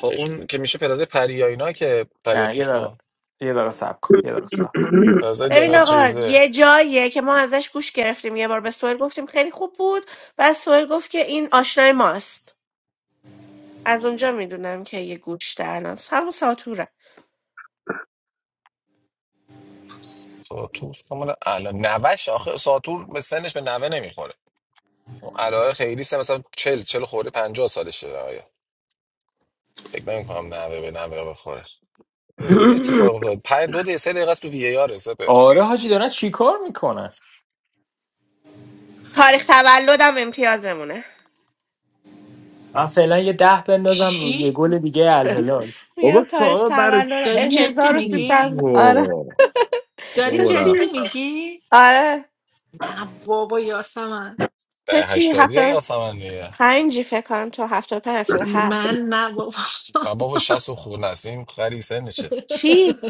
[SPEAKER 2] خب اون که میشه پلازای پریا اینا که پریا
[SPEAKER 4] نه یه
[SPEAKER 2] توش
[SPEAKER 4] دقیقه
[SPEAKER 2] نه
[SPEAKER 4] یه دقیقه صبر کن یه دقیقه صبر کن یه دقیقه
[SPEAKER 2] پلازای
[SPEAKER 4] صبر کن
[SPEAKER 1] ببین
[SPEAKER 4] آره
[SPEAKER 1] آقا
[SPEAKER 2] دمتریزه
[SPEAKER 1] یه جاییه که ما ازش گوش گرفتیم یه بار به سویل گفتیم خیلی خوب بود و سویل گفت که این آشنای ماست از اونجا میدونم که یه گوش الان همون ساتوره
[SPEAKER 2] ساتور فکر کنم مال اعلا نوش آخه ساتور به سنش به نوه نمیخوره اون اعلاه خیلی سه مثلا چل چل خورده پنجاه سالشه آیا فکر نمی کنم نوه به نوه بخوره چه اتفاق افتاد پنج دو دقیقه سه دقیقه است تو وی ای آر سپر
[SPEAKER 4] آره، حاجی دارن چیکار میکنن
[SPEAKER 1] تاریخ تولدم امتیازمونه
[SPEAKER 4] من فعلا یه ده بندازم روی یه
[SPEAKER 7] چی؟
[SPEAKER 4] گل دیگه الهلال
[SPEAKER 3] Olha
[SPEAKER 1] میگم تاریخ
[SPEAKER 3] só,
[SPEAKER 1] تولد
[SPEAKER 7] داری
[SPEAKER 3] Narutinho,
[SPEAKER 7] جدی
[SPEAKER 1] 1300
[SPEAKER 7] میگی؟
[SPEAKER 1] آره
[SPEAKER 3] pô.
[SPEAKER 7] داری
[SPEAKER 1] تو چی
[SPEAKER 3] Ora.
[SPEAKER 7] جدی میگی؟
[SPEAKER 1] آره
[SPEAKER 7] نه بابا یاسمن
[SPEAKER 1] تو
[SPEAKER 2] ده
[SPEAKER 1] چی
[SPEAKER 2] هشتادی
[SPEAKER 1] هفتاد
[SPEAKER 2] یا سمن دیگه
[SPEAKER 1] پنجی فکر کنم تو هفتاد پنج هفتاد هفت
[SPEAKER 7] من نه بابا
[SPEAKER 2] و بابا شست و خور نسیم خری سنشه
[SPEAKER 1] چی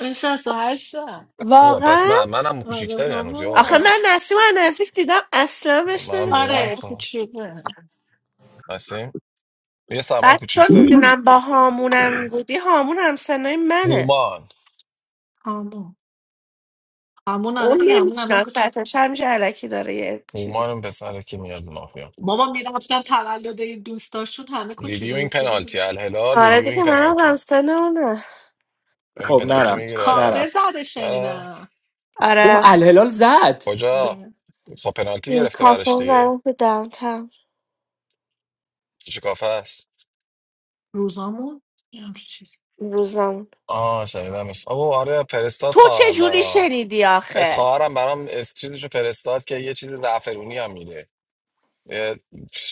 [SPEAKER 7] من شست و هشتم
[SPEAKER 2] او پس
[SPEAKER 1] واقعا
[SPEAKER 2] من منم
[SPEAKER 7] آره
[SPEAKER 2] کوچیکتری هنوز یا
[SPEAKER 1] آخه
[SPEAKER 2] اول
[SPEAKER 7] بابا
[SPEAKER 1] من نسیم و نزدیک دیدم اصلا بهش
[SPEAKER 2] منم دیدم
[SPEAKER 7] آره
[SPEAKER 1] نمی‌خوره.
[SPEAKER 2] خب
[SPEAKER 7] کوچیکه
[SPEAKER 2] نسیم یه سمن
[SPEAKER 1] بعد چون
[SPEAKER 2] کوچیکتری
[SPEAKER 1] میدونم با هامونم بودی هامون هم سنای منه
[SPEAKER 2] هومان
[SPEAKER 7] همون همون آره
[SPEAKER 1] اون
[SPEAKER 7] دیگه همون هم من کوچیک
[SPEAKER 1] نمیشناستش همیشه علکی داره یه چیزی
[SPEAKER 2] اومانم پسره که میاد مافیا
[SPEAKER 7] بابا میرفتم تولد این دوستاشون همه کوچولو
[SPEAKER 2] ریویوینگ
[SPEAKER 7] موچولو
[SPEAKER 2] پنالتی
[SPEAKER 7] بود
[SPEAKER 2] الهلال
[SPEAKER 1] آره
[SPEAKER 2] ریویوینگ
[SPEAKER 1] دیگه منم هم
[SPEAKER 2] پنالتی
[SPEAKER 1] سن اونه
[SPEAKER 2] یعنی
[SPEAKER 4] خب
[SPEAKER 2] پنالتی میگیره
[SPEAKER 4] نرفت
[SPEAKER 2] برای الهلال
[SPEAKER 7] کافه
[SPEAKER 4] نرفت
[SPEAKER 7] زده
[SPEAKER 2] نه
[SPEAKER 7] شنیدم
[SPEAKER 4] اوه
[SPEAKER 1] آره
[SPEAKER 4] الهلال زد
[SPEAKER 2] کجا
[SPEAKER 7] آره.
[SPEAKER 2] خب پنالتی
[SPEAKER 1] یه
[SPEAKER 2] گرفته
[SPEAKER 1] کافه
[SPEAKER 2] برش دیگه
[SPEAKER 1] زدم تو داونتاون
[SPEAKER 2] چه کافه است
[SPEAKER 7] روزامون یه همچین چیزی.
[SPEAKER 1] روزمون
[SPEAKER 2] آه شنیدمش آبو آره فرستاد
[SPEAKER 1] تو چه
[SPEAKER 2] خواهرم
[SPEAKER 1] جوری
[SPEAKER 2] برام
[SPEAKER 1] شنیدی
[SPEAKER 2] اس
[SPEAKER 1] آخه
[SPEAKER 2] خواهرم برام اس چیزشو فرستاد که یه چیز زعفرونی هم میده یه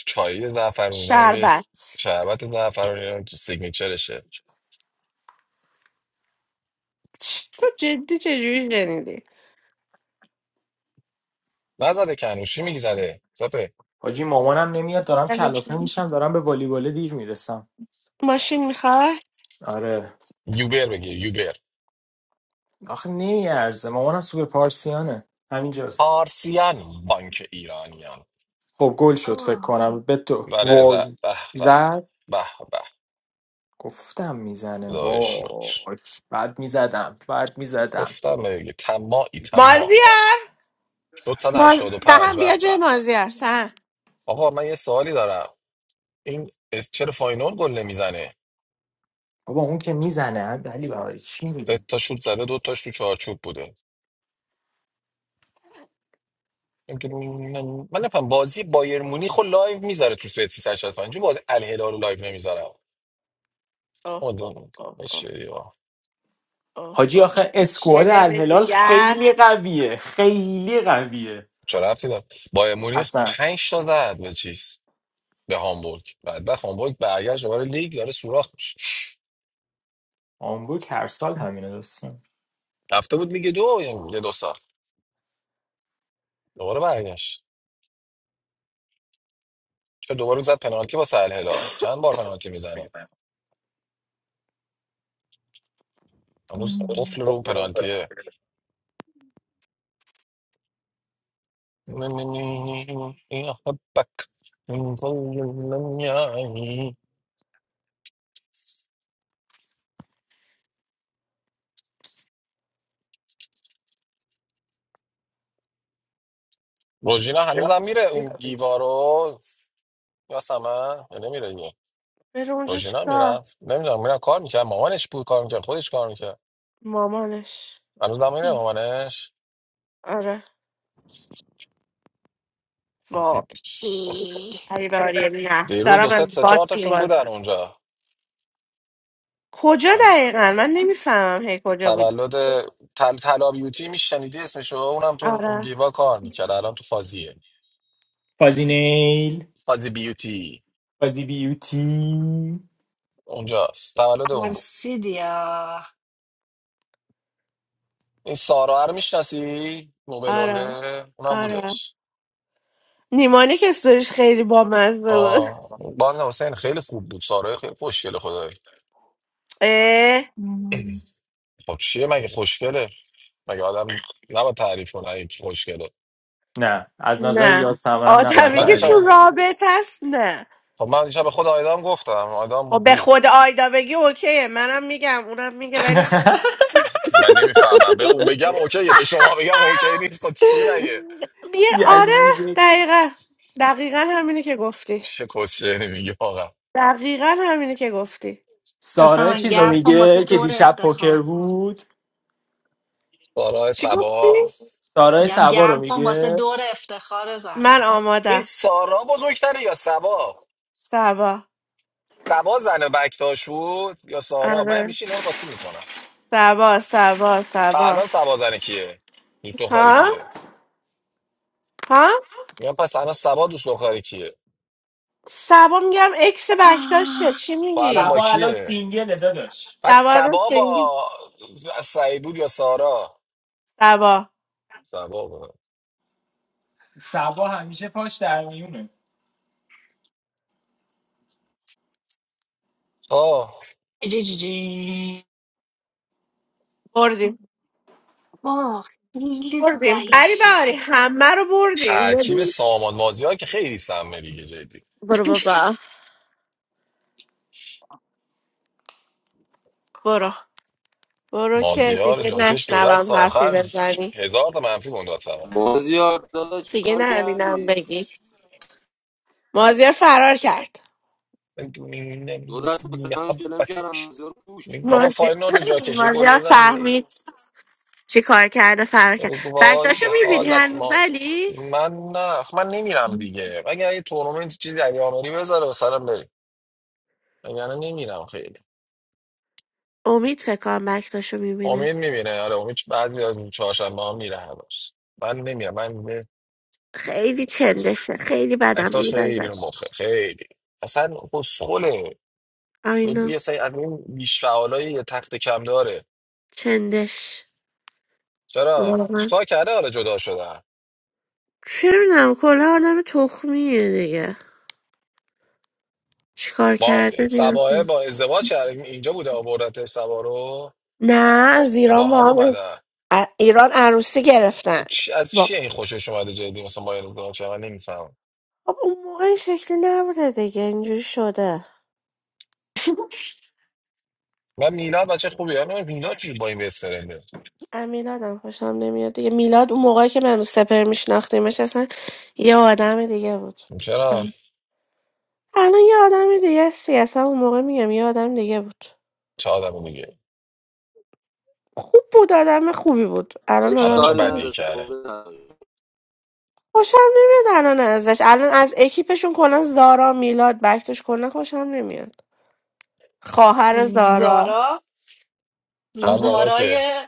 [SPEAKER 2] چایی زعفرونی نمی‌دونم یه
[SPEAKER 1] شربت
[SPEAKER 2] شربت زعفرونی نمی‌دونم که سیگنیچرشه
[SPEAKER 1] تو جدی چجوری شنیدی
[SPEAKER 2] نزده کنوشی میگی زده سپه
[SPEAKER 4] حاجی مامانم نمیاد دارم کلافه میشم دارم به والیبال دیر میرسم
[SPEAKER 1] ماشین میخوای
[SPEAKER 4] آره
[SPEAKER 2] یوبر بگیر یوبر
[SPEAKER 4] آخه نمیارزه مامانم سوپر پارسیانه همینجاست
[SPEAKER 2] پارسیان بانک ایرانیان
[SPEAKER 4] خب گل شد فکر
[SPEAKER 7] آه.
[SPEAKER 4] کنم به تو
[SPEAKER 2] بله به
[SPEAKER 4] وای
[SPEAKER 2] به به
[SPEAKER 4] زد
[SPEAKER 2] به به
[SPEAKER 4] گفتم میزنه
[SPEAKER 2] خدای شکر
[SPEAKER 4] وای بعد میزدم بعد میزدم
[SPEAKER 2] گفتم بگی تماعی تماع
[SPEAKER 1] مازیار
[SPEAKER 2] صد
[SPEAKER 1] ماز...
[SPEAKER 2] هشتاد و پنج
[SPEAKER 1] سهم
[SPEAKER 2] به
[SPEAKER 1] بیا
[SPEAKER 2] به
[SPEAKER 1] جای مازیار سهم
[SPEAKER 2] آقا من یه سوالی دارم این اس- چرا فاینال گل نمیزنه
[SPEAKER 4] بابا اون که میزنه ولی برای چی
[SPEAKER 2] سه
[SPEAKER 4] میگی
[SPEAKER 2] تا شوت زده دو تاش تو چارچوب بوده اینکه من من نفهم بازی بایر مونیخ رو لایو میذاره تو سپیت 365 چون بازی الهلال رو لایو نمیذاره
[SPEAKER 1] آه آه
[SPEAKER 2] مادم
[SPEAKER 1] آه آه
[SPEAKER 2] باشه یا
[SPEAKER 1] آه
[SPEAKER 4] حاجی
[SPEAKER 1] آه
[SPEAKER 4] آخه
[SPEAKER 1] یه
[SPEAKER 4] اسکواد
[SPEAKER 1] شلم
[SPEAKER 4] الهلال
[SPEAKER 1] دیگر
[SPEAKER 4] خیلی قویه خیلی قویه
[SPEAKER 2] چرا رفتی داره بایر مونیخ
[SPEAKER 4] اصلا
[SPEAKER 2] 5 تا زد به چیز به هامبورگ بعد به هامبورگ برگشت دوباره لیگ داره سوراخ میشه
[SPEAKER 4] آمبوک هر سال همینه دوستان
[SPEAKER 2] رفته بود میگه دو یه دو ساعت دوباره برگشت چه دوباره زد پنالتی با الهلال چند بار پنالتی میزنه هنوز قفل
[SPEAKER 7] ام.
[SPEAKER 2] رو پنالتیه روژینا هنوز هم میره این گیوارو یا سمن یا نمیره دیگه
[SPEAKER 1] بره اونجا
[SPEAKER 2] روژینا
[SPEAKER 1] چیکار
[SPEAKER 2] میرفت نمیدونم میرم کار میکرد مامانش بود کار میکرد خودش کار میکرد
[SPEAKER 1] مامانش
[SPEAKER 2] هنوز هم میره مامانش
[SPEAKER 1] آره وای
[SPEAKER 7] ای.
[SPEAKER 1] ای باری نه
[SPEAKER 2] دیروز دو
[SPEAKER 1] دارم
[SPEAKER 2] سه
[SPEAKER 1] از
[SPEAKER 2] سه چهار
[SPEAKER 1] باس
[SPEAKER 2] تاشون بودن
[SPEAKER 1] میبازم
[SPEAKER 2] اونجا
[SPEAKER 1] کجا دقیقا من نمیفهمم هی کجا بودی
[SPEAKER 2] تولد تل تلا بیوتی میشنیدی اسمشو اونم تو اون
[SPEAKER 1] آره
[SPEAKER 2] گیوا کار میکرد الان تو فازیه
[SPEAKER 4] فازینیل
[SPEAKER 2] فازی بیوتی
[SPEAKER 4] فازی بیوتی
[SPEAKER 2] اونجاست تولد اون بود
[SPEAKER 7] ترسیدی یا
[SPEAKER 2] این سارا رو میشناسی نوبلونده
[SPEAKER 1] آره
[SPEAKER 2] اونم
[SPEAKER 1] آره
[SPEAKER 2] بودش
[SPEAKER 1] نیمانی که استوریش خیلی بامزه بود
[SPEAKER 2] آه بانه حسین خیلی خوب بود سارا خیلی خوشگله خدای
[SPEAKER 1] اه
[SPEAKER 7] مم.
[SPEAKER 2] خب چیه مگه خوشگله مگه آدم نباید تعریف کنه این خوشگله
[SPEAKER 4] نه از نظر
[SPEAKER 1] نه
[SPEAKER 4] یاسمن نباید
[SPEAKER 1] آدمی
[SPEAKER 2] من
[SPEAKER 1] که تو
[SPEAKER 4] تعریف
[SPEAKER 2] دیشب
[SPEAKER 4] کنی.
[SPEAKER 1] رابطه است نه
[SPEAKER 2] خب من دیشب به خود آیدام گفتم آیدام
[SPEAKER 1] خب به
[SPEAKER 2] بود
[SPEAKER 1] خود آیدا بگی اوکیه منم میگم اونم میگه ولی
[SPEAKER 2] من نمیفهمم به اون بگم اوکیه به شما بگم اوکی نیست خب چی مگه
[SPEAKER 1] بیه آره
[SPEAKER 4] یزیدت
[SPEAKER 1] دقیقا دقیقا همینه که گفتی
[SPEAKER 2] چه کسچری میگه آقا
[SPEAKER 1] دقیقا همینه که گفتی
[SPEAKER 7] اصلا
[SPEAKER 4] سارا
[SPEAKER 7] من
[SPEAKER 4] چیز رو
[SPEAKER 7] گرم کن واسه
[SPEAKER 4] میگه که
[SPEAKER 7] دور
[SPEAKER 4] دیشب پوکر
[SPEAKER 7] افتخار
[SPEAKER 4] بود
[SPEAKER 2] سارا
[SPEAKER 1] چی گفتی؟
[SPEAKER 2] سبا
[SPEAKER 4] سارا
[SPEAKER 7] گرم
[SPEAKER 4] سبا رو
[SPEAKER 7] گرم کن واسه
[SPEAKER 4] میگه
[SPEAKER 7] دور افتخار
[SPEAKER 1] من
[SPEAKER 7] زمین
[SPEAKER 2] این
[SPEAKER 1] آمادم
[SPEAKER 2] سارا بزرگتره یا سبا
[SPEAKER 1] سبا
[SPEAKER 2] سبا زن بکتاش بود یا سارا من
[SPEAKER 1] آره
[SPEAKER 2] همیشه اینا رو قاطی میکنم
[SPEAKER 1] سبا سبا سبا
[SPEAKER 2] الان سبا زن کیه دوست دختری
[SPEAKER 1] ها؟
[SPEAKER 2] کیه
[SPEAKER 1] ها؟
[SPEAKER 2] میگم پس الان سبا دوست دختری کیه
[SPEAKER 1] سبا میگم اکس
[SPEAKER 7] آه.
[SPEAKER 1] بکتاشه چی
[SPEAKER 2] و الان
[SPEAKER 1] میگی؟
[SPEAKER 2] با
[SPEAKER 4] سبا الان
[SPEAKER 2] کیه
[SPEAKER 4] سینگله داداش
[SPEAKER 2] بعد
[SPEAKER 1] سبا رو
[SPEAKER 2] سبا
[SPEAKER 1] سنگی
[SPEAKER 2] با سعید بود یا سارا
[SPEAKER 1] سبا
[SPEAKER 2] سبا بود
[SPEAKER 4] سبا همیشه پاش در میونه
[SPEAKER 2] آه
[SPEAKER 7] جی جی جی.
[SPEAKER 1] بردیم
[SPEAKER 7] واه خیلی
[SPEAKER 1] بردیم بری
[SPEAKER 7] ضعیفی
[SPEAKER 1] بری همه رو بردیم
[SPEAKER 2] ترکیب سامان مازیار که خیلی سمه دیگه جدی
[SPEAKER 1] برو بابا برو برو که
[SPEAKER 2] مازیار
[SPEAKER 1] دیگه
[SPEAKER 2] جاکش دو دست
[SPEAKER 1] نشنوم حرفی
[SPEAKER 2] آخر
[SPEAKER 1] بزنی
[SPEAKER 2] هزار تا منفی گندات فقط.
[SPEAKER 8] Maziar, what did
[SPEAKER 1] دیگه
[SPEAKER 8] you do?
[SPEAKER 1] نبینم بگی مازیار فرار کرد
[SPEAKER 8] Do you want to
[SPEAKER 2] محبت
[SPEAKER 8] see Shalom? Maziar,
[SPEAKER 2] بابا
[SPEAKER 1] مازیار,
[SPEAKER 2] فاینورد جاکشه گل
[SPEAKER 1] مازیار
[SPEAKER 2] بزن دیگه.
[SPEAKER 1] فهمید چی کار کرده فرار کرد
[SPEAKER 2] وای
[SPEAKER 1] بکتاشو
[SPEAKER 2] به
[SPEAKER 1] میبینی
[SPEAKER 2] حالت
[SPEAKER 1] هنوز
[SPEAKER 2] ماست
[SPEAKER 1] علی
[SPEAKER 2] من نه خب من نمیرم دیگه اگر یه تورنمنت چیزی علی آمری بذاره مثلا بریم اگر نمیرم خیلی
[SPEAKER 1] امید فکر کنم بکتاشو میبینه
[SPEAKER 2] امید میبینه آره امید بعضی از اون چهارشنبه ها میره هنوز من نمیرم من به-
[SPEAKER 1] خیلی
[SPEAKER 2] بس.
[SPEAKER 1] چندشه خیلی بدم
[SPEAKER 2] اکتاش
[SPEAKER 1] میاد
[SPEAKER 2] خیلی رو مخه
[SPEAKER 1] ازش
[SPEAKER 2] خیلی اصلا خسخوله
[SPEAKER 1] آینا
[SPEAKER 2] جدی یه سری از این بیش فعالای یه تخت کم داره
[SPEAKER 1] چندش
[SPEAKER 2] چرا
[SPEAKER 1] واقعا
[SPEAKER 2] چیکار کرده حالا جدا شده
[SPEAKER 1] چه میدونم کلا آدم تخمیه دیگه چیکار
[SPEAKER 2] با
[SPEAKER 1] کرده
[SPEAKER 2] سباه
[SPEAKER 1] نیازی
[SPEAKER 2] با ازدواج کرد اینجا بوده آوردتش سبا رو
[SPEAKER 1] نه از
[SPEAKER 2] یا با
[SPEAKER 1] ایران با
[SPEAKER 2] هم
[SPEAKER 1] هم
[SPEAKER 2] اومدن
[SPEAKER 1] ا- ایران عروسی گرفتن
[SPEAKER 2] اون چی از
[SPEAKER 1] با-
[SPEAKER 2] چیه این خوشش اومده جدی مثلا با این ازدواج کرد؟ من نمیفهمم
[SPEAKER 1] خب اون موقع این شکلی نبوده دیگه اینجوری شده
[SPEAKER 2] من میلاد بچه خوبی من میلاد چجور با این بیس فرنده
[SPEAKER 1] از میلادم خوشم نمیاد دیگه میلاد اون موقعی که منو سپر میشناختیمش اصلا یه آدم دیگه بود
[SPEAKER 2] چرا
[SPEAKER 1] الان یه آدم دیگه است. اصلا اون موقع میگم یه آدم دیگه بود
[SPEAKER 2] چه آدم دیگه
[SPEAKER 1] خوب بود آدم خوبی بود الان
[SPEAKER 2] الان
[SPEAKER 1] آدم
[SPEAKER 2] چه
[SPEAKER 1] خوبی
[SPEAKER 2] بدی
[SPEAKER 1] بود.
[SPEAKER 2] کرده
[SPEAKER 8] push.
[SPEAKER 1] خوشم نمیاد الان ازش الان از اکیپشون کلا زارا میلاد بکتش کلا خوشم نمیاد خواهر زارا
[SPEAKER 7] زارا
[SPEAKER 2] خر
[SPEAKER 1] آره
[SPEAKER 2] زارا که
[SPEAKER 7] زارای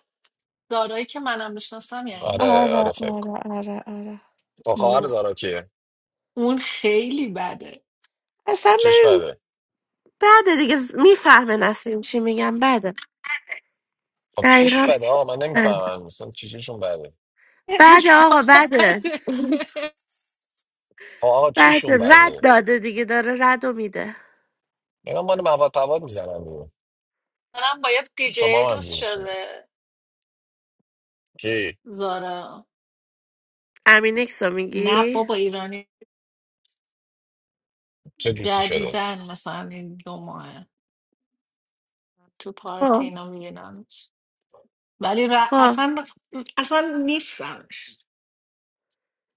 [SPEAKER 7] زارایی که منم میشناسم یعنی
[SPEAKER 2] آره آره
[SPEAKER 1] آره
[SPEAKER 2] فکر کن.
[SPEAKER 1] آره آره آره
[SPEAKER 2] با خواهر
[SPEAKER 7] نو
[SPEAKER 2] زارا کیه
[SPEAKER 7] اون خیلی بده
[SPEAKER 1] اصلا
[SPEAKER 2] چیش
[SPEAKER 1] ببین
[SPEAKER 2] بده
[SPEAKER 1] بعد دیگه میفهمه نسیم چی میگم بعد
[SPEAKER 2] خب
[SPEAKER 1] دقیقا
[SPEAKER 2] چیش بده آقا من
[SPEAKER 1] بعد
[SPEAKER 2] نمیفهمم مثلا چیشون بده
[SPEAKER 1] بعد
[SPEAKER 7] دیگه
[SPEAKER 1] آقا
[SPEAKER 7] آقا
[SPEAKER 1] بعد
[SPEAKER 7] بده
[SPEAKER 2] خب آقا
[SPEAKER 1] بعد
[SPEAKER 2] چیشون
[SPEAKER 1] رد
[SPEAKER 2] بده
[SPEAKER 1] داده دیگه داره رد و میده
[SPEAKER 2] اینا مال مواد پواد میزنن دیگه.
[SPEAKER 7] منم با یه دیجی
[SPEAKER 2] شما هم
[SPEAKER 7] دوست
[SPEAKER 2] همجور
[SPEAKER 7] شده
[SPEAKER 2] کی
[SPEAKER 7] زارا
[SPEAKER 1] امینکس رو
[SPEAKER 7] نه
[SPEAKER 1] میگی
[SPEAKER 7] بابا ایرانی
[SPEAKER 2] چه دوستی شده
[SPEAKER 7] جدیدن مثلا این دو ماه تو پارتی
[SPEAKER 1] خب
[SPEAKER 7] اینا میبینمش ولی ر...
[SPEAKER 1] خب
[SPEAKER 7] اصلا اصلا نیستمش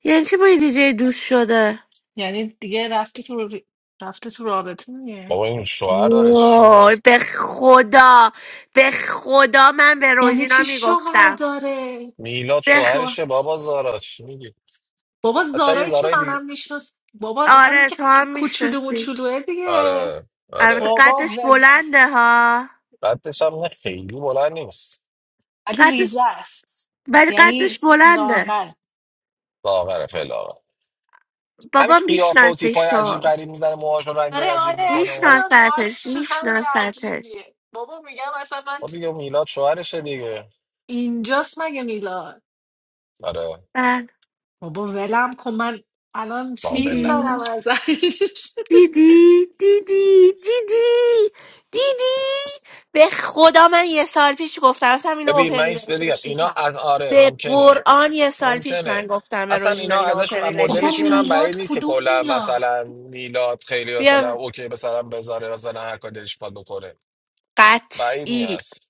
[SPEAKER 1] یعنی چی با یه دیجی دوست شده
[SPEAKER 7] یعنی دیگه رفته تو ر- رفته تو رابطه دیگه
[SPEAKER 2] بابا این شوهر داره چی شد
[SPEAKER 1] وای به خدا به خدا من به
[SPEAKER 7] یعنی
[SPEAKER 1] روژینا
[SPEAKER 7] چی شوهر
[SPEAKER 1] میگفتم
[SPEAKER 7] داره
[SPEAKER 2] میلاد
[SPEAKER 1] به خ-
[SPEAKER 7] شوهر
[SPEAKER 2] شوهرشه بابا زارا چی میگی
[SPEAKER 7] بابا
[SPEAKER 2] اصلا یه
[SPEAKER 7] زارایی که
[SPEAKER 2] زارای دیگه
[SPEAKER 7] منم میشناس بابا همین
[SPEAKER 1] آره
[SPEAKER 7] که
[SPEAKER 1] تو هم
[SPEAKER 7] کوچولو
[SPEAKER 1] میشناسیش
[SPEAKER 7] موچولوه دیگه
[SPEAKER 2] آره
[SPEAKER 1] البته
[SPEAKER 2] آره
[SPEAKER 7] بابا
[SPEAKER 1] قدش
[SPEAKER 7] ول
[SPEAKER 1] بلنده ها
[SPEAKER 2] قدش هم نه خیلی بلند نیست
[SPEAKER 7] ولی ریزه
[SPEAKER 1] قدش
[SPEAKER 7] است
[SPEAKER 1] ولی قدش
[SPEAKER 7] یعنی
[SPEAKER 1] بلنده
[SPEAKER 7] لاغره
[SPEAKER 2] لاغره فعلا همین
[SPEAKER 1] بابا
[SPEAKER 2] که قیافه و
[SPEAKER 1] میشناسش
[SPEAKER 2] تیپای عجیب
[SPEAKER 1] تو
[SPEAKER 2] غریب میزنه موهاش رو رنگ
[SPEAKER 7] آره
[SPEAKER 2] عجیب
[SPEAKER 7] آره
[SPEAKER 2] میکنه و
[SPEAKER 7] الانم
[SPEAKER 1] میشناستش
[SPEAKER 7] عاشقم
[SPEAKER 1] میشناستش
[SPEAKER 7] عجیبیه بابا میگم اصلا من
[SPEAKER 2] خب
[SPEAKER 7] تو-
[SPEAKER 2] دیگه میلاد شوهرشه دیگه
[SPEAKER 7] اینجاست مگه میلاد
[SPEAKER 2] آره
[SPEAKER 1] بله
[SPEAKER 7] بابا ولم کن من الان
[SPEAKER 2] قابل
[SPEAKER 7] فیلم
[SPEAKER 1] دیدی
[SPEAKER 2] نبود
[SPEAKER 7] دارم ازش
[SPEAKER 1] دیدی دیدی دیدی دیدی به خدا من یه سال پیش گفتم گفتم اینو اوپن
[SPEAKER 2] ببین من این بگم
[SPEAKER 1] ریلیشنشیپ
[SPEAKER 2] اینا از-
[SPEAKER 1] هست
[SPEAKER 2] آره
[SPEAKER 1] به
[SPEAKER 2] ممکنه
[SPEAKER 1] قرآن یه سال پیش من
[SPEAKER 2] ممکنه
[SPEAKER 1] گفتم به
[SPEAKER 2] اصلا
[SPEAKER 1] روژینا
[SPEAKER 2] اینا
[SPEAKER 1] این اوپن
[SPEAKER 2] ازشون از
[SPEAKER 7] بابا
[SPEAKER 1] ریلیشنشیپ
[SPEAKER 2] مدلشون هم
[SPEAKER 1] هست
[SPEAKER 2] بعید
[SPEAKER 7] میلاد
[SPEAKER 2] نیست که
[SPEAKER 7] کدوم
[SPEAKER 2] کلا
[SPEAKER 7] میلاد
[SPEAKER 2] مثلا میلاد خیلی مثلا
[SPEAKER 1] بیا
[SPEAKER 2] اوکی مثلا بذاره مثلا هر کاری دلش بخواد بکنه بعید
[SPEAKER 1] قطعی
[SPEAKER 2] نیست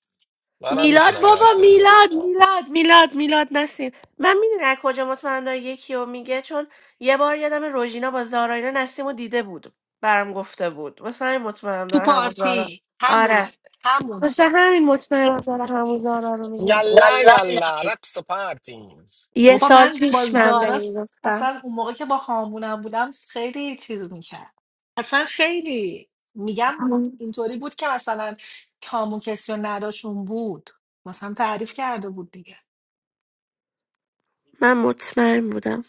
[SPEAKER 2] منم
[SPEAKER 1] میلاد
[SPEAKER 2] میتونم این
[SPEAKER 1] بابا
[SPEAKER 2] حدس رو بزنم
[SPEAKER 1] میلاد میلاد میلاد میلاد نسیم من میدونی از کجا مطمئنم یکی رو میگه چون یه بار یادم روژینا با زارا اینا نسیم رو دیده بود برام گفته بود واسه همین مطمئنم
[SPEAKER 7] تو
[SPEAKER 1] داره همون زارا
[SPEAKER 7] پارتی همونه
[SPEAKER 1] آره
[SPEAKER 7] همونه
[SPEAKER 1] واسه همین مطمئنم داره همون زارا رو میگه
[SPEAKER 2] یلا یلا رقص پارتی
[SPEAKER 1] یه
[SPEAKER 7] بابا
[SPEAKER 1] سال
[SPEAKER 7] من با
[SPEAKER 1] پیش من به
[SPEAKER 7] زارا س-
[SPEAKER 1] این گفتم
[SPEAKER 7] اصلا اون موقع که با هامونم بودم خیلی چیز میکرد اصلا خیلی میگم اینطوری بود که مثلا کامو کسی نداشون بود مثلا تعریف کرده بود دیگه
[SPEAKER 1] من مطمئن بودم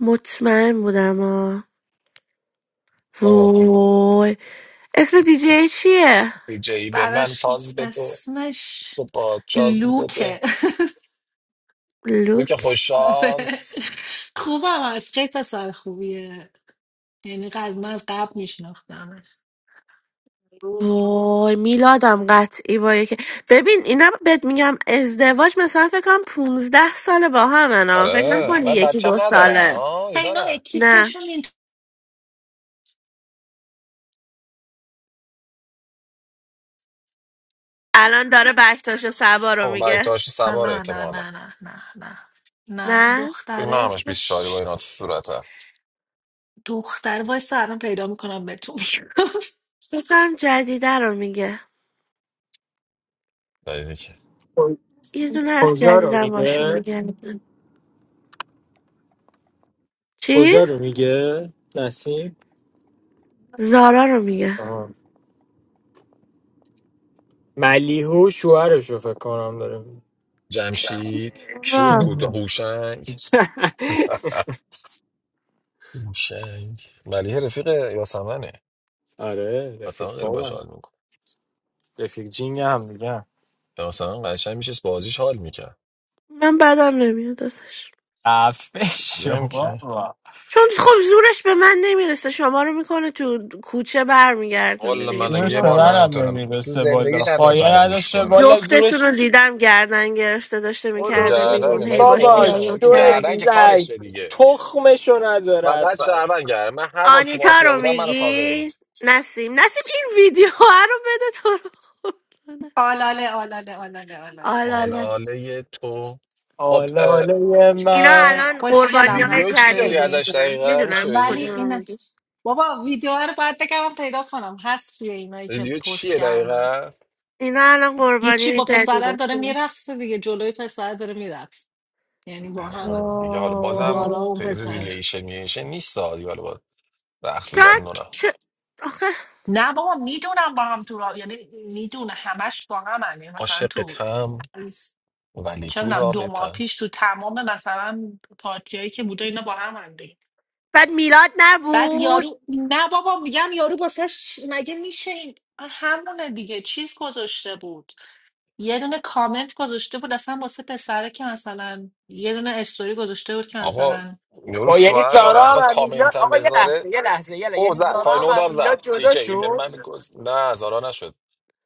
[SPEAKER 1] مطمئن بودم آه.
[SPEAKER 2] آه
[SPEAKER 1] وای اسم دیجی چیه
[SPEAKER 2] بی جی به من
[SPEAKER 7] براش
[SPEAKER 2] فاز بده
[SPEAKER 7] اسمش
[SPEAKER 2] تو با جاز بده
[SPEAKER 7] لوکه
[SPEAKER 2] روی که
[SPEAKER 1] لوک
[SPEAKER 2] خوش
[SPEAKER 7] آره
[SPEAKER 2] شانس
[SPEAKER 7] خوبم از خیلی پسر خوبیه یعنی از من از قبل میشناختمش
[SPEAKER 1] وای میلادم قطعی با یکی ببین اینا بهت میگم ازدواج مثلا فکر کنم 15 ساله با همن ها. فکر
[SPEAKER 2] آره
[SPEAKER 1] نکنی
[SPEAKER 2] و
[SPEAKER 1] یکی
[SPEAKER 2] بچه هم
[SPEAKER 1] دو
[SPEAKER 2] ندارن
[SPEAKER 1] ساله
[SPEAKER 2] آه یه
[SPEAKER 7] اینا
[SPEAKER 2] دارن
[SPEAKER 1] نه
[SPEAKER 7] اکیپشون این
[SPEAKER 1] الان داره بکتاش و سبا رو
[SPEAKER 2] خب برک
[SPEAKER 1] میگه
[SPEAKER 2] داشت
[SPEAKER 7] نه
[SPEAKER 2] سوار
[SPEAKER 7] نه نه
[SPEAKER 2] اعتمالا
[SPEAKER 7] نه نه نه نه نه
[SPEAKER 1] نه
[SPEAKER 2] چون
[SPEAKER 7] دختره
[SPEAKER 2] اینا همش بیست
[SPEAKER 7] اسمش
[SPEAKER 2] شاری با
[SPEAKER 7] چ-
[SPEAKER 2] اینا تو صورته
[SPEAKER 7] دختر وای سرم پیدا میکنم بهتون میگم
[SPEAKER 1] فکر کنم جدیده رو میگه
[SPEAKER 2] دیدی که
[SPEAKER 4] کو-
[SPEAKER 1] یه دونه از
[SPEAKER 4] کجا رو
[SPEAKER 1] جدیدم باشون
[SPEAKER 4] میگه
[SPEAKER 1] میگه چی؟
[SPEAKER 4] کجا رو میگه نسیم
[SPEAKER 1] زارا رو میگه
[SPEAKER 4] آها. ملیحو شوهرش رو فکر کنم داره
[SPEAKER 2] جمشید چی بود
[SPEAKER 1] آه.
[SPEAKER 2] کود
[SPEAKER 4] میگه.
[SPEAKER 2] هوشنگ اه، هوشنگ ملیه رفیق یاسمنه
[SPEAKER 4] آره رفیق
[SPEAKER 2] یاسمن خیلی باش
[SPEAKER 4] فاورم
[SPEAKER 2] حال میکن
[SPEAKER 4] رفیق جینگ هم میگم
[SPEAKER 2] یاسمن قشنگ میشه بازیش حال میکرد
[SPEAKER 1] من بدم نمیاد ازش
[SPEAKER 4] عفه
[SPEAKER 2] میگم
[SPEAKER 4] شما
[SPEAKER 2] که
[SPEAKER 4] با
[SPEAKER 1] چون خب زورش به من نمیرسه شما رو میکنه تو کوچه برمیگردونه
[SPEAKER 2] والا
[SPEAKER 1] دیگه
[SPEAKER 2] من اگه
[SPEAKER 4] زورش
[SPEAKER 2] یه
[SPEAKER 4] به
[SPEAKER 2] بار
[SPEAKER 1] چیکار
[SPEAKER 2] من
[SPEAKER 4] منم
[SPEAKER 2] نتونم تو
[SPEAKER 4] نمیرسه والا
[SPEAKER 2] زندگیش نتونست
[SPEAKER 4] خایه
[SPEAKER 2] منو پوش
[SPEAKER 4] نداشته
[SPEAKER 2] کنه
[SPEAKER 4] والا
[SPEAKER 1] جفتتون
[SPEAKER 4] زورش
[SPEAKER 1] رو دیدم گردن گرفته داشته
[SPEAKER 2] تو
[SPEAKER 4] برو
[SPEAKER 1] میکرده
[SPEAKER 2] گردن می-
[SPEAKER 1] بیرون
[SPEAKER 4] ببین
[SPEAKER 1] هی
[SPEAKER 2] من تو
[SPEAKER 1] باش
[SPEAKER 4] بابا
[SPEAKER 2] عمرش هم. اون
[SPEAKER 1] دیالوگ
[SPEAKER 2] که
[SPEAKER 4] شو
[SPEAKER 2] گردن
[SPEAKER 1] کردیم
[SPEAKER 2] که
[SPEAKER 4] سگ
[SPEAKER 2] کارشه دیگه
[SPEAKER 4] تخمشو نداره
[SPEAKER 2] فقط
[SPEAKER 4] اصلا
[SPEAKER 2] شهروند گردن من هر بار تو
[SPEAKER 1] آنیتا
[SPEAKER 2] مافیا
[SPEAKER 1] رو
[SPEAKER 2] بودم منو کاور
[SPEAKER 1] میگی
[SPEAKER 2] میکنه
[SPEAKER 1] نسیم نسیم این ویدیو رو بده تو رو خدا.
[SPEAKER 7] آلاله آلاله آلاله آلاله
[SPEAKER 1] آلاله
[SPEAKER 2] آلاله تو خب
[SPEAKER 4] آله
[SPEAKER 2] اه،
[SPEAKER 4] آله
[SPEAKER 1] اینا
[SPEAKER 4] من
[SPEAKER 1] الان قربانی
[SPEAKER 7] خوشگلم
[SPEAKER 1] های
[SPEAKER 2] ویدیو
[SPEAKER 7] هست
[SPEAKER 2] چی داری
[SPEAKER 7] خیلی
[SPEAKER 2] ازش
[SPEAKER 1] جدیدشونه
[SPEAKER 2] دقیقا میشه
[SPEAKER 1] میدونم کدوم
[SPEAKER 7] ولی
[SPEAKER 2] بگی
[SPEAKER 1] رو
[SPEAKER 7] اینه
[SPEAKER 1] میگی
[SPEAKER 7] بابا ویدیو رو باید بگم پیدا کنم هست توی اینایی که
[SPEAKER 2] ویدیو
[SPEAKER 7] پست
[SPEAKER 2] چیه
[SPEAKER 7] کردن
[SPEAKER 2] دقیقا
[SPEAKER 1] اینا الان
[SPEAKER 7] هیچی
[SPEAKER 1] قربانی
[SPEAKER 7] با پسرن داره
[SPEAKER 1] جدیدشونه
[SPEAKER 7] میرقصه دیگه جلوی پسر داره میرقص یعنی با هم
[SPEAKER 2] آه، دیگه حالا
[SPEAKER 7] زارا و
[SPEAKER 2] بازم
[SPEAKER 7] اون
[SPEAKER 2] خیلی
[SPEAKER 7] پسر
[SPEAKER 1] واو.
[SPEAKER 2] ریلیشن میشه نیست سالی حالا باز رقصیدن
[SPEAKER 1] شاید
[SPEAKER 2] نونا
[SPEAKER 1] چه- آخه
[SPEAKER 7] نه بابا میدونم با هم تو را یعنی میدونه همش با هم هم. یعنی مثلا تو
[SPEAKER 2] عاشقتم
[SPEAKER 7] از
[SPEAKER 2] ولی
[SPEAKER 7] چه
[SPEAKER 2] تو
[SPEAKER 7] میدونم دو ماه
[SPEAKER 2] رابطم
[SPEAKER 7] پیش تو تمام مثلا پارتیایی که بوده اینا با هم هم دیگه
[SPEAKER 1] بعد میلاد
[SPEAKER 7] بعد
[SPEAKER 1] نبود
[SPEAKER 7] یارو نه بابا میگم یارو واسش مگه میشه این همونه دیگه چیز گذاشته بود یه دونه کامنت گذاشته بود اصلا واسه پسره که مثلا یه دونه استوری گذاشته بود که
[SPEAKER 2] آقا
[SPEAKER 7] مثلا
[SPEAKER 2] یارو
[SPEAKER 4] با یعنی
[SPEAKER 2] شوهر داره
[SPEAKER 4] زارا
[SPEAKER 2] آخه
[SPEAKER 4] هم از میلاد
[SPEAKER 2] کامنت هم
[SPEAKER 4] آقا یه لحظه
[SPEAKER 2] بذاره
[SPEAKER 4] یه لحظه یه لحظه.
[SPEAKER 2] او
[SPEAKER 4] یعنی
[SPEAKER 2] زد
[SPEAKER 4] زارا هم
[SPEAKER 2] فاینورد
[SPEAKER 4] از
[SPEAKER 2] هم
[SPEAKER 4] میلاد
[SPEAKER 2] زد بی
[SPEAKER 4] جدا
[SPEAKER 2] جی به
[SPEAKER 4] شد
[SPEAKER 2] من گفت نه زارا نشد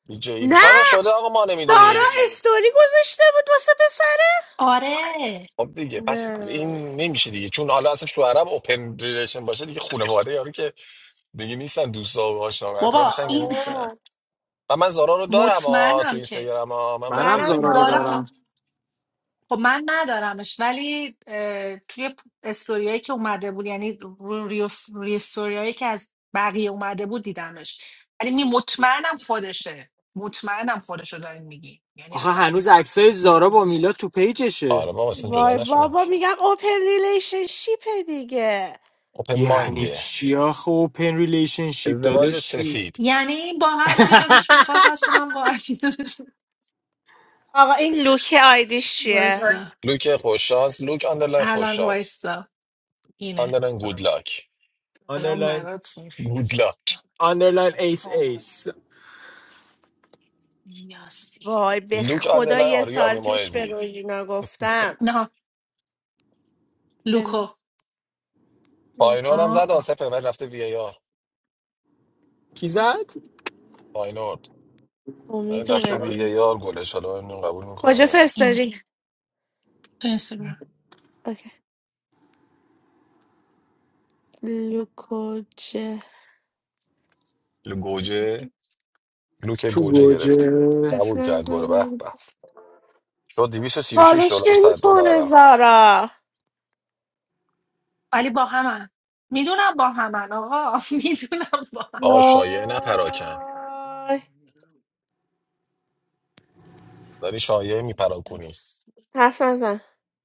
[SPEAKER 2] بی جی شاید هم
[SPEAKER 1] نه
[SPEAKER 2] شده آقا ما
[SPEAKER 1] سارا
[SPEAKER 2] نمیدونی
[SPEAKER 1] استوری گذاشته بود واسه پسره
[SPEAKER 7] آره
[SPEAKER 2] خب دیگه پس
[SPEAKER 1] نه
[SPEAKER 2] این نمیشه دیگه چون حالا اصلا شوهرم اوپن ریلیشن باشه دیگه خانواده یارو که دیگه نیستن دوستا و آشنا و
[SPEAKER 7] بابا
[SPEAKER 2] اطرافشن که
[SPEAKER 7] این ه-
[SPEAKER 1] آره
[SPEAKER 2] نیستن و من زارا رو دارم آ تو
[SPEAKER 7] مطمئنم که
[SPEAKER 2] اینستاگرام آ من به
[SPEAKER 4] منم
[SPEAKER 2] فکر
[SPEAKER 1] منم
[SPEAKER 4] زارا رو
[SPEAKER 2] نمیکنم
[SPEAKER 7] زارا
[SPEAKER 1] دارم
[SPEAKER 4] دارم
[SPEAKER 7] هم خب من ندارمش ولی اه، توی پ- استوریایی که اومده بود یعنی رو- ریوس- ریستوریایی که از بقیه اومده بود دیدمش ولی می مطمئنم خودشه مطمئنم خودشو داریم میگی یعنی
[SPEAKER 4] آخه هنوز
[SPEAKER 7] اصلا
[SPEAKER 4] عکسای زارا با
[SPEAKER 7] دارینش.
[SPEAKER 4] میلاد تو پیجشه
[SPEAKER 2] آره بابا اصلا جدا
[SPEAKER 1] وای
[SPEAKER 2] نشدم که
[SPEAKER 1] بابا میگن اوپن ریلیشنشیپه دیگه
[SPEAKER 2] اوپن
[SPEAKER 4] یعنی
[SPEAKER 2] ماینده
[SPEAKER 4] چیا آخه اوپن ریلیشنشیپ
[SPEAKER 2] ازدواج
[SPEAKER 4] داداش چیست
[SPEAKER 2] سفید
[SPEAKER 7] یعنی با هر کی دلش میخواد هست اونم با هر کی دلش می‌خواد.
[SPEAKER 1] آقا این لوک آیدیش چیه
[SPEAKER 7] وایسا
[SPEAKER 2] لوک خوششانس لوک آندرلاین
[SPEAKER 7] الان
[SPEAKER 2] خوششانس
[SPEAKER 7] وایسا اینه
[SPEAKER 2] آندرلاین گود لاک
[SPEAKER 7] الان
[SPEAKER 4] آندرلاین
[SPEAKER 7] برات
[SPEAKER 2] گود لاک
[SPEAKER 7] میفرستم
[SPEAKER 4] آندرلاین ایس
[SPEAKER 7] آقا
[SPEAKER 4] ایس
[SPEAKER 7] یاسی
[SPEAKER 1] وای به
[SPEAKER 2] لوک
[SPEAKER 1] خدا
[SPEAKER 2] آندرلاین
[SPEAKER 1] یه
[SPEAKER 2] آریو
[SPEAKER 1] سال
[SPEAKER 2] امیر
[SPEAKER 1] پیش به
[SPEAKER 2] مایدی
[SPEAKER 1] روژینا گفتم
[SPEAKER 7] لوکو
[SPEAKER 1] ببین
[SPEAKER 2] فاینور
[SPEAKER 1] لوکا
[SPEAKER 2] هم
[SPEAKER 7] آه
[SPEAKER 2] زد
[SPEAKER 7] آه.
[SPEAKER 2] آسف پمر رفته وی ای آر
[SPEAKER 4] کی زد
[SPEAKER 2] فاینور این
[SPEAKER 1] امید و
[SPEAKER 2] رفته وی
[SPEAKER 1] بردون
[SPEAKER 2] ای آر گلش حالا اون قبول میکنه
[SPEAKER 1] کجا
[SPEAKER 2] یا نه
[SPEAKER 7] اینه
[SPEAKER 1] فرستادی
[SPEAKER 7] تو اینستاگرام
[SPEAKER 1] اوکی. لوکو جه
[SPEAKER 2] لو- گوجه لوک
[SPEAKER 4] تو
[SPEAKER 2] گوجه گرفت
[SPEAKER 4] گوجه
[SPEAKER 2] قبول کرد گل به به شد 236
[SPEAKER 1] فالوش
[SPEAKER 2] دلار 100
[SPEAKER 1] نمیکنه
[SPEAKER 2] دلار رفت
[SPEAKER 1] زارا
[SPEAKER 7] ولی با همن میدونم با همن آقا میدونم با هم
[SPEAKER 2] آقا شایعه نپراکن
[SPEAKER 1] وای
[SPEAKER 2] داری شایعه میپراکنی
[SPEAKER 7] نیس.
[SPEAKER 1] حرف نزن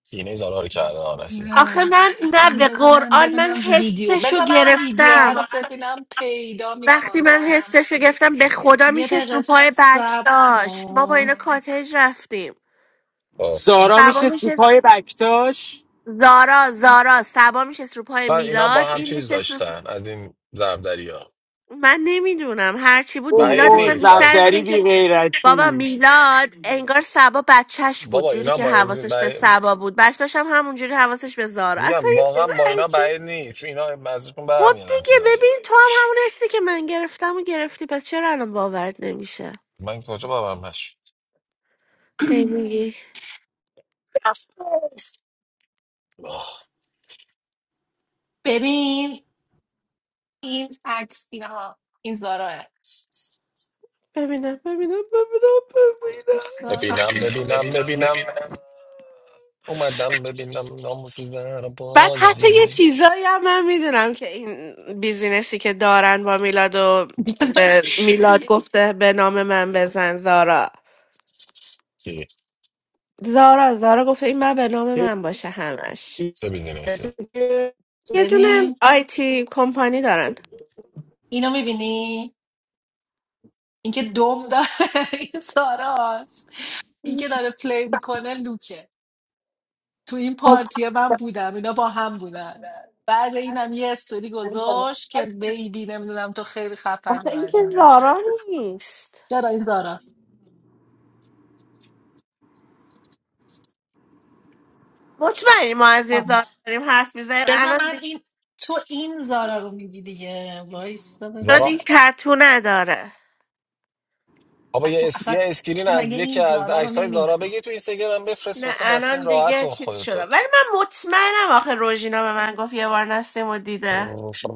[SPEAKER 2] سینه زارار کرده آنسی
[SPEAKER 1] آخه
[SPEAKER 7] نه
[SPEAKER 1] من نه
[SPEAKER 7] اصلا
[SPEAKER 1] به
[SPEAKER 7] بذار من
[SPEAKER 1] قرآن من
[SPEAKER 7] ببینم ویدیو
[SPEAKER 1] حسشو
[SPEAKER 7] بذار من ویدیو رو
[SPEAKER 1] گرفتم
[SPEAKER 7] ببینم پیدا
[SPEAKER 1] وقتی من
[SPEAKER 7] میکنم
[SPEAKER 1] حسشو گرفتم به خدا
[SPEAKER 7] یه
[SPEAKER 1] میشست رو
[SPEAKER 7] دقیقه
[SPEAKER 1] پای بک
[SPEAKER 7] صبر
[SPEAKER 1] ما با اینا
[SPEAKER 7] کن
[SPEAKER 1] کاتج رفتیم
[SPEAKER 2] آه.
[SPEAKER 4] سارا
[SPEAKER 1] سبا
[SPEAKER 4] میشه سیپای
[SPEAKER 1] میشست
[SPEAKER 4] بکتاش
[SPEAKER 1] زارا زارا سبا میشست رو پای
[SPEAKER 2] سر اینا با
[SPEAKER 1] میلاد
[SPEAKER 2] هم
[SPEAKER 1] این
[SPEAKER 2] چیز
[SPEAKER 1] میشست رو
[SPEAKER 2] داشتن از این زربدری ها
[SPEAKER 1] من نمیدونم هرچی بود
[SPEAKER 4] اوه
[SPEAKER 2] بعید
[SPEAKER 1] میلاد
[SPEAKER 4] اوه
[SPEAKER 1] اصلا
[SPEAKER 2] نیست
[SPEAKER 1] بیشتر از
[SPEAKER 4] زبدری
[SPEAKER 2] از
[SPEAKER 1] اینکه
[SPEAKER 4] بی
[SPEAKER 1] بابا
[SPEAKER 4] غیرتی
[SPEAKER 1] میلاد انگار سبا بچهش بود
[SPEAKER 2] بابا
[SPEAKER 1] جوری
[SPEAKER 2] اینا
[SPEAKER 1] که حواسش به
[SPEAKER 2] با
[SPEAKER 1] سبا بود بک داشتم همونجوری حواسش به زارا اصلا
[SPEAKER 2] میگم
[SPEAKER 1] یه چیز
[SPEAKER 2] واقعا با اینا
[SPEAKER 1] عجیب
[SPEAKER 2] بعید نیست چون اینا ازشون
[SPEAKER 1] خب
[SPEAKER 2] برمیادم
[SPEAKER 1] دیگه
[SPEAKER 2] چیزایی
[SPEAKER 1] ببین تو هم همون هستی که من گرفتم و گرفتی پس چرا الان باورت نمیشه
[SPEAKER 2] من کجا باورم نشد
[SPEAKER 1] هی میگی
[SPEAKER 2] آه.
[SPEAKER 7] ببین این عکس اینها این زاراه
[SPEAKER 1] ببینم ببینم ببینم ببینم
[SPEAKER 7] اصلا
[SPEAKER 2] ببینم ببینم ببینم اومدم ببینم ناموس در
[SPEAKER 1] بعد حتی یه
[SPEAKER 2] بازی
[SPEAKER 1] چیزایی هم من میدونم که این بیزینسی که دارن با میلاد و
[SPEAKER 7] بیاداش.
[SPEAKER 1] به میلاد گفته به نام من بزن زارا
[SPEAKER 2] کی
[SPEAKER 1] زارا زارا گفته این من به نام من باشه همش
[SPEAKER 2] چه بیزینسی
[SPEAKER 4] چه
[SPEAKER 1] یه دونه
[SPEAKER 7] ببین
[SPEAKER 1] آیتی کمپانی دارن
[SPEAKER 7] اینو میبینی اینکه دوم داره این زارا این که داره پلی میکنه لوکه تو این پارتیه من بودم اینا با هم بودن بعد اینم یه استوری گذاشت که بیبی نمیدونم تو خیلی
[SPEAKER 1] آخه
[SPEAKER 7] خفنی و
[SPEAKER 1] این
[SPEAKER 7] از
[SPEAKER 1] که
[SPEAKER 7] اینجور چیز
[SPEAKER 1] زارا نیست
[SPEAKER 7] چرا این زاراست
[SPEAKER 1] مطمئنی ما از یه زاویه
[SPEAKER 7] آه.
[SPEAKER 1] داریم حرف میزنیم
[SPEAKER 7] بذار
[SPEAKER 1] الان
[SPEAKER 7] من
[SPEAKER 1] دیگه
[SPEAKER 7] این تو این زارا رو میگی دیگه وایسا
[SPEAKER 1] چون
[SPEAKER 2] زارا
[SPEAKER 1] این
[SPEAKER 7] ببینم
[SPEAKER 1] تتو نداره
[SPEAKER 2] آبا یه,
[SPEAKER 7] اصلا,
[SPEAKER 2] اس...
[SPEAKER 7] اصلا
[SPEAKER 2] یه اسکرین
[SPEAKER 7] تو
[SPEAKER 2] از
[SPEAKER 7] مگه این
[SPEAKER 2] یکی از
[SPEAKER 7] زارا رو
[SPEAKER 2] عکس های زارا
[SPEAKER 7] نمیگی
[SPEAKER 2] بگی تو اینستاگرام بفرست
[SPEAKER 1] نه
[SPEAKER 2] واسه نسیم
[SPEAKER 1] الان
[SPEAKER 2] راحت
[SPEAKER 1] دیگه
[SPEAKER 2] کن
[SPEAKER 1] چیز شده
[SPEAKER 2] خودتو
[SPEAKER 1] ولی من مطمئنم آخه روژینا به من گفت یه بار نستیم و دیده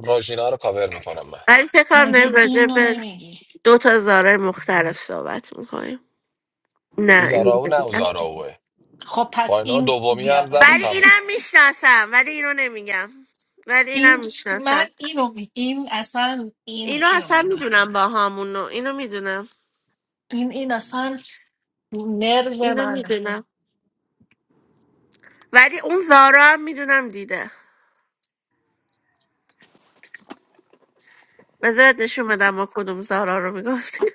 [SPEAKER 2] راژینا رو کاور میکنم من
[SPEAKER 1] ولی فکر کنم داریم
[SPEAKER 7] مگه
[SPEAKER 1] راجع
[SPEAKER 7] این رو
[SPEAKER 1] به
[SPEAKER 7] نمیگی
[SPEAKER 1] دو تا زارای مختلف صحبت میکنیم
[SPEAKER 2] این
[SPEAKER 1] نه اینو
[SPEAKER 2] زارا او نه او
[SPEAKER 1] نمیگم
[SPEAKER 2] زارا اوه
[SPEAKER 7] خب پس
[SPEAKER 2] فاینال
[SPEAKER 7] این
[SPEAKER 2] دومی
[SPEAKER 7] بیا
[SPEAKER 2] هم زد و
[SPEAKER 7] ببین
[SPEAKER 1] ولی
[SPEAKER 2] تموم
[SPEAKER 1] اینم میشناسم ولی اینو نمیگم ولی اینم
[SPEAKER 7] این من
[SPEAKER 1] میشناسم
[SPEAKER 7] اینو می... این اصلا این
[SPEAKER 1] اینو
[SPEAKER 7] اینو
[SPEAKER 1] اصلا
[SPEAKER 7] من دارم.
[SPEAKER 1] میدونم با همونو اینو میدونم
[SPEAKER 7] این این اصلا نرو
[SPEAKER 1] اینو
[SPEAKER 7] منه
[SPEAKER 1] میدونم ولی اون زارا هم میدونم دیده بذارت نشون بدم ما کدوم زارا رو میگفتیم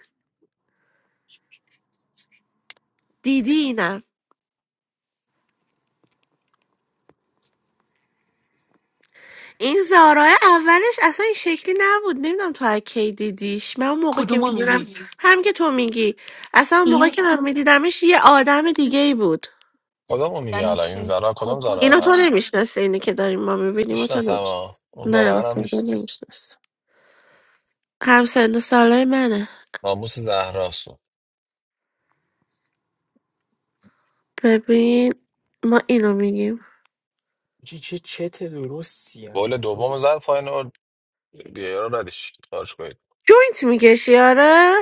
[SPEAKER 1] دیدی اینم این زارا اولش اصلا این شکلی نبود نمیدونم تو از کی دیدیش من اون موقع که
[SPEAKER 7] کدومو
[SPEAKER 1] میدونم
[SPEAKER 7] میگی
[SPEAKER 1] هم که تو میگی اصلا اون موقع
[SPEAKER 7] این
[SPEAKER 1] که من میدیدمش یه آدم دیگه ای بود
[SPEAKER 2] کدومو میگه
[SPEAKER 7] یعنی
[SPEAKER 2] الان این
[SPEAKER 7] چی
[SPEAKER 2] زارا کدوم
[SPEAKER 7] خوب بود
[SPEAKER 2] زارا
[SPEAKER 7] یا
[SPEAKER 1] اینو تو
[SPEAKER 2] پس
[SPEAKER 7] بد
[SPEAKER 1] نمیشناسی اینی که داریم ما میبینیم و تو
[SPEAKER 2] میشناسم
[SPEAKER 1] نمیشناسی
[SPEAKER 2] ها اون
[SPEAKER 1] نه
[SPEAKER 2] داره هم
[SPEAKER 1] مثلا تو
[SPEAKER 2] میشناسم
[SPEAKER 1] نمیشناسی هم سن و سالای منه
[SPEAKER 2] ناموس زهراست
[SPEAKER 1] ببین ما اینو میگیم
[SPEAKER 4] چه چه چت درستیم
[SPEAKER 2] گل دوم زد فاینال وی آر ردش خارج کنید
[SPEAKER 1] جوینت میکشی آره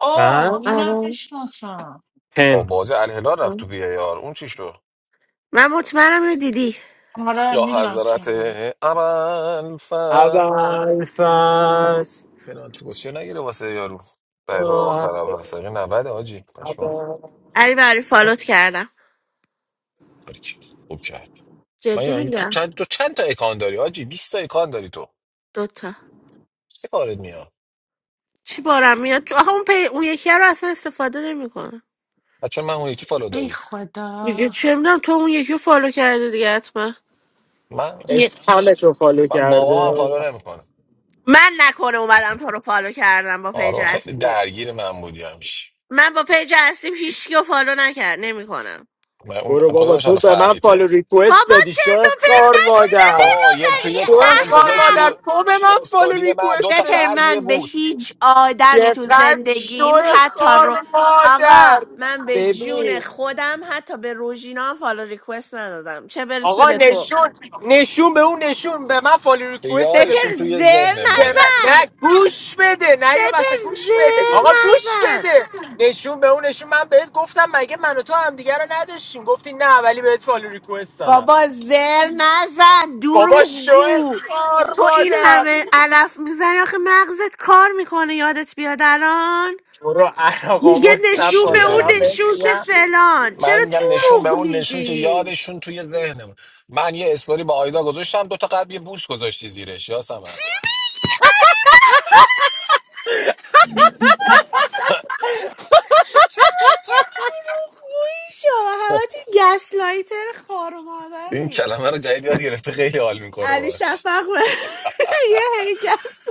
[SPEAKER 7] اوه
[SPEAKER 4] من
[SPEAKER 7] اینم
[SPEAKER 1] آره
[SPEAKER 7] میشناسم
[SPEAKER 2] با
[SPEAKER 4] پن
[SPEAKER 2] بازی الهلال رفت تو وی آر اون چی شد
[SPEAKER 1] من مطمئنم اینو دیدی
[SPEAKER 7] آره
[SPEAKER 2] یا
[SPEAKER 7] میدونم کی
[SPEAKER 2] حضرت
[SPEAKER 7] میگی
[SPEAKER 2] عمل ف
[SPEAKER 4] اول فصل
[SPEAKER 2] پنالتی گوشی نگیره واسه یارو دقیقه آخر
[SPEAKER 4] اول
[SPEAKER 2] هم هست دقیقه 90 آجی پشما
[SPEAKER 1] علی برای فالوت کردم
[SPEAKER 2] خوب کرد من
[SPEAKER 1] جدی
[SPEAKER 2] یعنی تو
[SPEAKER 1] میگم
[SPEAKER 2] چند تو چند تا اکان داری آجی بیست تا اکان داری تو
[SPEAKER 1] دوتا
[SPEAKER 2] سه کارت میاد
[SPEAKER 1] چی بارم میاد تو اون پی... اون یکی رو اصلا استفاده نمیکنه
[SPEAKER 2] بچه من اون یکی فالو
[SPEAKER 7] ای
[SPEAKER 2] داری
[SPEAKER 1] دیگه
[SPEAKER 7] خدا
[SPEAKER 1] چه میدونم تو اون یکی رو فالو کرده دیگه حتما
[SPEAKER 2] من
[SPEAKER 4] اسپمتو فالو
[SPEAKER 2] من بابا هم
[SPEAKER 4] کرده
[SPEAKER 2] فالو نمیکنه
[SPEAKER 1] من نکنه اومدم تو رو فالو کردم با پیج
[SPEAKER 2] آره خیلی
[SPEAKER 1] اصلی
[SPEAKER 2] درگیر من بودی همیشه
[SPEAKER 1] من با پیج اصلیم هیچکی رو فالو نکرد نمیکنم
[SPEAKER 2] من اون
[SPEAKER 4] برو بابا
[SPEAKER 2] کدومش حالا
[SPEAKER 4] تو به من فالو
[SPEAKER 2] فریته
[SPEAKER 4] ریکوست
[SPEAKER 1] بابا
[SPEAKER 4] دادی
[SPEAKER 1] چرت و
[SPEAKER 4] شو
[SPEAKER 1] پرت
[SPEAKER 4] خار
[SPEAKER 1] نگو سپر
[SPEAKER 4] مادر
[SPEAKER 2] تو یه تو یه
[SPEAKER 1] نوزری
[SPEAKER 4] شو
[SPEAKER 2] کامنت
[SPEAKER 4] خار
[SPEAKER 2] گذاشتی
[SPEAKER 1] احمق
[SPEAKER 4] مادر
[SPEAKER 2] رو
[SPEAKER 4] تو به من فالو
[SPEAKER 2] استوری من دو
[SPEAKER 4] ریکوست
[SPEAKER 2] تا
[SPEAKER 1] سپر
[SPEAKER 4] دادی
[SPEAKER 2] قلب یه
[SPEAKER 1] من به
[SPEAKER 2] بوس
[SPEAKER 1] هیچ آدمی تو
[SPEAKER 4] چقدر شو
[SPEAKER 1] زندگیم حتی رو
[SPEAKER 4] خار مادر
[SPEAKER 1] آقا من به جون
[SPEAKER 4] ببین
[SPEAKER 1] خودم حتی به روژینا هم فالو ریکوست ندادم چه برسه
[SPEAKER 4] آقا
[SPEAKER 1] به تو
[SPEAKER 4] نشون نشون به اون نشون به من فالو
[SPEAKER 2] که
[SPEAKER 4] ریکوست داده
[SPEAKER 1] سپر
[SPEAKER 2] یادشون توی
[SPEAKER 4] بود
[SPEAKER 1] زر
[SPEAKER 4] به
[SPEAKER 2] ذهنمونه
[SPEAKER 4] من-
[SPEAKER 1] نزن
[SPEAKER 4] نه گوش بده نه یا
[SPEAKER 1] سپر
[SPEAKER 4] مثلا گوش بده
[SPEAKER 1] زر
[SPEAKER 4] آقا گوش
[SPEAKER 1] نزن
[SPEAKER 4] بده نشون به اون نشون من بهت گفتم مگه من و تو همدیگه رو نداشتیم گفتی نه ولی بهت فالو ریکوست دادم
[SPEAKER 1] بابا زر نزن
[SPEAKER 4] بابا
[SPEAKER 1] دروش
[SPEAKER 4] شو
[SPEAKER 1] جو
[SPEAKER 4] خار
[SPEAKER 1] تو این
[SPEAKER 4] مادر
[SPEAKER 1] همه علف میزنی آخه مغزت کار میکنه یادت بیاد الان
[SPEAKER 4] برو عراقا
[SPEAKER 1] میگه نشون
[SPEAKER 2] هشت
[SPEAKER 4] مصطفا
[SPEAKER 1] به
[SPEAKER 2] دقیقه
[SPEAKER 1] اون
[SPEAKER 4] دارم
[SPEAKER 2] اینجا
[SPEAKER 4] بهت
[SPEAKER 1] نشون که
[SPEAKER 4] میگم
[SPEAKER 1] فلان
[SPEAKER 2] من
[SPEAKER 1] چرا
[SPEAKER 2] میگم نشون به
[SPEAKER 1] دروغ
[SPEAKER 2] اون نشون که
[SPEAKER 1] میگی
[SPEAKER 2] یادشون توی ذهنمون من یه استوری با آیدا گذاشتم دو تا قلب یه بوس گذاشتی زیرش یاسمن
[SPEAKER 1] چی میگی چرا دروغ گویی شو همه تو گسلایتر خار و
[SPEAKER 2] این
[SPEAKER 1] مادری
[SPEAKER 2] کلمه رو جدید یاد گرفته خیلی حال میکنه
[SPEAKER 1] علی
[SPEAKER 2] باش
[SPEAKER 1] شفق یه حرکت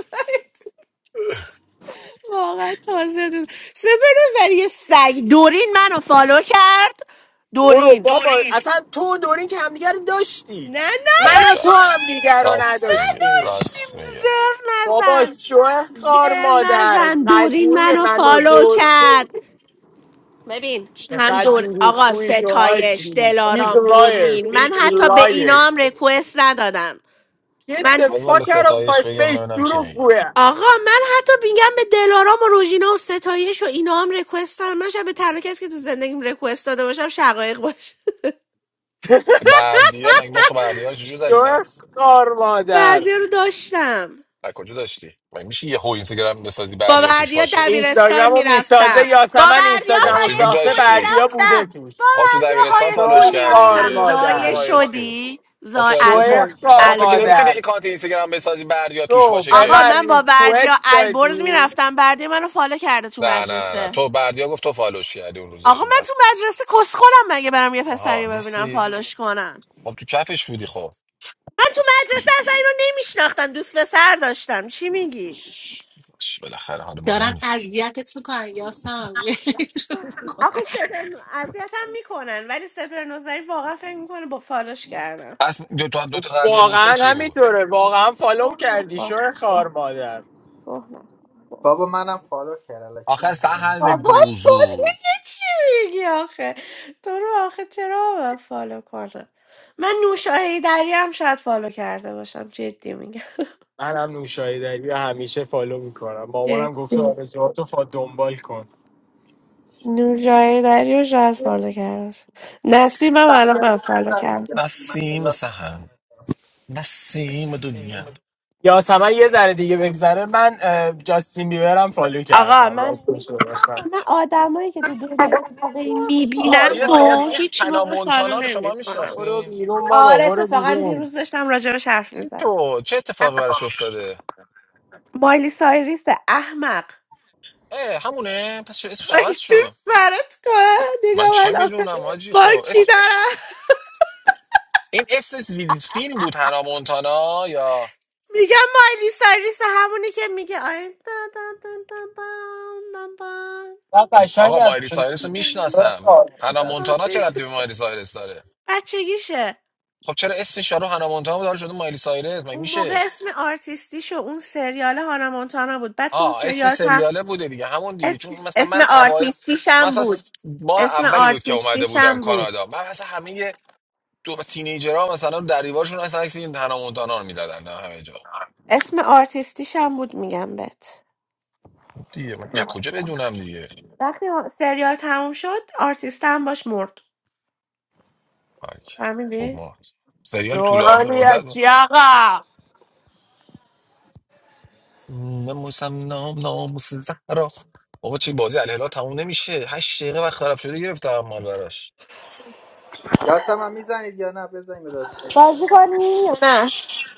[SPEAKER 1] واقعا تازه دود سپر زری یه سگ دورین منو فالو کرد
[SPEAKER 4] برو
[SPEAKER 1] دورین
[SPEAKER 4] بابا دوری اصلا تو و دورین که همدیگه رو داشتید
[SPEAKER 1] نه
[SPEAKER 2] داری
[SPEAKER 4] من و تو
[SPEAKER 2] کرد
[SPEAKER 4] همدیگه
[SPEAKER 1] نداشتیم
[SPEAKER 4] رو
[SPEAKER 2] راست میگه
[SPEAKER 4] نداشتیم
[SPEAKER 1] نداشتیم
[SPEAKER 2] راست میگه
[SPEAKER 1] زر
[SPEAKER 4] بابا
[SPEAKER 1] نزن
[SPEAKER 4] شوه خار
[SPEAKER 1] زر
[SPEAKER 4] مادر
[SPEAKER 1] نزن دورین
[SPEAKER 4] قضیه
[SPEAKER 1] منو
[SPEAKER 4] من و
[SPEAKER 1] فالو
[SPEAKER 4] دور تو
[SPEAKER 1] کرد ببین هم
[SPEAKER 4] چقدر
[SPEAKER 1] دور آقا
[SPEAKER 4] دروغگویی تو
[SPEAKER 1] ستایش
[SPEAKER 4] حاجی بیگ
[SPEAKER 1] دلارام
[SPEAKER 4] لایر
[SPEAKER 1] دورین من
[SPEAKER 4] بیگ
[SPEAKER 1] حتی به اینا
[SPEAKER 4] لایر
[SPEAKER 1] هم رکوست ندادم
[SPEAKER 4] Get
[SPEAKER 1] من
[SPEAKER 4] the
[SPEAKER 2] باز من به
[SPEAKER 4] fuck out of my
[SPEAKER 2] ستایش بگم
[SPEAKER 4] face
[SPEAKER 2] ببینم چی میگه
[SPEAKER 4] دروغگویه
[SPEAKER 1] آقا من حتی میگم به دلارام و روژینا و ستایش و اینا هم ریکوست دارم من شب به تنها کسی که تو زندگیم ریکوست داده باشم شقایق باشه
[SPEAKER 2] بردیا مگه مخ بردیا رو چجور زدی
[SPEAKER 4] شوه
[SPEAKER 2] پس
[SPEAKER 4] خار مادر
[SPEAKER 1] بردیا رو داشتم
[SPEAKER 2] از کجا داشتی مگه میشه یه هو اینستاگرام بسازی
[SPEAKER 1] با
[SPEAKER 2] بردیا توش
[SPEAKER 1] بردیا
[SPEAKER 2] باشه
[SPEAKER 4] اینستاگرام
[SPEAKER 1] دبیرستان
[SPEAKER 4] رو
[SPEAKER 1] میرفتم
[SPEAKER 4] میسازه
[SPEAKER 1] با
[SPEAKER 4] یاسمن
[SPEAKER 1] بردیا
[SPEAKER 2] خب
[SPEAKER 4] اینستاگرام رو
[SPEAKER 1] های
[SPEAKER 2] چجور
[SPEAKER 4] ساخته
[SPEAKER 1] اسکول
[SPEAKER 2] داشتی
[SPEAKER 4] بردیا بوده
[SPEAKER 1] میرفتم با
[SPEAKER 4] توش
[SPEAKER 2] خب تو
[SPEAKER 1] بردیا های
[SPEAKER 2] دبیرستان
[SPEAKER 4] شو
[SPEAKER 2] فالوش
[SPEAKER 1] اسکول
[SPEAKER 2] کرده
[SPEAKER 4] خار
[SPEAKER 1] میرفتم
[SPEAKER 2] دیگه خب تو
[SPEAKER 1] زایه
[SPEAKER 4] مادر
[SPEAKER 2] های اسکول
[SPEAKER 1] شدی
[SPEAKER 2] خب تو
[SPEAKER 1] زای
[SPEAKER 4] شو
[SPEAKER 2] اسکول فا...
[SPEAKER 1] البرز
[SPEAKER 4] خار
[SPEAKER 2] آقا تو که نمیتونی
[SPEAKER 1] البرز
[SPEAKER 4] مادر
[SPEAKER 2] اکانت اینستاگرام بسازی بردیا توش
[SPEAKER 4] تو
[SPEAKER 2] باشه
[SPEAKER 4] به
[SPEAKER 1] آقا
[SPEAKER 2] که
[SPEAKER 4] من
[SPEAKER 1] من با بردیا
[SPEAKER 4] ریکوست
[SPEAKER 1] البرز
[SPEAKER 4] دادی
[SPEAKER 1] میرفتم بردیا منو فالو کرده تو
[SPEAKER 2] نه نه نه
[SPEAKER 1] مدرسه
[SPEAKER 2] تو بردیا گفت تو فالوش کردی اون روز
[SPEAKER 1] آقا
[SPEAKER 2] داشتیم
[SPEAKER 1] من
[SPEAKER 2] بس
[SPEAKER 1] تو مدرسه کس خودم مگه برم یه
[SPEAKER 2] آها
[SPEAKER 1] پسری ببینم
[SPEAKER 2] نیستی
[SPEAKER 1] فالوش کنم
[SPEAKER 2] خب تو کفش بودی خب
[SPEAKER 1] من تو مدرسه اصلا اینو نمیشناختم دوست پسر داشتم چی میگی
[SPEAKER 2] باش، بالاخره حالا مهم
[SPEAKER 7] دارن
[SPEAKER 2] نیست که.
[SPEAKER 7] اذیتت میکنن یاسم
[SPEAKER 1] آخه سپر اذیتم میکنن ولی سپر نظری واقعا فکر میکنه با فالش کردم
[SPEAKER 2] پس دو تا دو تا قضیه بوسه
[SPEAKER 4] واقعا
[SPEAKER 2] چی بود
[SPEAKER 4] همینطوره واقعا فالو کردی شو خار مادر
[SPEAKER 1] گفت،
[SPEAKER 10] بابا منم فالو کرد الکی
[SPEAKER 2] آخر
[SPEAKER 10] میگه من میگه
[SPEAKER 2] سهل
[SPEAKER 1] بابا تو دیگه
[SPEAKER 2] گوزو
[SPEAKER 1] چی میگی آخه تو رو آخه چرا باید فالو کنم من نوشاهی دری هم شاید فالو کرده باشم جدی میگم
[SPEAKER 4] من هم نوشایی داری و همیشه فالو میکنم
[SPEAKER 1] جدی
[SPEAKER 4] مامانم گفته آرزوهاتو فا دنبال کن
[SPEAKER 1] نوشاهی دری رو شاید فالو کرده باشم نسیمم الان من فالو
[SPEAKER 10] بزنید
[SPEAKER 1] کرده
[SPEAKER 10] دیگه. من خیلی
[SPEAKER 2] نسیم
[SPEAKER 10] وقت بازی
[SPEAKER 2] سهند
[SPEAKER 10] نکردم.
[SPEAKER 2] نسیم دنیا
[SPEAKER 4] یاسمن یه ذره دیگه بگذره من اه، جاستین بیبرم فالو
[SPEAKER 1] آقا
[SPEAKER 4] کردم
[SPEAKER 1] من
[SPEAKER 4] راستش رو بخن
[SPEAKER 1] آقا، من آدمایی که تو دنیا واقعی
[SPEAKER 2] آقا
[SPEAKER 1] میبینم
[SPEAKER 4] خار
[SPEAKER 2] یه سالی
[SPEAKER 1] و
[SPEAKER 2] این
[SPEAKER 4] مادر
[SPEAKER 1] هیچ
[SPEAKER 2] هنا
[SPEAKER 1] موقع فالو
[SPEAKER 2] مونتانا رو شما
[SPEAKER 1] نمیکنم
[SPEAKER 4] برو
[SPEAKER 2] میشناختین
[SPEAKER 4] بیرون بابا
[SPEAKER 1] آره تو
[SPEAKER 4] برو
[SPEAKER 1] فقط
[SPEAKER 4] بیرون
[SPEAKER 1] دیروز داشتم راجبش حرف میزدم
[SPEAKER 2] تو چه اتفاقی براش افتاده
[SPEAKER 1] مایلی سایریس احمق
[SPEAKER 2] اه همونه پس چه اسمش عوض
[SPEAKER 1] خواهیشون
[SPEAKER 2] شد
[SPEAKER 1] سرت کنه
[SPEAKER 2] من
[SPEAKER 1] نگاه
[SPEAKER 2] چه
[SPEAKER 1] من آخه
[SPEAKER 2] میدونم حاجی
[SPEAKER 1] با
[SPEAKER 2] خب
[SPEAKER 1] کی
[SPEAKER 2] اسم
[SPEAKER 1] دارم
[SPEAKER 2] این اسم ویلسپین بود هنا مونتانا یا
[SPEAKER 1] میگم مایلی سایریس همونی که میگه آی دا دا دا دا دا دا دا.
[SPEAKER 4] و
[SPEAKER 2] خب
[SPEAKER 4] قشنگ
[SPEAKER 2] آقا
[SPEAKER 4] از
[SPEAKER 2] مایلی
[SPEAKER 4] شو
[SPEAKER 2] سایرس رو
[SPEAKER 4] خار
[SPEAKER 2] میشناسم هانا
[SPEAKER 4] مادر
[SPEAKER 2] مونتانا چه
[SPEAKER 1] آره.
[SPEAKER 2] ربطی به مایلی سایرس داره
[SPEAKER 1] بچگیشه
[SPEAKER 2] خب چرا اسم یارو هانا مونتانا داره شده مایلی سایرس مگه
[SPEAKER 1] اون موقع
[SPEAKER 2] میشه
[SPEAKER 1] اسم آرتیستیشو اون سریال هانا مونتانا بود بعد که اون
[SPEAKER 2] آه اسم
[SPEAKER 1] سریال
[SPEAKER 2] سریاله بوده دیگه همون دیگه
[SPEAKER 1] اسم,
[SPEAKER 2] چون مثلا
[SPEAKER 1] اسم
[SPEAKER 2] من اوایل
[SPEAKER 1] آرتیستیشم
[SPEAKER 2] مثلا
[SPEAKER 1] بود
[SPEAKER 2] س- ماه
[SPEAKER 1] اسم
[SPEAKER 2] اولی بود که اومده بودم
[SPEAKER 1] آرتیستیشم بود
[SPEAKER 2] کانادا من مثلا همه تو تینیجرها مثلا در دیوارشون اصلا عکس این هانا مونتانا رو میدادن نه همه جا
[SPEAKER 1] اسم آرتیستیشم بود میگم بهت
[SPEAKER 2] دیگه من چه کجا بدونم دیگه
[SPEAKER 1] وقتی سریال تموم شد آرتیستم باش مرد
[SPEAKER 2] بارکل. خب
[SPEAKER 1] فهمیدی؟
[SPEAKER 2] ما سریال طولانی
[SPEAKER 4] شورولی از
[SPEAKER 2] مدت
[SPEAKER 4] چی آقا
[SPEAKER 2] ناموسم نام ناموس زهرا بابا چی بازی الهلال تموم نمیشه هشت دقیقه وقت خراب شده گرفتم مال براش
[SPEAKER 10] یاسم هم میزنید یا نه بزنید به دست
[SPEAKER 1] بازی کنی؟ یا نه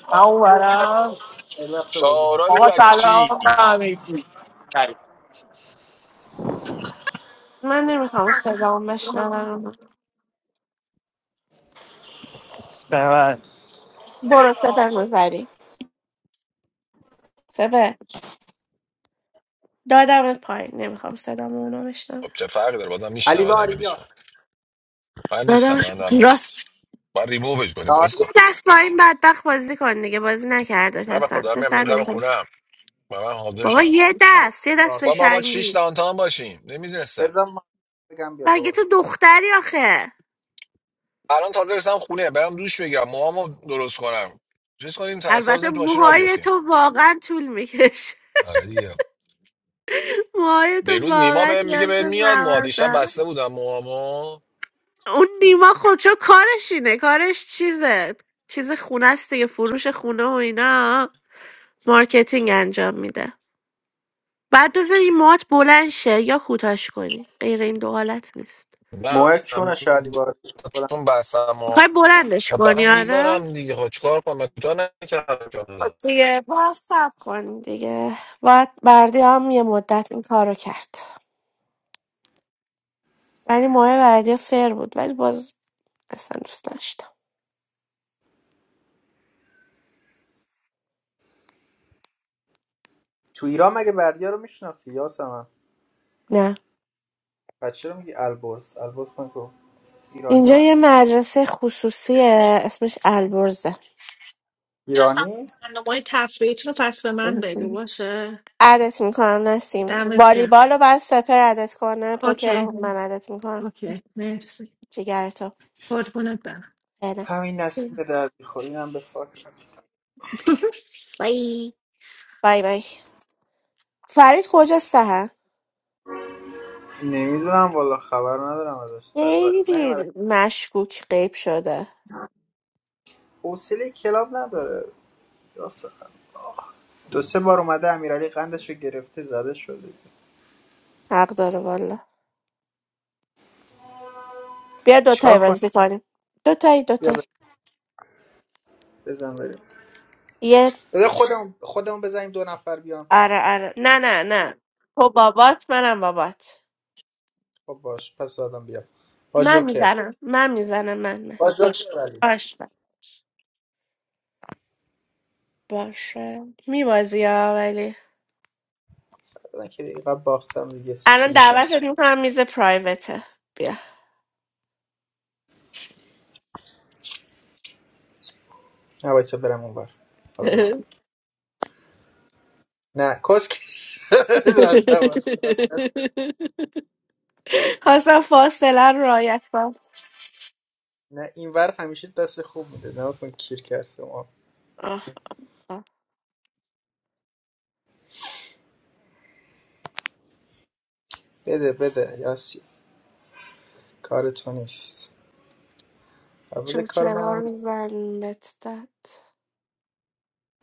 [SPEAKER 4] من اون برم
[SPEAKER 10] خیلی وقت بازی نکردم.
[SPEAKER 2] شارال
[SPEAKER 4] آقا
[SPEAKER 2] یچی
[SPEAKER 4] سلام به همگی بله.
[SPEAKER 1] من نمیخوام صدام بشنوم
[SPEAKER 4] به من.
[SPEAKER 1] برو سپر نظری سپر دادمت پایین نمیخوام صدام اونو بشنوم
[SPEAKER 2] خب چه فرقی داره بازم
[SPEAKER 10] علی
[SPEAKER 2] میشنون ای
[SPEAKER 10] باری
[SPEAKER 2] بدیش من
[SPEAKER 10] بیا
[SPEAKER 2] من نیستم
[SPEAKER 1] دادمش
[SPEAKER 2] من دارم میرم
[SPEAKER 1] راست
[SPEAKER 2] باید ریمووش کنی کس
[SPEAKER 10] تاری
[SPEAKER 1] یه
[SPEAKER 2] کن
[SPEAKER 1] دست پایین بدبخت بازی کن دیگه بازی نکرده
[SPEAKER 2] نه بخدا
[SPEAKER 1] اصلا
[SPEAKER 2] دارم
[SPEAKER 1] سه
[SPEAKER 2] میرم دارم
[SPEAKER 1] سر
[SPEAKER 2] دم
[SPEAKER 1] اونجا.
[SPEAKER 2] خونم و من
[SPEAKER 1] بابا
[SPEAKER 2] حاضرشم
[SPEAKER 1] یه دست یه
[SPEAKER 10] را
[SPEAKER 1] دست
[SPEAKER 2] با ما
[SPEAKER 10] کن.
[SPEAKER 2] باید شیش
[SPEAKER 1] فشنگی
[SPEAKER 2] دانتان باشیم نمیدونستم
[SPEAKER 10] بزن ما بگم بیا
[SPEAKER 1] مگه
[SPEAKER 10] دوباره
[SPEAKER 1] تو دختری آخه
[SPEAKER 2] الان تا برسم خونه برم دوش بگیرم موامو درست کنم چیز کنیم تا اصلا
[SPEAKER 1] البته
[SPEAKER 2] تو ماشین را
[SPEAKER 1] موهای
[SPEAKER 2] بیفتیم
[SPEAKER 1] تو واقعا طول میکشه
[SPEAKER 2] آره
[SPEAKER 1] موهای تو
[SPEAKER 2] دیروز نیما
[SPEAKER 1] واقعا
[SPEAKER 2] به میگه
[SPEAKER 1] نیاز
[SPEAKER 2] بهت
[SPEAKER 1] به
[SPEAKER 2] میاد موها
[SPEAKER 1] زمان
[SPEAKER 2] دیشب
[SPEAKER 1] داره
[SPEAKER 2] بسته بودم موهامو
[SPEAKER 1] اون نیما خودشو کارش اینه کارش چیزه چیز خونه است دیگه فروش خونه و اینا مارکتینگ انجام میده بعد بذاری موهات بلند شه یا کوتاش کنی غیر این دو حالت نیست
[SPEAKER 2] نه
[SPEAKER 10] موه چونش علی باری بلند
[SPEAKER 2] چون بستم موها.
[SPEAKER 1] میخوای بلندش
[SPEAKER 2] خب
[SPEAKER 1] کنی
[SPEAKER 2] برم
[SPEAKER 1] آره
[SPEAKER 2] میذارم دیگه خب چیکار کنم من کوتاه نکردم که
[SPEAKER 1] خب
[SPEAKER 2] حالا.
[SPEAKER 1] دیگه باید سب کنی دیگه باید بردی هم یه مدت این کارو کرد ولی ماه بردیا فر بود ولی باز اصلا دوست داشتم
[SPEAKER 10] تو ایران مگه بردیا رو میشناسی یاسم هم
[SPEAKER 1] نه
[SPEAKER 10] بچه رو میگی البرز البرز من گفت ایران
[SPEAKER 1] اینجا یه
[SPEAKER 10] نیست
[SPEAKER 1] مدرسه خصوصیه اسمش البرزه
[SPEAKER 7] اصلا
[SPEAKER 10] ایرانی
[SPEAKER 7] برنامه تفریحیتون رو پس به من بگو باشه
[SPEAKER 1] عدت میکنم نسیم
[SPEAKER 7] دمت گرم
[SPEAKER 1] والیبال رو بعد سپر عدت کنه پوکر
[SPEAKER 7] اوکی
[SPEAKER 1] رو من عدت میکنم
[SPEAKER 7] اوکی مرسی
[SPEAKER 1] جگر تو
[SPEAKER 7] قربونت برم
[SPEAKER 1] فعلا
[SPEAKER 10] همین نسیم به درد میخوری هم به فاک
[SPEAKER 7] بای
[SPEAKER 1] بای بای فرید کجا سه
[SPEAKER 10] نمیدونم والا خبر ندارم ازش نظر...
[SPEAKER 1] خیلی
[SPEAKER 10] نیومده.
[SPEAKER 1] مشکوک غیب شده
[SPEAKER 10] حوصله کلاب نداره یاسر. دو سه بار اومده امیرعلی قندش رو گرفته زده شده
[SPEAKER 1] حق داره والا بیا دوتایی
[SPEAKER 10] چیکار کنیم
[SPEAKER 1] بازی کنیم دوتایی
[SPEAKER 10] بیا
[SPEAKER 1] دوتایی
[SPEAKER 10] ب- بزن بریم
[SPEAKER 1] یه
[SPEAKER 10] بده خودمون خودمون بزنیم دو نفر بیان
[SPEAKER 1] آره آره نه نه نه تو بابات منم بابات
[SPEAKER 10] خب باش پس دادم بیا با
[SPEAKER 1] من
[SPEAKER 10] جوکر
[SPEAKER 1] میزنم من میزنم من من
[SPEAKER 10] با
[SPEAKER 1] باش
[SPEAKER 10] جوکر ولی
[SPEAKER 1] باش باشه میبازی ها ولی
[SPEAKER 10] من که دیگه قبل باختم دیگه
[SPEAKER 1] الان
[SPEAKER 10] چی میترسم
[SPEAKER 1] دعوتت میکنم میز پرایوته بیا
[SPEAKER 10] نه وایسا برم اونور حالا بزن نه کس که- لازم باشه.
[SPEAKER 1] خواستم فاصله رو رعایت کنم
[SPEAKER 10] نه اینور همیشه دست خوب میده نه کن کیر کرد ما
[SPEAKER 1] آه، آه.
[SPEAKER 10] بده بده یاسی کار تو نیست البته
[SPEAKER 1] چون که
[SPEAKER 10] کار
[SPEAKER 1] ما
[SPEAKER 10] منم
[SPEAKER 1] زن بهت داد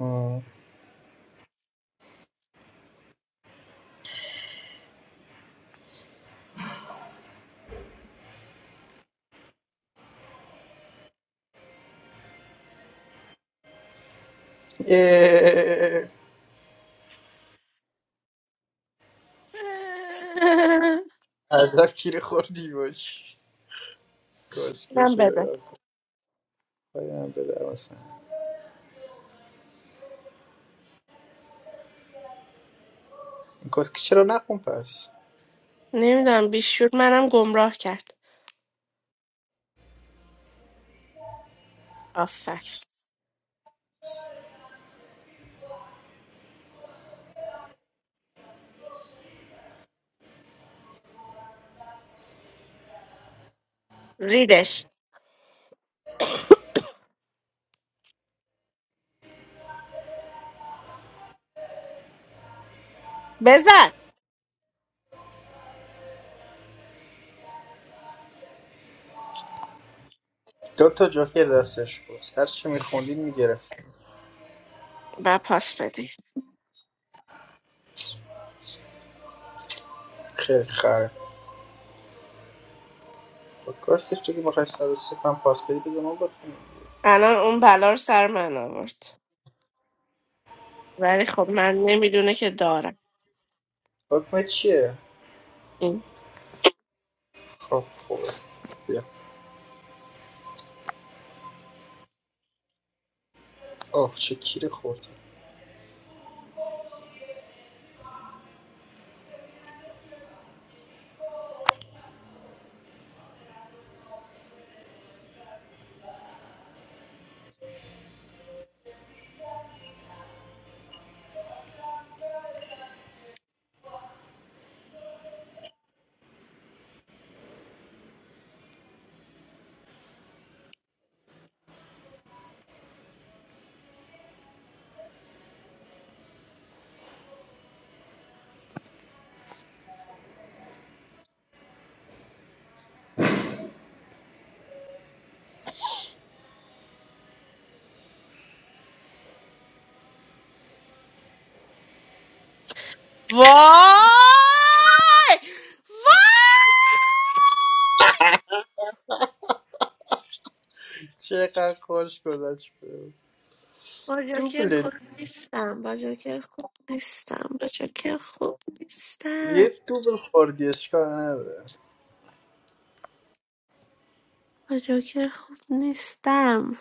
[SPEAKER 10] مم. اه، عجب کیر خوردی باش کسکیر
[SPEAKER 1] من
[SPEAKER 10] شده
[SPEAKER 1] بده
[SPEAKER 10] کار کن. پایم به در مثلا این کسکیر چرا نخون پس
[SPEAKER 1] نمیدونم بیشور منم گمراه کرد آفر ریدش بزن
[SPEAKER 10] دو تا جوکر دستش بود هر چی میخوندین میگرفت
[SPEAKER 1] و پاس بدی
[SPEAKER 10] خیلی خره با کسکیر تو که بخوای سر سفن پاس بدی بگه ما بخونیم
[SPEAKER 1] الان اون بلا رو سر من آورد ولی خب من نمیدونه که دارم
[SPEAKER 10] حکمه چیه؟
[SPEAKER 1] این
[SPEAKER 10] خب خوبه بیا آه چه کیری خوردی
[SPEAKER 1] وای وای
[SPEAKER 10] چقدر خوش گذشت بهم.
[SPEAKER 1] با جوکر خوب
[SPEAKER 10] دوبله
[SPEAKER 1] نیستم با جوکر خوب نیستم با جوکر خوب نیستم
[SPEAKER 10] یه دوبل خوردی اشکال نداره
[SPEAKER 1] با جوکر خوب نیستم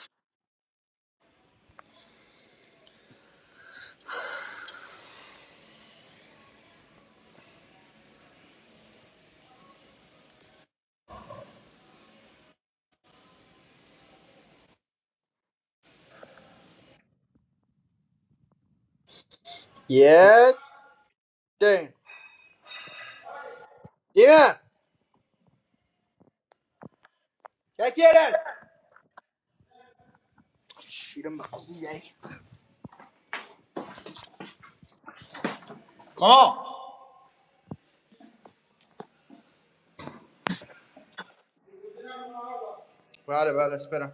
[SPEAKER 10] یه Sì. Dime, ¿qué quieres? Shh, ma così, eh. ¿Cómo? Vale, vale, espera.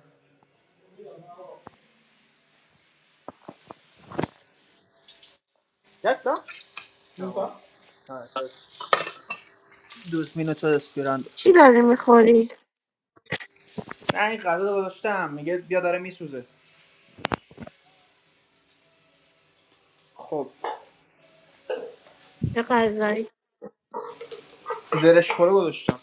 [SPEAKER 10] ¿Ya está? No. No. Ah, دوست مینو تو دستگیرند
[SPEAKER 1] چی داری میخوری؟
[SPEAKER 10] نه این غذا رو گذاشتم میگه بیا داره میسوزه خب
[SPEAKER 1] چه غذایی؟
[SPEAKER 10] زرش پلو گذاشتم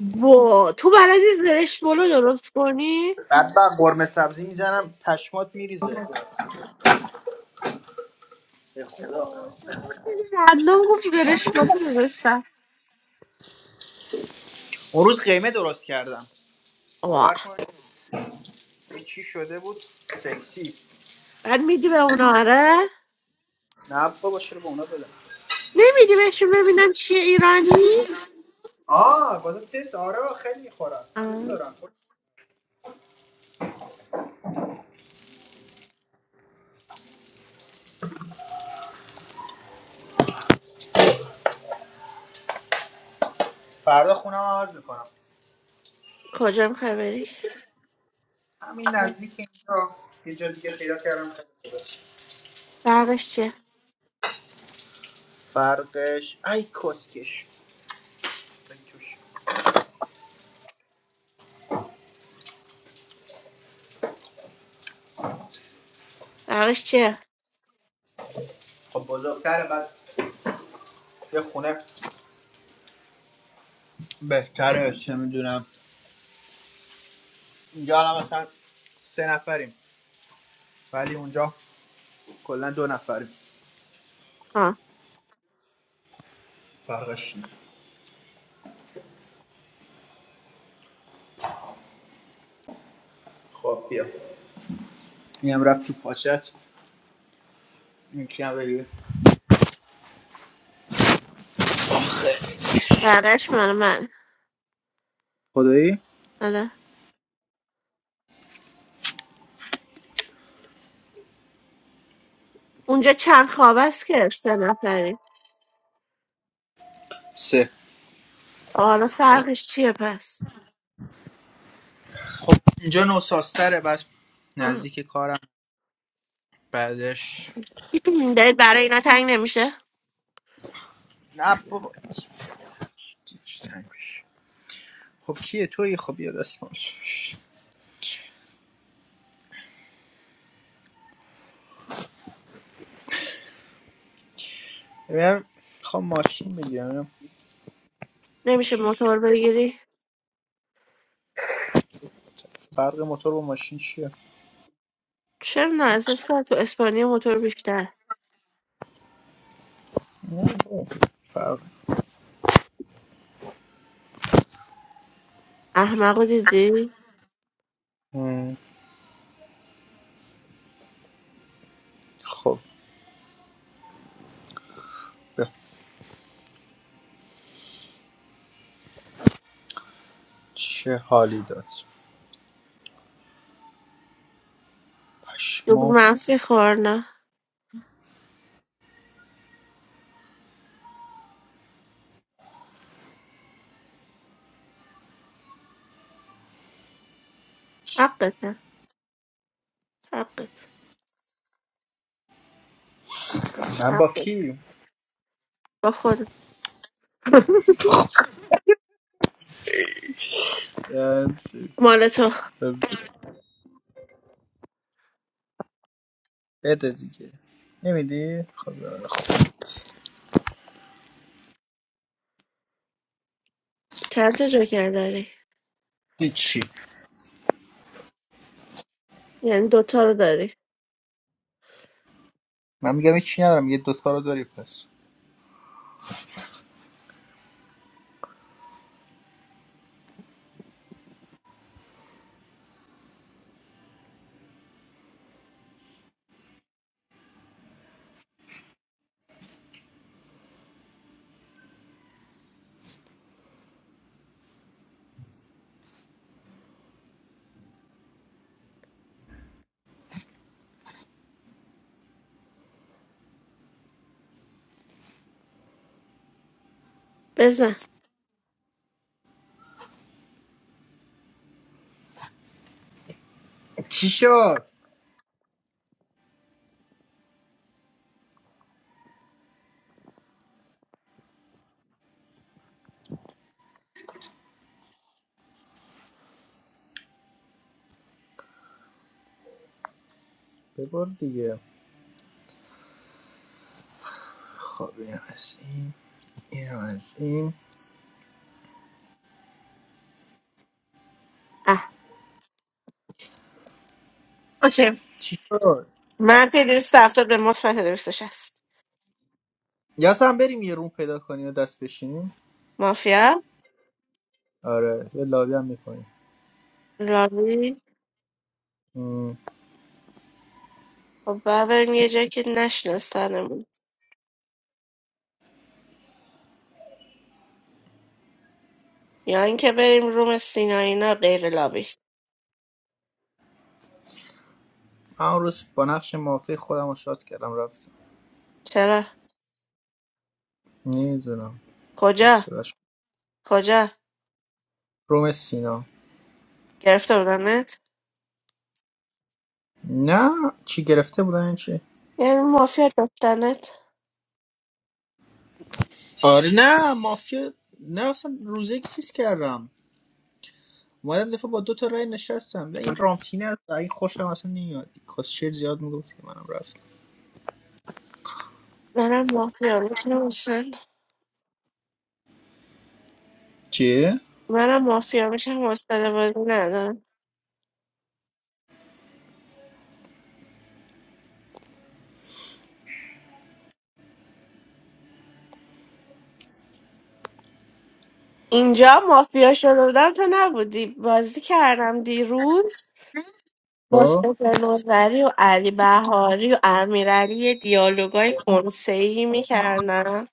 [SPEAKER 1] با تو بلدی زرش بلو درست کنی؟
[SPEAKER 10] بعد با قرمه سبزی میزنم پشمات میریزه به خدا
[SPEAKER 1] رندوم گفت زرش بلو درستم
[SPEAKER 10] اون روز قیمه درست کردم
[SPEAKER 1] واه
[SPEAKER 10] باور کن این چی شده بود سکسی
[SPEAKER 1] بعد میدی به اونا آره؟
[SPEAKER 10] نه بابا چرا به اونا بدم
[SPEAKER 1] نمیدی بهشون ببینم چیه ایرانی؟
[SPEAKER 10] آه گذاشت تست آره خیلی میخورم دوست
[SPEAKER 1] آه،
[SPEAKER 10] دارم فردا خونم عوض میکنم
[SPEAKER 1] کجا میخوای بری
[SPEAKER 10] همین نزدیک اینجا اینجا دیگه پیدا کردم
[SPEAKER 1] برقش چیه
[SPEAKER 10] فرقش ای کسکش ای توش.
[SPEAKER 1] برقش چیه
[SPEAKER 10] خب بزرگتره بعد یه خونه بهتره چه میدونم اینجا الان مثلا سه نفریم ولی اونجا کلا دو نفریم
[SPEAKER 1] آه
[SPEAKER 10] فرقش اینه. خب بیا اینم رفت تو پاچت این کیم بگیر
[SPEAKER 1] برقش مال من
[SPEAKER 10] خدایی
[SPEAKER 1] آره اونجا چند خواب است که سه نفری
[SPEAKER 10] سه
[SPEAKER 1] خب، حالا فرقش چیه پس
[SPEAKER 10] اینجا نوساستره بعد
[SPEAKER 1] آه.
[SPEAKER 10] نزدیک کارم بعدش
[SPEAKER 1] دلت برای اینا تنگ نمیشه
[SPEAKER 10] نه بابا خب کیه توی خب بیا دست باش. ببینم میخوام ماشین بگیرم ببینم
[SPEAKER 1] نمیشه موتور بگیری
[SPEAKER 10] فرق موتور با ماشین چیه
[SPEAKER 1] چرا نه احساس کنم تو اسپانیا موتور بیشتر
[SPEAKER 10] نه، بابا. فرق
[SPEAKER 1] احمقو دیدی
[SPEAKER 10] مم. خب به چه حالی داد
[SPEAKER 1] دوبل
[SPEAKER 10] پشما
[SPEAKER 1] منفی خور نه حقته حقت
[SPEAKER 10] من با
[SPEAKER 1] حقت
[SPEAKER 10] کی
[SPEAKER 1] با خود
[SPEAKER 10] اه،
[SPEAKER 1] مال تو
[SPEAKER 10] بده دیگه نمیدی خدا خب
[SPEAKER 1] چند تا جاکر داری
[SPEAKER 10] هیچی
[SPEAKER 1] یعنی دوتا رو داری
[SPEAKER 10] من میگم هیچی ندارم یه دوتا رو داری پس
[SPEAKER 1] بزن
[SPEAKER 10] چی شد ببر دیگه خب اینم از این اینم از این
[SPEAKER 1] اه اوکی
[SPEAKER 10] چی شد
[SPEAKER 1] منفی 270 به مثبت 260
[SPEAKER 10] یا هم بریم یه روم پیدا کنیم و دست بشینیم
[SPEAKER 1] مافیا
[SPEAKER 10] آره یه لابی هم
[SPEAKER 1] لاوی
[SPEAKER 10] میکنیم
[SPEAKER 1] خب باید بریم یه جایی که نشناسنمون یا اینکه بریم روم سینا اینا غیر لابی
[SPEAKER 10] همون روز با نقش مافی خودم رو شاد کردم رفتم
[SPEAKER 1] چرا
[SPEAKER 10] نمیدونم
[SPEAKER 1] کجا
[SPEAKER 10] حوصلش
[SPEAKER 1] کجا
[SPEAKER 10] روم سینا
[SPEAKER 1] گرفته بودنت
[SPEAKER 10] نه چی گرفته بودن این چی
[SPEAKER 1] یعنی مافیا داشتنت
[SPEAKER 10] آره نه مافیا نه اصلا روزه یک چیز کردم اومدم دفعه با دو تا رای نشستم و این رامتینه از این خوشم اصلا نمیاد کاسشیر زیاد میگفت که منم رفتم
[SPEAKER 1] منم مافیا میشم حسن
[SPEAKER 10] چیه؟
[SPEAKER 1] منم مافیا میشم حوصله بازی ندارم اینجا مافیا شده بودم تو نبودی بازی کردم دیروز
[SPEAKER 10] خب
[SPEAKER 1] مصطفی نظری و علی بهاری و امیرعلی یه دیالوگای کنسه‌ای میکردن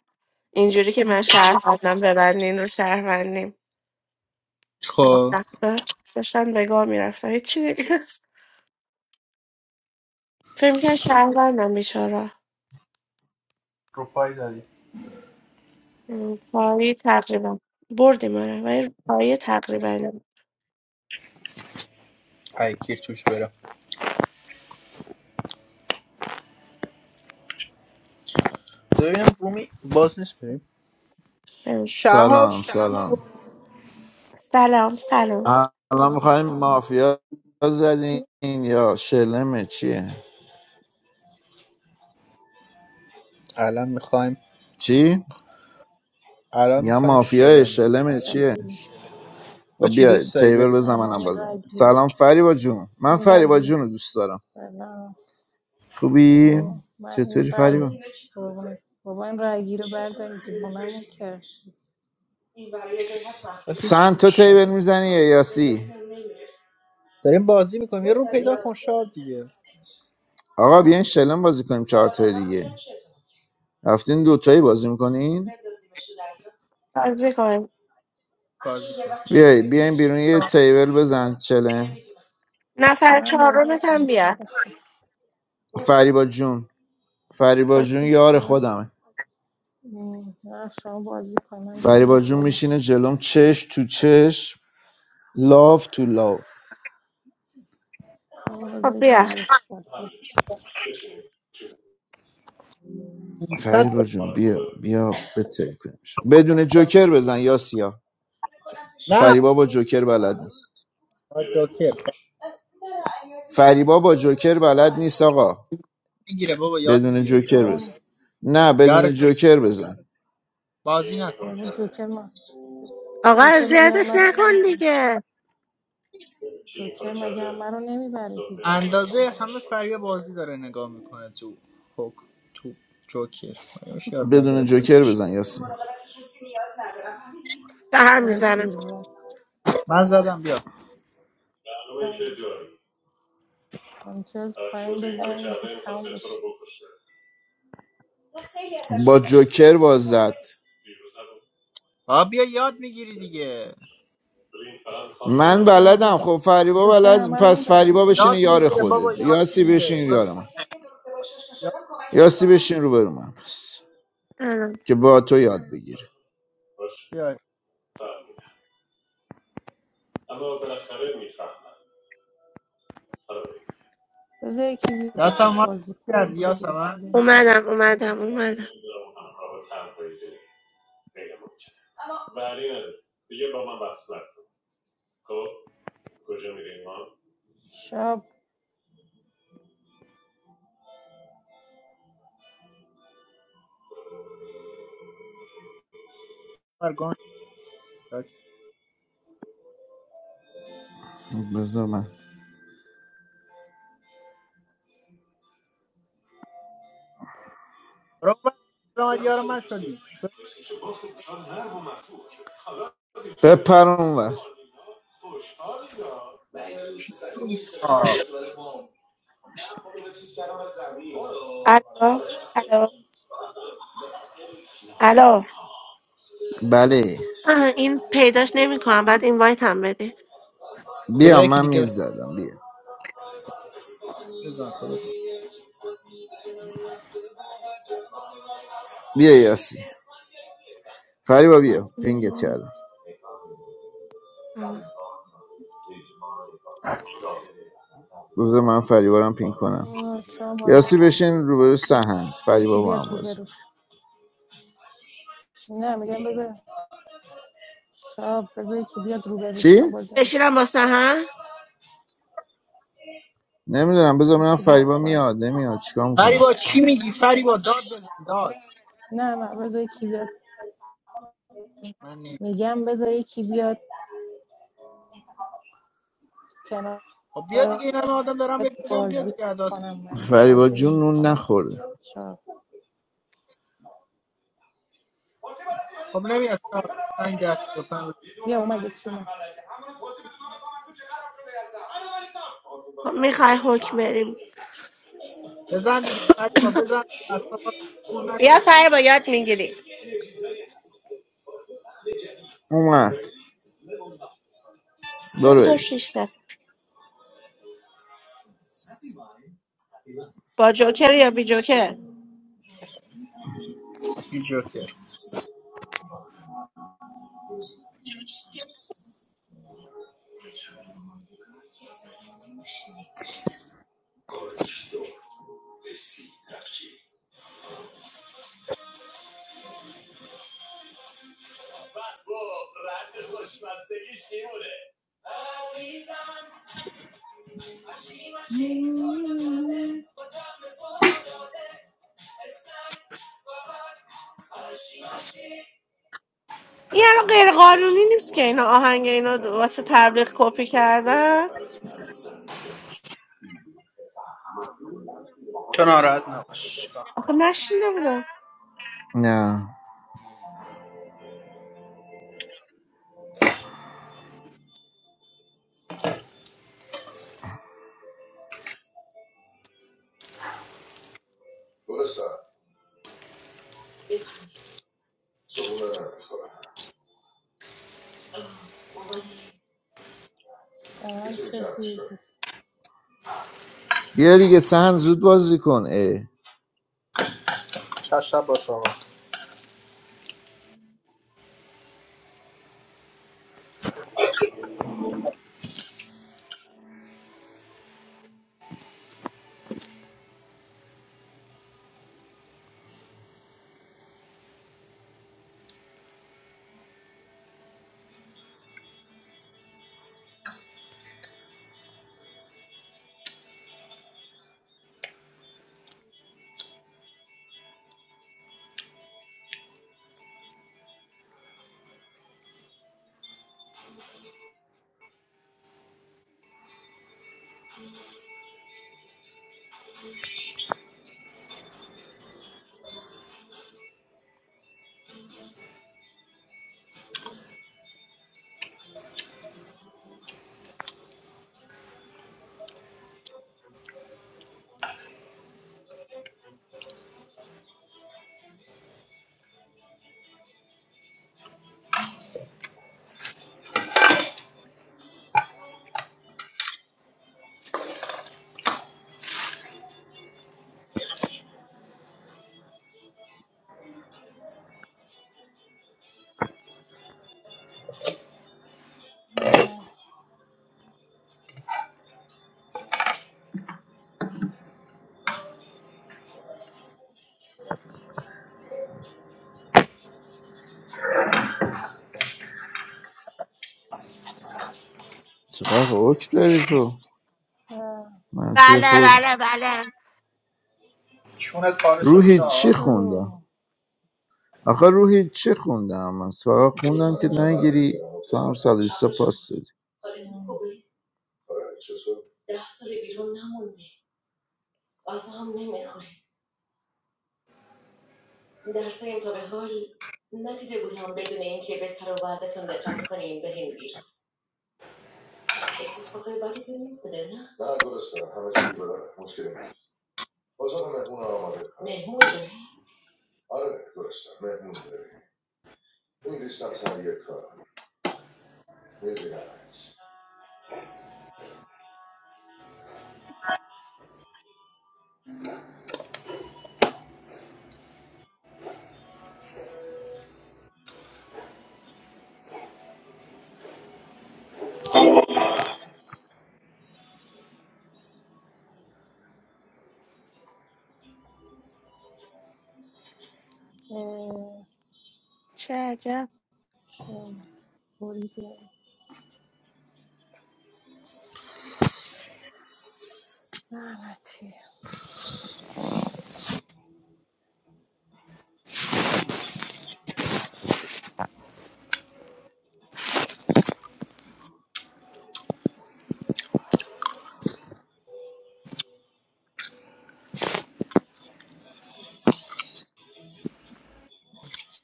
[SPEAKER 1] اینجوری که من شهروندم ببندین رو شهروندیم
[SPEAKER 10] خب
[SPEAKER 1] دسته داشتن نگاه میرفتن هیچی دیگه فکر میکرد شهروندم بیچارا
[SPEAKER 10] رو پای زدی
[SPEAKER 1] پایی تقریبا بردیم آره ولی پایی تقریبا
[SPEAKER 10] ای کیر توش برم ببینم رومی باز نیست بریم شهاب
[SPEAKER 11] سلام سلام
[SPEAKER 1] سلام سلام
[SPEAKER 11] الان میخوایم مافیا زدین یا شلمه چیه
[SPEAKER 10] الان میخوایم
[SPEAKER 11] چی؟
[SPEAKER 10] الان
[SPEAKER 11] میگم
[SPEAKER 10] میخوایم
[SPEAKER 11] مافیا
[SPEAKER 10] شلم
[SPEAKER 11] شلمه چیه
[SPEAKER 9] رگی
[SPEAKER 11] و
[SPEAKER 10] تو چی
[SPEAKER 11] بیا
[SPEAKER 10] دوست داری
[SPEAKER 11] تیبل
[SPEAKER 10] ببین
[SPEAKER 11] بزن
[SPEAKER 9] سلام
[SPEAKER 11] منم
[SPEAKER 9] این
[SPEAKER 11] بازم
[SPEAKER 9] رگی
[SPEAKER 11] سلام فریبا جون من
[SPEAKER 9] این
[SPEAKER 11] فریبا
[SPEAKER 9] رگی
[SPEAKER 11] جون رو دوست دارم
[SPEAKER 9] سلام
[SPEAKER 11] خوبی؟
[SPEAKER 9] او من این
[SPEAKER 11] چطوری فریبا؟
[SPEAKER 9] رگی قربونت. بابا این رگی رو بردارین دیوونمو کرد
[SPEAKER 10] تو
[SPEAKER 11] سن تو
[SPEAKER 10] هیچ
[SPEAKER 11] تیبل میزنی یا یاسی؟
[SPEAKER 10] داریم بازی میکنیم یه رو پیدا کن شاد دیگه
[SPEAKER 11] آقا بیاین شلم بازی کنیم چهار تا دیگه رفتین دوتایی بازی میکنین؟
[SPEAKER 1] بازی کن
[SPEAKER 10] بازی کن
[SPEAKER 11] بیای بیاین بیرون یه تیبل بزن چله
[SPEAKER 1] نفر
[SPEAKER 9] من بازی
[SPEAKER 1] چهارمت
[SPEAKER 9] نمیکنم
[SPEAKER 1] هم
[SPEAKER 9] میخوام
[SPEAKER 1] بیا
[SPEAKER 9] بخوابم
[SPEAKER 11] فریبا جون فریبا جون یار
[SPEAKER 9] من
[SPEAKER 11] خودمه
[SPEAKER 9] م، نه شما بازی کن من میخوام
[SPEAKER 11] فریبا جون
[SPEAKER 9] بخوابم
[SPEAKER 11] میشینه جلوم چش تو چش لاف تو لاف
[SPEAKER 9] بابا بذار
[SPEAKER 1] خب
[SPEAKER 9] یکی
[SPEAKER 1] بیا
[SPEAKER 9] بیاد بازی کن.
[SPEAKER 11] فریبا
[SPEAKER 10] 300
[SPEAKER 11] جون بیا بیا به تلکنش بدون
[SPEAKER 10] درصد.
[SPEAKER 11] جوکر بزن یا سیا
[SPEAKER 10] نه
[SPEAKER 11] فریبا با جوکر بلد نیست
[SPEAKER 10] آقا جوکر
[SPEAKER 11] فریبا با جوکر بلد نیست آقا
[SPEAKER 10] میگیره بابا یاد
[SPEAKER 11] بدون
[SPEAKER 10] میگیره
[SPEAKER 11] جوکر
[SPEAKER 9] بابا
[SPEAKER 11] بزن نه
[SPEAKER 10] یار
[SPEAKER 11] بدون
[SPEAKER 10] تو
[SPEAKER 11] جوکر بزن
[SPEAKER 10] بازی نکن
[SPEAKER 9] بابا جوکر ما
[SPEAKER 1] آقا
[SPEAKER 9] جوکر مگه
[SPEAKER 1] اذیتش
[SPEAKER 9] همه رو
[SPEAKER 1] نکن
[SPEAKER 9] نمی‌بره؟
[SPEAKER 1] دیگه
[SPEAKER 9] جوکر مگه همه رو نمیبره دیگه
[SPEAKER 10] اندازه همه فریا بازی داره نگاه میکنه تو خوک تو جوکر مگه میشه یاد
[SPEAKER 11] بدون
[SPEAKER 10] نگرفته
[SPEAKER 11] جوکر بزن یاسین
[SPEAKER 1] سهم
[SPEAKER 9] بابا
[SPEAKER 1] میزنم
[SPEAKER 9] دیر
[SPEAKER 10] من زدم بیا
[SPEAKER 9] وقت امتیاز پایین بزنید تموم بشه
[SPEAKER 11] با جوکر باز زد
[SPEAKER 10] آ بیا یاد میگیری دیگه
[SPEAKER 9] اب
[SPEAKER 11] من بلدم
[SPEAKER 9] نداره
[SPEAKER 11] خب فریبا
[SPEAKER 9] جوکر
[SPEAKER 11] بلد
[SPEAKER 9] همه رو
[SPEAKER 11] پس فریبا
[SPEAKER 9] میبره
[SPEAKER 11] بشین
[SPEAKER 10] یاد
[SPEAKER 11] یار
[SPEAKER 10] میگیره بابا
[SPEAKER 11] خودت
[SPEAKER 10] یاد
[SPEAKER 11] یاسی
[SPEAKER 10] میگیره
[SPEAKER 11] بشین
[SPEAKER 10] یاد
[SPEAKER 11] یار من
[SPEAKER 10] یاد
[SPEAKER 11] یاسی بشین رو من پس که با تو یاد بگیره
[SPEAKER 10] بیا
[SPEAKER 9] بذار یکی بیاد
[SPEAKER 10] یاسم ما رو
[SPEAKER 9] بازی کنه
[SPEAKER 10] کردی یاسم
[SPEAKER 9] اینطوری دیگه
[SPEAKER 10] من
[SPEAKER 9] اینطوری
[SPEAKER 1] اومدم اومدم اومدم
[SPEAKER 9] شب
[SPEAKER 10] برگم
[SPEAKER 11] بذار من
[SPEAKER 10] برو برو یار من شدی شد.
[SPEAKER 11] بپر اونور
[SPEAKER 10] آه.
[SPEAKER 1] الو الو الو
[SPEAKER 11] بله
[SPEAKER 1] آه، این پیداش نمیکنم بعد این وایت هم بدی
[SPEAKER 11] بیا
[SPEAKER 10] بذار یکی
[SPEAKER 11] من
[SPEAKER 10] دیگه
[SPEAKER 11] میز
[SPEAKER 10] بده.
[SPEAKER 11] زدم بیا
[SPEAKER 10] بزن تو بزن
[SPEAKER 11] بیا یاسی فریبا بیا پینگت کردم بذار من فریبارم پین کنم
[SPEAKER 9] شب بازی
[SPEAKER 11] یاسی
[SPEAKER 9] کنید
[SPEAKER 11] بشین روبرو سهند
[SPEAKER 9] بذار یکی
[SPEAKER 11] فریبا با
[SPEAKER 9] بیاد
[SPEAKER 11] هم بازی کن.
[SPEAKER 9] روبرو نه میگم بذار شب بذار یکی بیاد روبرو
[SPEAKER 11] چی؟
[SPEAKER 9] من بازی نمی‌کنم.
[SPEAKER 1] بشینم با سهن
[SPEAKER 11] نمیدونم بذار ببینم
[SPEAKER 9] یکی بیاد
[SPEAKER 11] فریبا
[SPEAKER 9] با
[SPEAKER 11] میاد نمیاد چیکار میکنه
[SPEAKER 10] فریبا چی میگی فریبا داد بزن داد
[SPEAKER 9] نه نه بذار یکی بیاد
[SPEAKER 10] من نیم
[SPEAKER 9] میگم بذار یکی بیاد کنار
[SPEAKER 10] خب بیا دیگه این همه آدم دارم بهت میگم بیا
[SPEAKER 9] بازی
[SPEAKER 10] دیگه اداس
[SPEAKER 9] کنم من
[SPEAKER 10] در
[SPEAKER 11] فریبا
[SPEAKER 9] بازی
[SPEAKER 10] میاری
[SPEAKER 11] جون نون
[SPEAKER 9] نمیکنم
[SPEAKER 11] نخورده
[SPEAKER 9] شب
[SPEAKER 10] خب نمیاد شب پنج دست یا پنج بزن
[SPEAKER 9] بیا اومد یکی اومد
[SPEAKER 1] میخوای حکم بریم
[SPEAKER 10] بزن دیگه فریبا بزن دیگه اصلا آدم کور نکن
[SPEAKER 1] بیا سر با یاد میگیری
[SPEAKER 11] اومد برو
[SPEAKER 1] دو تا
[SPEAKER 11] بریم.
[SPEAKER 1] شیش دست با جوکر یا بی جوکر
[SPEAKER 10] بی جا که
[SPEAKER 1] این الان غیر قانونی نیست که اینا آهنگ اینا دو- واسه تبلیغ کپی کردن
[SPEAKER 10] تو ناراحت نباش
[SPEAKER 1] آخه نشینده بودم
[SPEAKER 11] نه
[SPEAKER 9] سرن چه دیر
[SPEAKER 11] بیا دیگه سهند زود بازی کن اه.
[SPEAKER 10] شب شب با تو
[SPEAKER 9] مهرب
[SPEAKER 11] چقدر حکم داری تو منفی
[SPEAKER 1] بله
[SPEAKER 11] خود
[SPEAKER 1] بله بله
[SPEAKER 10] چونت پاره شد
[SPEAKER 11] روحی
[SPEAKER 9] چی
[SPEAKER 11] چی
[SPEAKER 10] شاد
[SPEAKER 11] خونده
[SPEAKER 9] شو
[SPEAKER 11] آخه روحی چه خوندم من فقط خوندم که نگیری
[SPEAKER 9] بکنم
[SPEAKER 11] تو هم صد و بیست تا پاس دادی
[SPEAKER 9] بشم
[SPEAKER 1] چه عجب
[SPEAKER 9] بریده لعنتی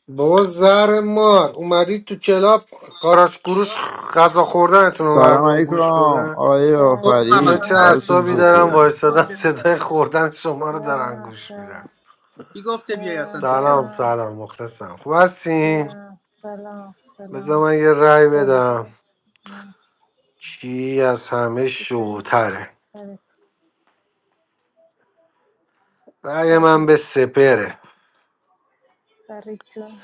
[SPEAKER 12] بابا زهر مار اومدید تو کلاب قاراش گروش غذا خوردنتون رو
[SPEAKER 11] سلام
[SPEAKER 12] مردم
[SPEAKER 11] علیکم
[SPEAKER 12] گوش بدن
[SPEAKER 11] آقای
[SPEAKER 9] به با
[SPEAKER 10] گفتم
[SPEAKER 12] اینا
[SPEAKER 10] اصلا
[SPEAKER 11] آفرید
[SPEAKER 12] چه
[SPEAKER 10] نه
[SPEAKER 9] با
[SPEAKER 10] چی
[SPEAKER 11] حالتون
[SPEAKER 12] اعصابی
[SPEAKER 10] گفته
[SPEAKER 12] دارن
[SPEAKER 11] چطوره
[SPEAKER 10] بیای چی
[SPEAKER 12] وایستادن
[SPEAKER 9] با
[SPEAKER 10] گفته بیای
[SPEAKER 12] صدای خوردن شما رو
[SPEAKER 9] با
[SPEAKER 12] دارن گوش میدن
[SPEAKER 10] کی گفته بیای
[SPEAKER 9] با
[SPEAKER 10] اصلا
[SPEAKER 9] با
[SPEAKER 10] تو کلاس
[SPEAKER 12] سلام
[SPEAKER 9] با
[SPEAKER 12] سلام مخلصم خوب هستیم
[SPEAKER 9] با سلام
[SPEAKER 12] بذار
[SPEAKER 9] سلام
[SPEAKER 12] من یه رأی بدم
[SPEAKER 9] قربونت م،
[SPEAKER 12] چی از همه
[SPEAKER 9] چطوری
[SPEAKER 12] شوتره
[SPEAKER 9] فرید
[SPEAKER 12] رأی من
[SPEAKER 9] فرید
[SPEAKER 12] به سپره
[SPEAKER 9] فرید جون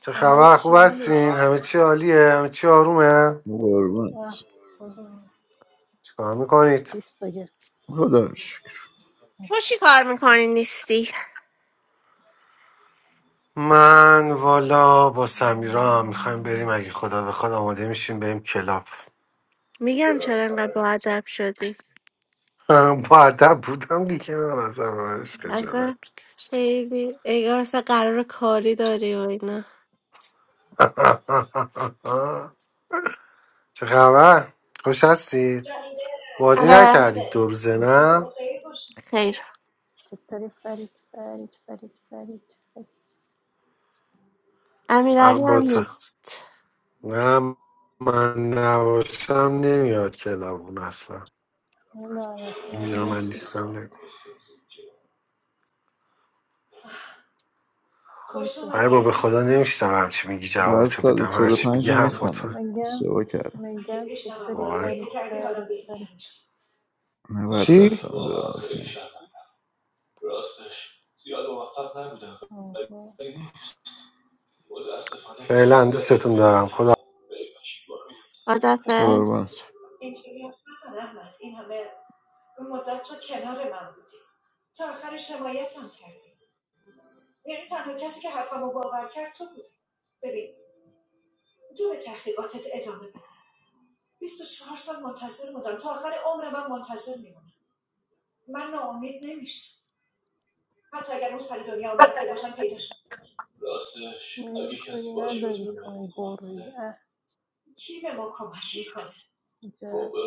[SPEAKER 12] چه خبر خوب
[SPEAKER 9] چی
[SPEAKER 12] هستین همه
[SPEAKER 9] نداشتیم
[SPEAKER 12] چی عالیه همه چی آرومه
[SPEAKER 11] قربونت
[SPEAKER 9] آه بازم
[SPEAKER 12] چیکار میکنید
[SPEAKER 9] بیست تا
[SPEAKER 11] خدا رو شکر
[SPEAKER 1] تو
[SPEAKER 9] گرفتیم
[SPEAKER 1] چی کار میکنی نیستی
[SPEAKER 12] من والا با سمیرا هم میخوایم بریم اگه خدا بخواد آماده میشیم بریم کلاب
[SPEAKER 1] میگم چرا انقدر با ادب شدی
[SPEAKER 12] با ادب بودم دیگه من از همش خجالت
[SPEAKER 1] اصلا خیلی انگار اصلا قرار کاری داری و اینا
[SPEAKER 12] چه خبر خوش هستید بازی
[SPEAKER 1] آره
[SPEAKER 12] نکردید دو روزه نه
[SPEAKER 1] خیر
[SPEAKER 9] چطوری فرید فرید فرید فرید فرید
[SPEAKER 1] امیرعلی هم
[SPEAKER 12] اقباتا
[SPEAKER 1] نیست
[SPEAKER 12] نه من نباشم نمیاد کلاب اون اصلا
[SPEAKER 9] لعنت من
[SPEAKER 12] میدونم من
[SPEAKER 9] دستش
[SPEAKER 12] نیستم نمیاد
[SPEAKER 9] خوبه
[SPEAKER 12] ای بابا به خدا نمیشتم همچی میگی جواب
[SPEAKER 11] بعد
[SPEAKER 12] تو بدم هرچی میگی
[SPEAKER 11] 145 رو
[SPEAKER 12] هم با
[SPEAKER 11] میخونم
[SPEAKER 12] تو
[SPEAKER 9] میگم
[SPEAKER 11] اشتباه کردم
[SPEAKER 9] میگم چطوری
[SPEAKER 12] باور
[SPEAKER 9] فرید
[SPEAKER 12] کن
[SPEAKER 9] فرید فرید
[SPEAKER 11] 90
[SPEAKER 12] چی؟
[SPEAKER 11] دستم درازه.
[SPEAKER 9] آها
[SPEAKER 12] فعلا دوستتون دارم خدا.
[SPEAKER 9] خدا
[SPEAKER 1] خدافز
[SPEAKER 11] قربونت
[SPEAKER 9] میتونی نداری تو میبری اه اینجا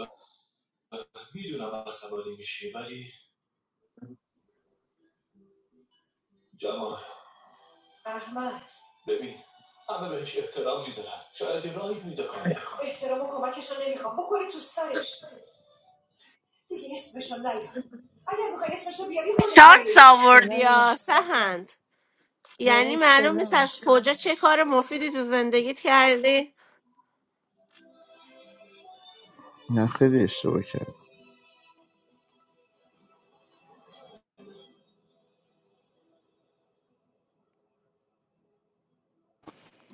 [SPEAKER 1] شانس آوردی
[SPEAKER 9] شلنگ
[SPEAKER 1] یا سهند یعنی
[SPEAKER 9] داریم
[SPEAKER 1] معلوم نیست
[SPEAKER 9] شلم
[SPEAKER 1] از
[SPEAKER 9] میشه
[SPEAKER 1] کجا چه کار مفیدی تو زندگیت کردی
[SPEAKER 11] نه خیلی اشتباه کردم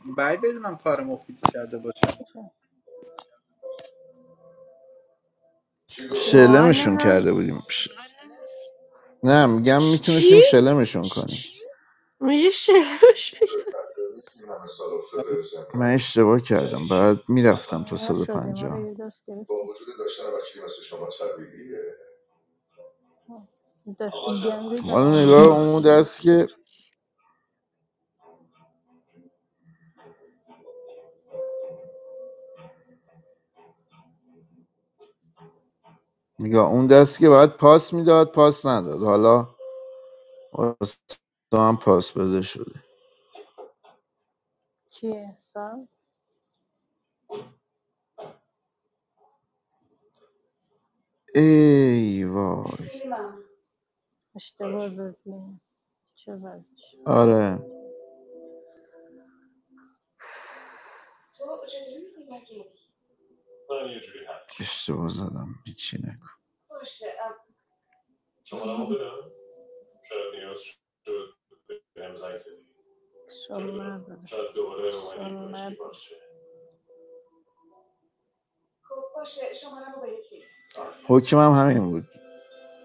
[SPEAKER 10] باید بدونم کار مفیدی کرده باشم
[SPEAKER 9] چه شلم
[SPEAKER 1] واقعا
[SPEAKER 11] شلمشون
[SPEAKER 9] شده؟
[SPEAKER 1] نمیدونم
[SPEAKER 11] کرده بودیم ش- نه میگم
[SPEAKER 1] چی
[SPEAKER 11] میتونستیم شلمشون کنیم
[SPEAKER 1] میگه شلوش میگه
[SPEAKER 11] من اشتباه کردم بعد میرفتم تا
[SPEAKER 9] نشده ما
[SPEAKER 11] 150
[SPEAKER 9] آره یه دست گرفتیم آه. دست گندی به ما
[SPEAKER 11] حالا
[SPEAKER 9] میدین
[SPEAKER 11] نگاه اون
[SPEAKER 9] شیخ
[SPEAKER 11] دست که نگاه اون دست که باید پاس میداد پاس نداد حالا واسه هم پاس بده شده
[SPEAKER 9] کیه سم
[SPEAKER 11] ای وای
[SPEAKER 9] اشتباه زدیم چه وضعش
[SPEAKER 11] آره اشتباه زدم هیچی نکن
[SPEAKER 9] کشال نداره کشال نداره
[SPEAKER 11] حکمم همین بود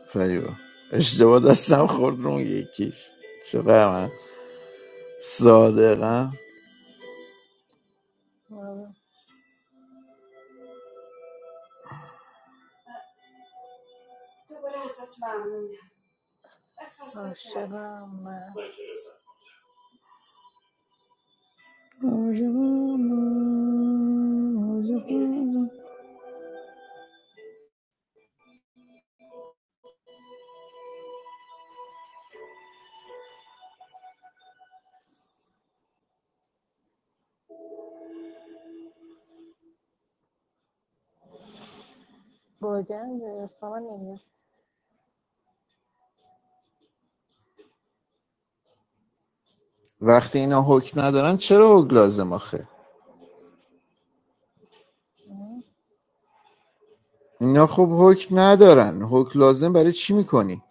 [SPEAKER 11] فریبا اشتباه دستم خورد رو یکیش چقدر من
[SPEAKER 9] هم،
[SPEAKER 11] صادقم
[SPEAKER 9] آره. عاشقم من باگم اصلا نمیاد
[SPEAKER 11] وقتی اینا حکم ندارن چرا حکم لازم آخه
[SPEAKER 9] اه،
[SPEAKER 11] اینا خب حکم ندارن حکم لازم برای چی میکنی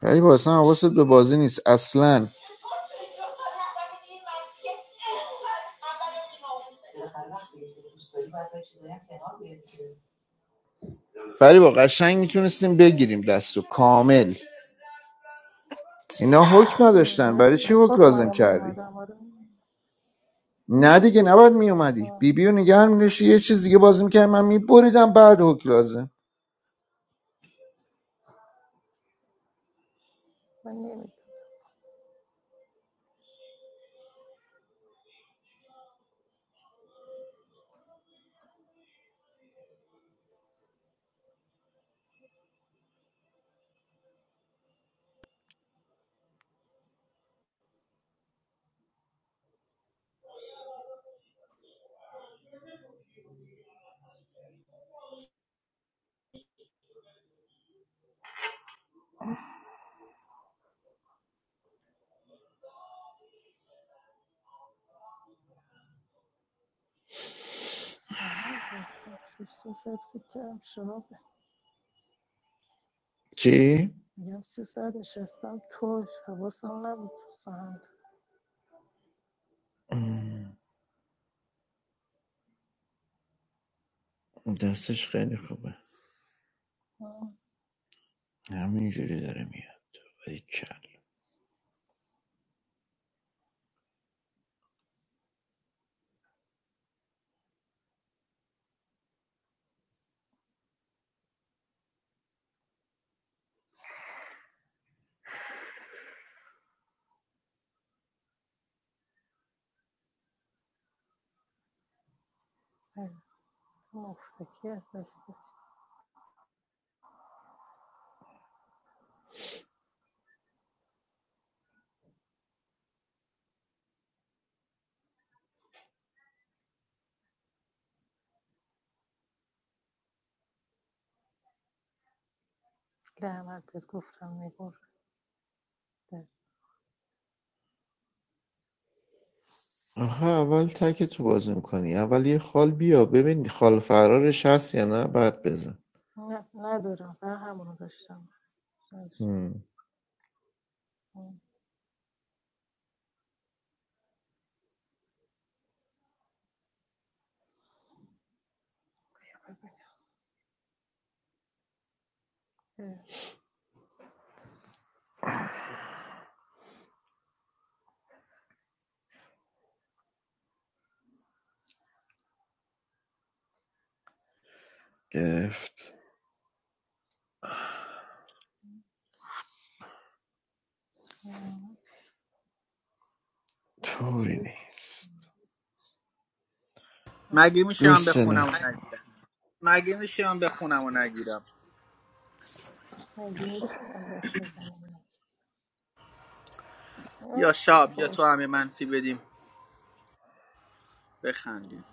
[SPEAKER 11] فریبا اصلا حواست به بازی نیست اصلا فریبا قشنگ میتونستیم بگیریم دستو کامل اینا حکم
[SPEAKER 9] اه،
[SPEAKER 11] نداشتن برای
[SPEAKER 9] باید
[SPEAKER 11] چی
[SPEAKER 9] باید
[SPEAKER 11] حکم
[SPEAKER 9] حکمم
[SPEAKER 11] لازم
[SPEAKER 9] رو
[SPEAKER 11] کردی
[SPEAKER 9] میومدم آره
[SPEAKER 11] نه دیگه نباید میومدی بی بیو نگه هم می‌داشتی، یه چیز دیگه بازی میکردی من میبریدم بعد حکم لازم
[SPEAKER 9] من نمیدونم سهر باکم شد سه ساعت فکر کردم شرابه
[SPEAKER 11] چی؟
[SPEAKER 9] میگم سه ساعت نشستم توش حواسم نبود تو سهند
[SPEAKER 11] دستش خیلی خوبه
[SPEAKER 9] آه،
[SPEAKER 11] همینجوری داره میاد باریکلا.
[SPEAKER 9] از دستش لعنت بهت گفتم نگور
[SPEAKER 11] آخه اول تک تو باز میکنی اول یه خال بیا ببین خال فرارش هست یا نه بعد بزن
[SPEAKER 9] نه ندارم فقط همونو داشتم نداشتم.
[SPEAKER 11] هم. گرفت
[SPEAKER 9] آه،
[SPEAKER 11] طوری نیست
[SPEAKER 9] هیچ
[SPEAKER 10] مگه میشه من
[SPEAKER 11] گوستنه
[SPEAKER 10] بخونم و نگیرم مگه میشه من بخونم و نگیرم
[SPEAKER 9] مگه میشه من بخوابم اینک
[SPEAKER 10] یا
[SPEAKER 9] من چه
[SPEAKER 10] شاب یا
[SPEAKER 9] با
[SPEAKER 10] تو همه منفی بدیم بخندیم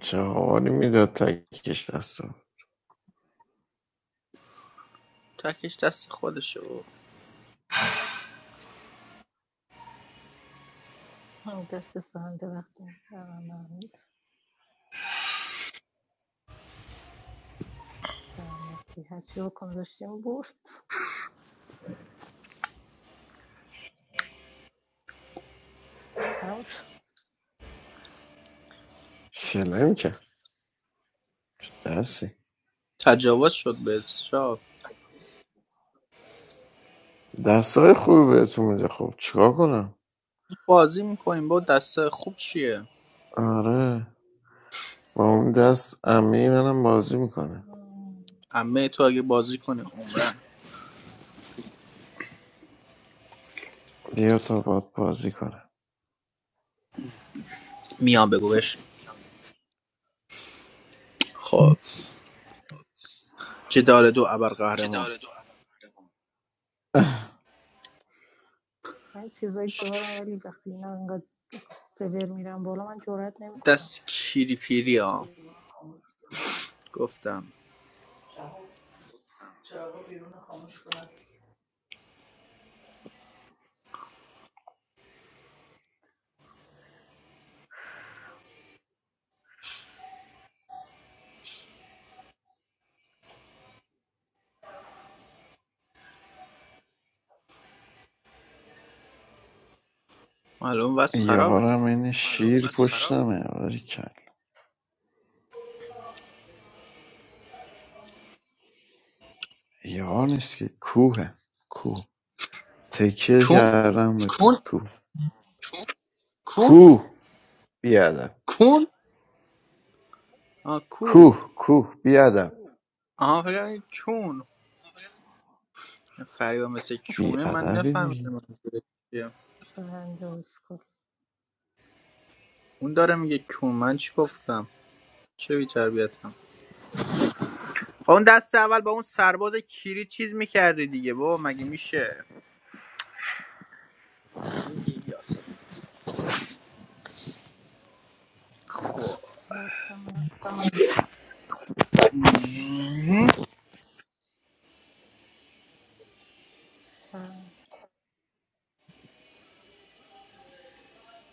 [SPEAKER 11] چه حالی میداد تکش دستو
[SPEAKER 10] تکش دست خودشه و
[SPEAKER 9] دست سهنده وقتی دارم هنوز درماتی هرچی حکم داشتیم برد تموم شد.
[SPEAKER 11] شله میکرد چه دستی
[SPEAKER 10] تجاوز شد به شاب
[SPEAKER 11] دستای خوبی بهتون میده خب چیکار کنم
[SPEAKER 10] بازی میکنیم با دست خوب چیه
[SPEAKER 11] آره با اون دست امی منم بازی میکنه
[SPEAKER 9] آه.
[SPEAKER 10] عمه تو اگه بازی کنه عمرن
[SPEAKER 11] بیا تا باد بازی کنه
[SPEAKER 10] میان بگو بش خب جدال دو ابر قهرمان
[SPEAKER 9] من چیزایی دارم ولی وقتی اینا انقدر سور میرم بالا من جرات نمیکنم
[SPEAKER 10] دست کیری پیری ها گفتم معلوم وز خرابه
[SPEAKER 11] یارم این شیر پشتمه آره کل یار نیست که کوه کوه تکیه
[SPEAKER 10] کون
[SPEAKER 11] کردم به
[SPEAKER 10] کون
[SPEAKER 11] کوه
[SPEAKER 10] کون
[SPEAKER 11] کوه بیادم
[SPEAKER 10] کون آ کو
[SPEAKER 11] کوه کوه بیادم
[SPEAKER 10] آها فکر کردم کون فریبا مثل کونه من
[SPEAKER 11] بیادبی
[SPEAKER 10] نفهمیدم
[SPEAKER 11] دیگه
[SPEAKER 9] سهنده و اسکل
[SPEAKER 10] اون داره میگه کون من چی گفتم چه بی‌تربیتم اون دست اول با اون سرباز کیری چیز میکردی دیگه بابا مگه میشه خب
[SPEAKER 9] هستم هر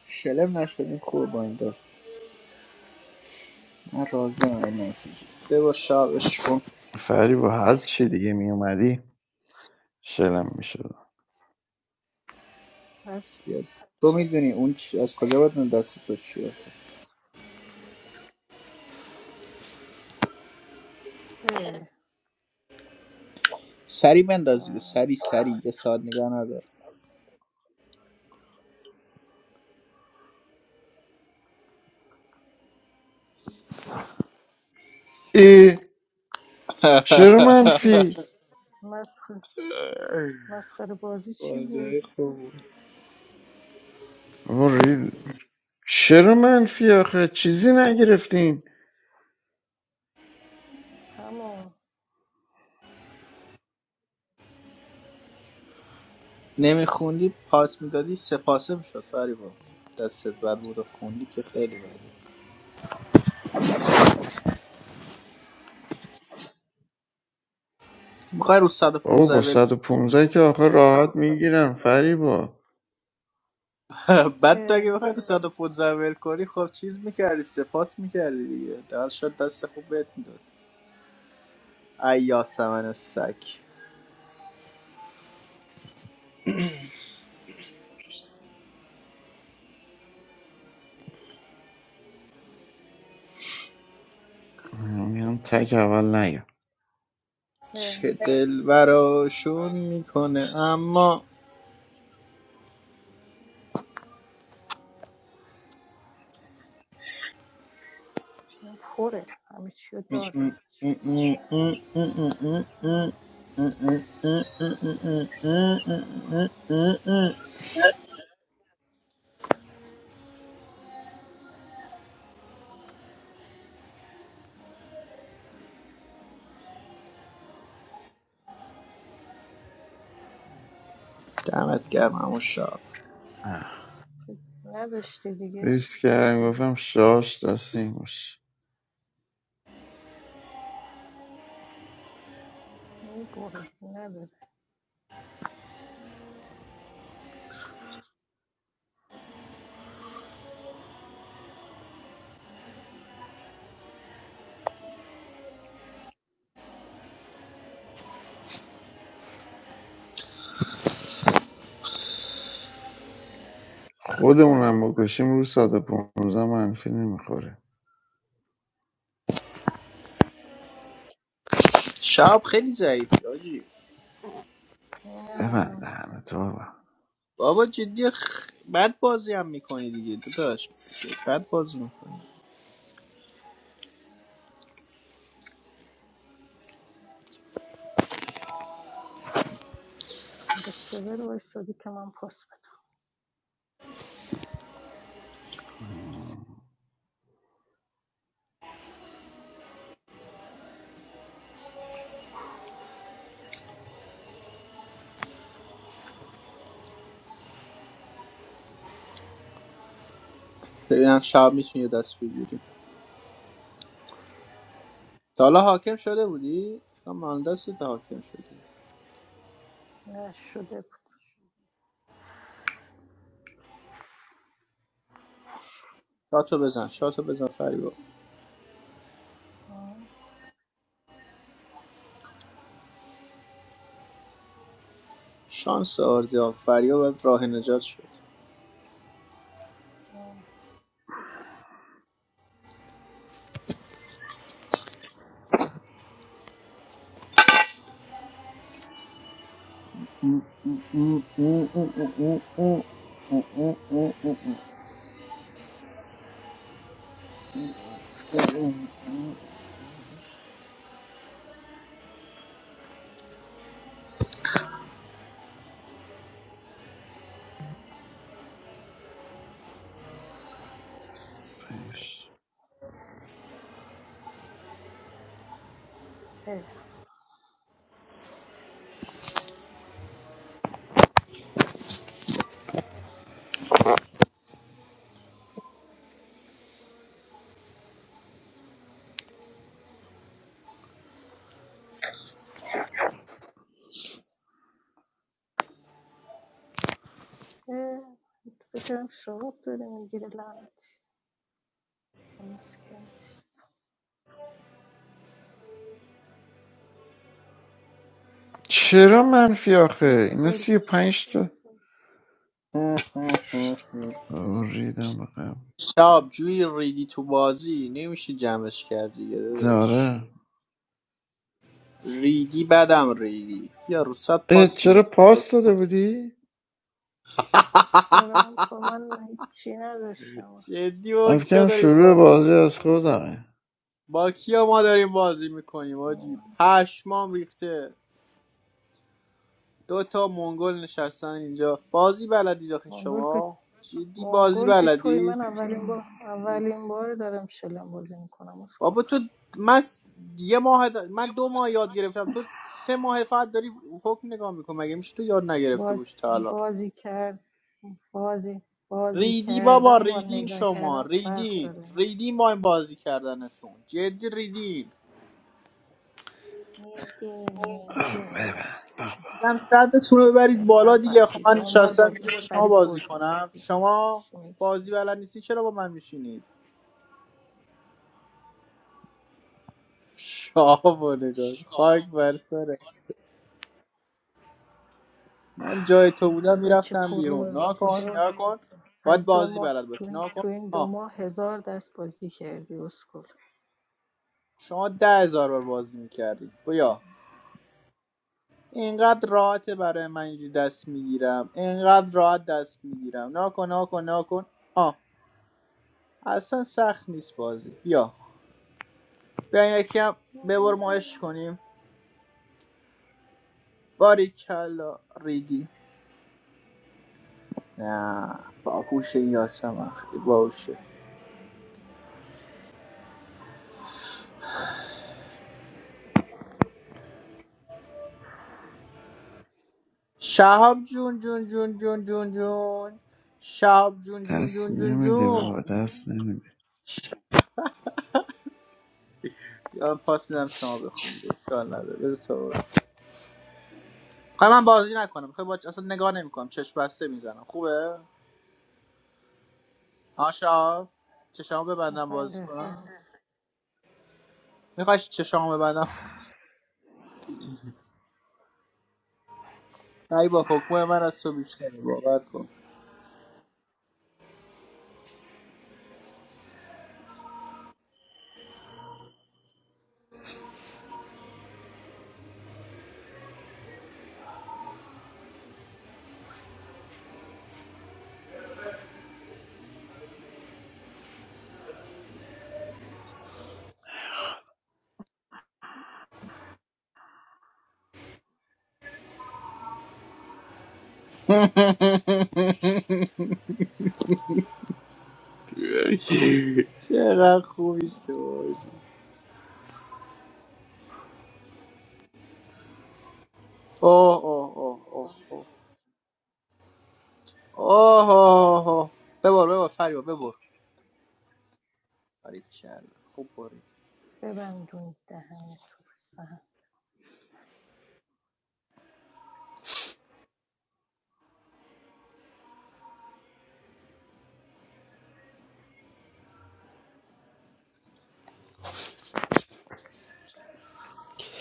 [SPEAKER 10] شلم نشدیم خوب با این دست من راضی ام این نتیجه ببا شابش کن
[SPEAKER 11] فری با هر چی دیگه میومدی شلم میشد
[SPEAKER 10] زیاد. تو میدونی اون چی از کجا باید اون دست تو چیه
[SPEAKER 9] اه،
[SPEAKER 10] سری بنداز دیگه
[SPEAKER 9] اه.
[SPEAKER 10] سری سری یه ساعت نگه ندار
[SPEAKER 11] ای چرا
[SPEAKER 9] چی شد
[SPEAKER 11] منفی
[SPEAKER 9] مسخ- مسخره بازی چی بود
[SPEAKER 10] واجه خوب بود.
[SPEAKER 11] بابا ری- چرا منفی آخه چیزی نگرفتیم.
[SPEAKER 9] همون
[SPEAKER 10] نمیخوندی پاس میدادی سپاسه میشد فریبا دستت بر بود و خوندی که خیلی بد میخوای رو
[SPEAKER 11] بابا با
[SPEAKER 10] 115
[SPEAKER 11] 115 که آخه راحت میگیرم فریبا
[SPEAKER 10] بعد تو اگه بخوای به 115 ول کنی خب چیز میکردی سپاس میکردی دیگه در شد دست خوب بهت میداد ایا سمن سک
[SPEAKER 11] میگم تک اول نیا
[SPEAKER 10] چه دل براشون میکنه اما
[SPEAKER 9] اون پره همه چی رو داره ازش
[SPEAKER 10] دمت گرم همون شاب
[SPEAKER 11] اه.
[SPEAKER 9] تو نداشتی دیگه
[SPEAKER 11] ریسک کردم گفتم شاش دستیم باشه
[SPEAKER 9] میبره دیگه نداره
[SPEAKER 11] خودمونم بکشیم رو 115 منفی نمیخوره
[SPEAKER 10] شاب خیلی ضعیفی آجی
[SPEAKER 9] نه
[SPEAKER 11] ببند
[SPEAKER 9] من
[SPEAKER 11] دهنه تو بابا
[SPEAKER 10] بابا جدی خ... بد بازی هم میکنی دیگه داداش بد بازی میکنی
[SPEAKER 9] به سور وایستادی که من پاس بدم
[SPEAKER 10] ببینم شب میتونی یه دست بگیری تا حالا حاکم شده بودی؟ فکرم مهندس تا حاکم شدی
[SPEAKER 9] نه شده بود
[SPEAKER 10] شاتو بزن شاتو بزن فریبا
[SPEAKER 9] آه،
[SPEAKER 10] شانس آردیا فریبا باید راه نجات شد
[SPEAKER 9] آه.
[SPEAKER 11] 25.
[SPEAKER 9] اه، اه، فکرم شراب داره میگیره لعنتی خموس نیست
[SPEAKER 11] چرا منفی
[SPEAKER 9] چرا
[SPEAKER 11] آخه اینا
[SPEAKER 9] فلش
[SPEAKER 11] 35 تا بابا ریدم به
[SPEAKER 10] شاب جوی ریدی تو بازی نمیشه جمعش کرد دیگه داداش
[SPEAKER 11] داره
[SPEAKER 10] ریدی بدم ریدی یا روسات
[SPEAKER 11] اه،
[SPEAKER 10] پاس میدم
[SPEAKER 11] چرا پاس داده بودی؟
[SPEAKER 9] آره من پا من هیچی نداشتم
[SPEAKER 10] جدی با
[SPEAKER 11] من
[SPEAKER 10] کیا
[SPEAKER 11] فکرم
[SPEAKER 10] داریم
[SPEAKER 11] شروع
[SPEAKER 10] بازی
[SPEAKER 11] بازی از خودمه
[SPEAKER 10] با کیا ما داریم بازی میکنیم آجی
[SPEAKER 9] آه،
[SPEAKER 10] پشمام ریخته دو تا منگل نشستن اینجا بازی بلدید آخه
[SPEAKER 9] مانگول که
[SPEAKER 10] شما جدی بازی
[SPEAKER 9] مانگول که توی
[SPEAKER 10] بلدید
[SPEAKER 9] من اولین بار اولین بار دارم شلم بازی میکنم
[SPEAKER 10] بابا تو من س- یه ماه د- من دو ماه یاد گرفتم تو سه ماه فقط داری حکم نگاه میکن مگه میشه تو یاد نگرفته
[SPEAKER 9] باز
[SPEAKER 10] باشی تا الان
[SPEAKER 9] بازی کرد بازی بازی
[SPEAKER 10] ریدی بابا
[SPEAKER 9] کردن با
[SPEAKER 10] ریدین
[SPEAKER 9] نگاه
[SPEAKER 10] شما
[SPEAKER 9] کردن فرق
[SPEAKER 10] ریدین
[SPEAKER 9] داره
[SPEAKER 10] ریدین با این بازی کردنتون جدی ریدین
[SPEAKER 9] نگه نگه
[SPEAKER 10] یکم صدتون رو ببرید
[SPEAKER 9] هسته
[SPEAKER 10] بالا
[SPEAKER 9] بابا
[SPEAKER 10] دیگه خب من
[SPEAKER 9] دیگه اون بار
[SPEAKER 10] نشستم اینجا
[SPEAKER 9] با
[SPEAKER 10] با شما
[SPEAKER 9] فرید
[SPEAKER 10] بازی
[SPEAKER 9] بردیم
[SPEAKER 10] کنم
[SPEAKER 9] دیگه
[SPEAKER 10] شما
[SPEAKER 9] چی میگی
[SPEAKER 10] بازی بلد نیستی چرا با من میشینید شاه و نگاه خاک بر سرت. من جای تو بودم
[SPEAKER 9] میگم بچه
[SPEAKER 10] میرفتم بیرون
[SPEAKER 9] پرو
[SPEAKER 10] ناکن
[SPEAKER 9] هزار
[SPEAKER 10] ناکن باید
[SPEAKER 9] از دو
[SPEAKER 10] بازی
[SPEAKER 9] ماه
[SPEAKER 10] بلد
[SPEAKER 9] تو
[SPEAKER 10] باشی
[SPEAKER 9] این,
[SPEAKER 10] ناکن
[SPEAKER 9] تو این دو
[SPEAKER 10] آه
[SPEAKER 9] ماه هزار دست بازی کردی اسکول
[SPEAKER 10] شما ده هزار بار بازی میکردی بیا اینقدر راحته برای من اینجوری دست میگیرم اینقدر راحت دست میگیرم ناکن ناکن ناکن آه اصلا سخت نیست بازی بیا بیا یکی هم ببر ما عشق کنیم باریکلا ریدی نه باهوشه یاسم اخی باشه شهاب جون جون جون جون جون جون شهاب جون جون
[SPEAKER 11] دست
[SPEAKER 10] جون جون
[SPEAKER 11] نمیده
[SPEAKER 10] جون
[SPEAKER 11] بابا دست نمیده
[SPEAKER 10] یا پاس میدم شما بخونید اشکال نداره بذار تو ببر. خواهی من بازی نکنم خب باش اصلا نگاه نمیکنم چشم بسته میزنم خوبه ها شهاب چشامو ببندم
[SPEAKER 9] میخواین
[SPEAKER 10] بازی
[SPEAKER 9] رفعه
[SPEAKER 10] کنم میخوای چشامو ببندم ای با حکم من از تو بیشتری باور کن چقدر خوبی شد اوه اوه اوه اوه اوه اوه اوه اوه. ببر ببر فریبا ببر فرید چند خوب بری
[SPEAKER 9] ببندون دهنه تو سهم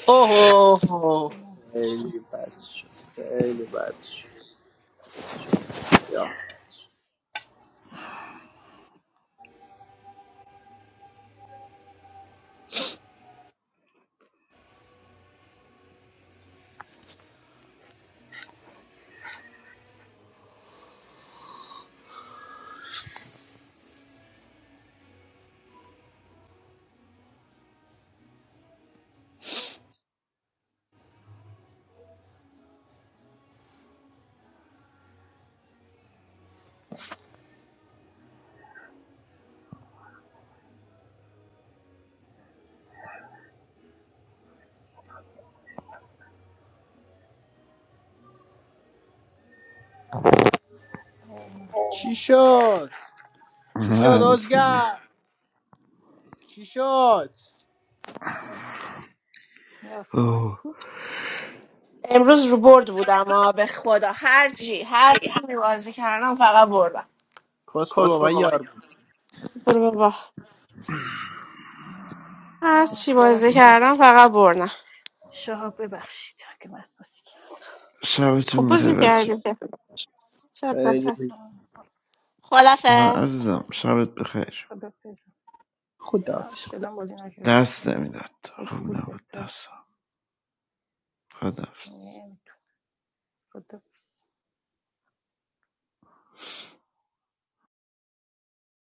[SPEAKER 10] اوه خیلی بد شد خیلی بد شد یا. چی شد چی شد
[SPEAKER 11] منفی
[SPEAKER 10] ازگر چی شد
[SPEAKER 9] یاسمن
[SPEAKER 11] اوه
[SPEAKER 9] کو
[SPEAKER 1] امروز رو برد بودم آه به خدا هر چی هر چی بازی کردم فقط بردم
[SPEAKER 10] کسخل با من یار بود
[SPEAKER 1] برو بابا هر
[SPEAKER 9] آه،
[SPEAKER 1] چی بازی
[SPEAKER 9] ببخشید
[SPEAKER 1] کردم فقط بردم
[SPEAKER 9] شهاب ببخشید که من پاسی کرد
[SPEAKER 1] خوب
[SPEAKER 11] شبتون بخیر
[SPEAKER 1] بازی
[SPEAKER 11] بچه
[SPEAKER 1] کردیم که شب بخیر
[SPEAKER 10] خیلی
[SPEAKER 11] نه
[SPEAKER 1] خدافز
[SPEAKER 11] عزیزم شبت بخیر
[SPEAKER 9] خدا پیزم
[SPEAKER 10] خدا
[SPEAKER 9] نه
[SPEAKER 10] حافظ.
[SPEAKER 9] شلم بازی نکردم
[SPEAKER 11] دست
[SPEAKER 9] پرل
[SPEAKER 11] نمیداد خوب
[SPEAKER 9] حکم بود
[SPEAKER 11] نبود
[SPEAKER 9] بهتر
[SPEAKER 11] دستم خدافز
[SPEAKER 9] نمیتون خدا پیزم.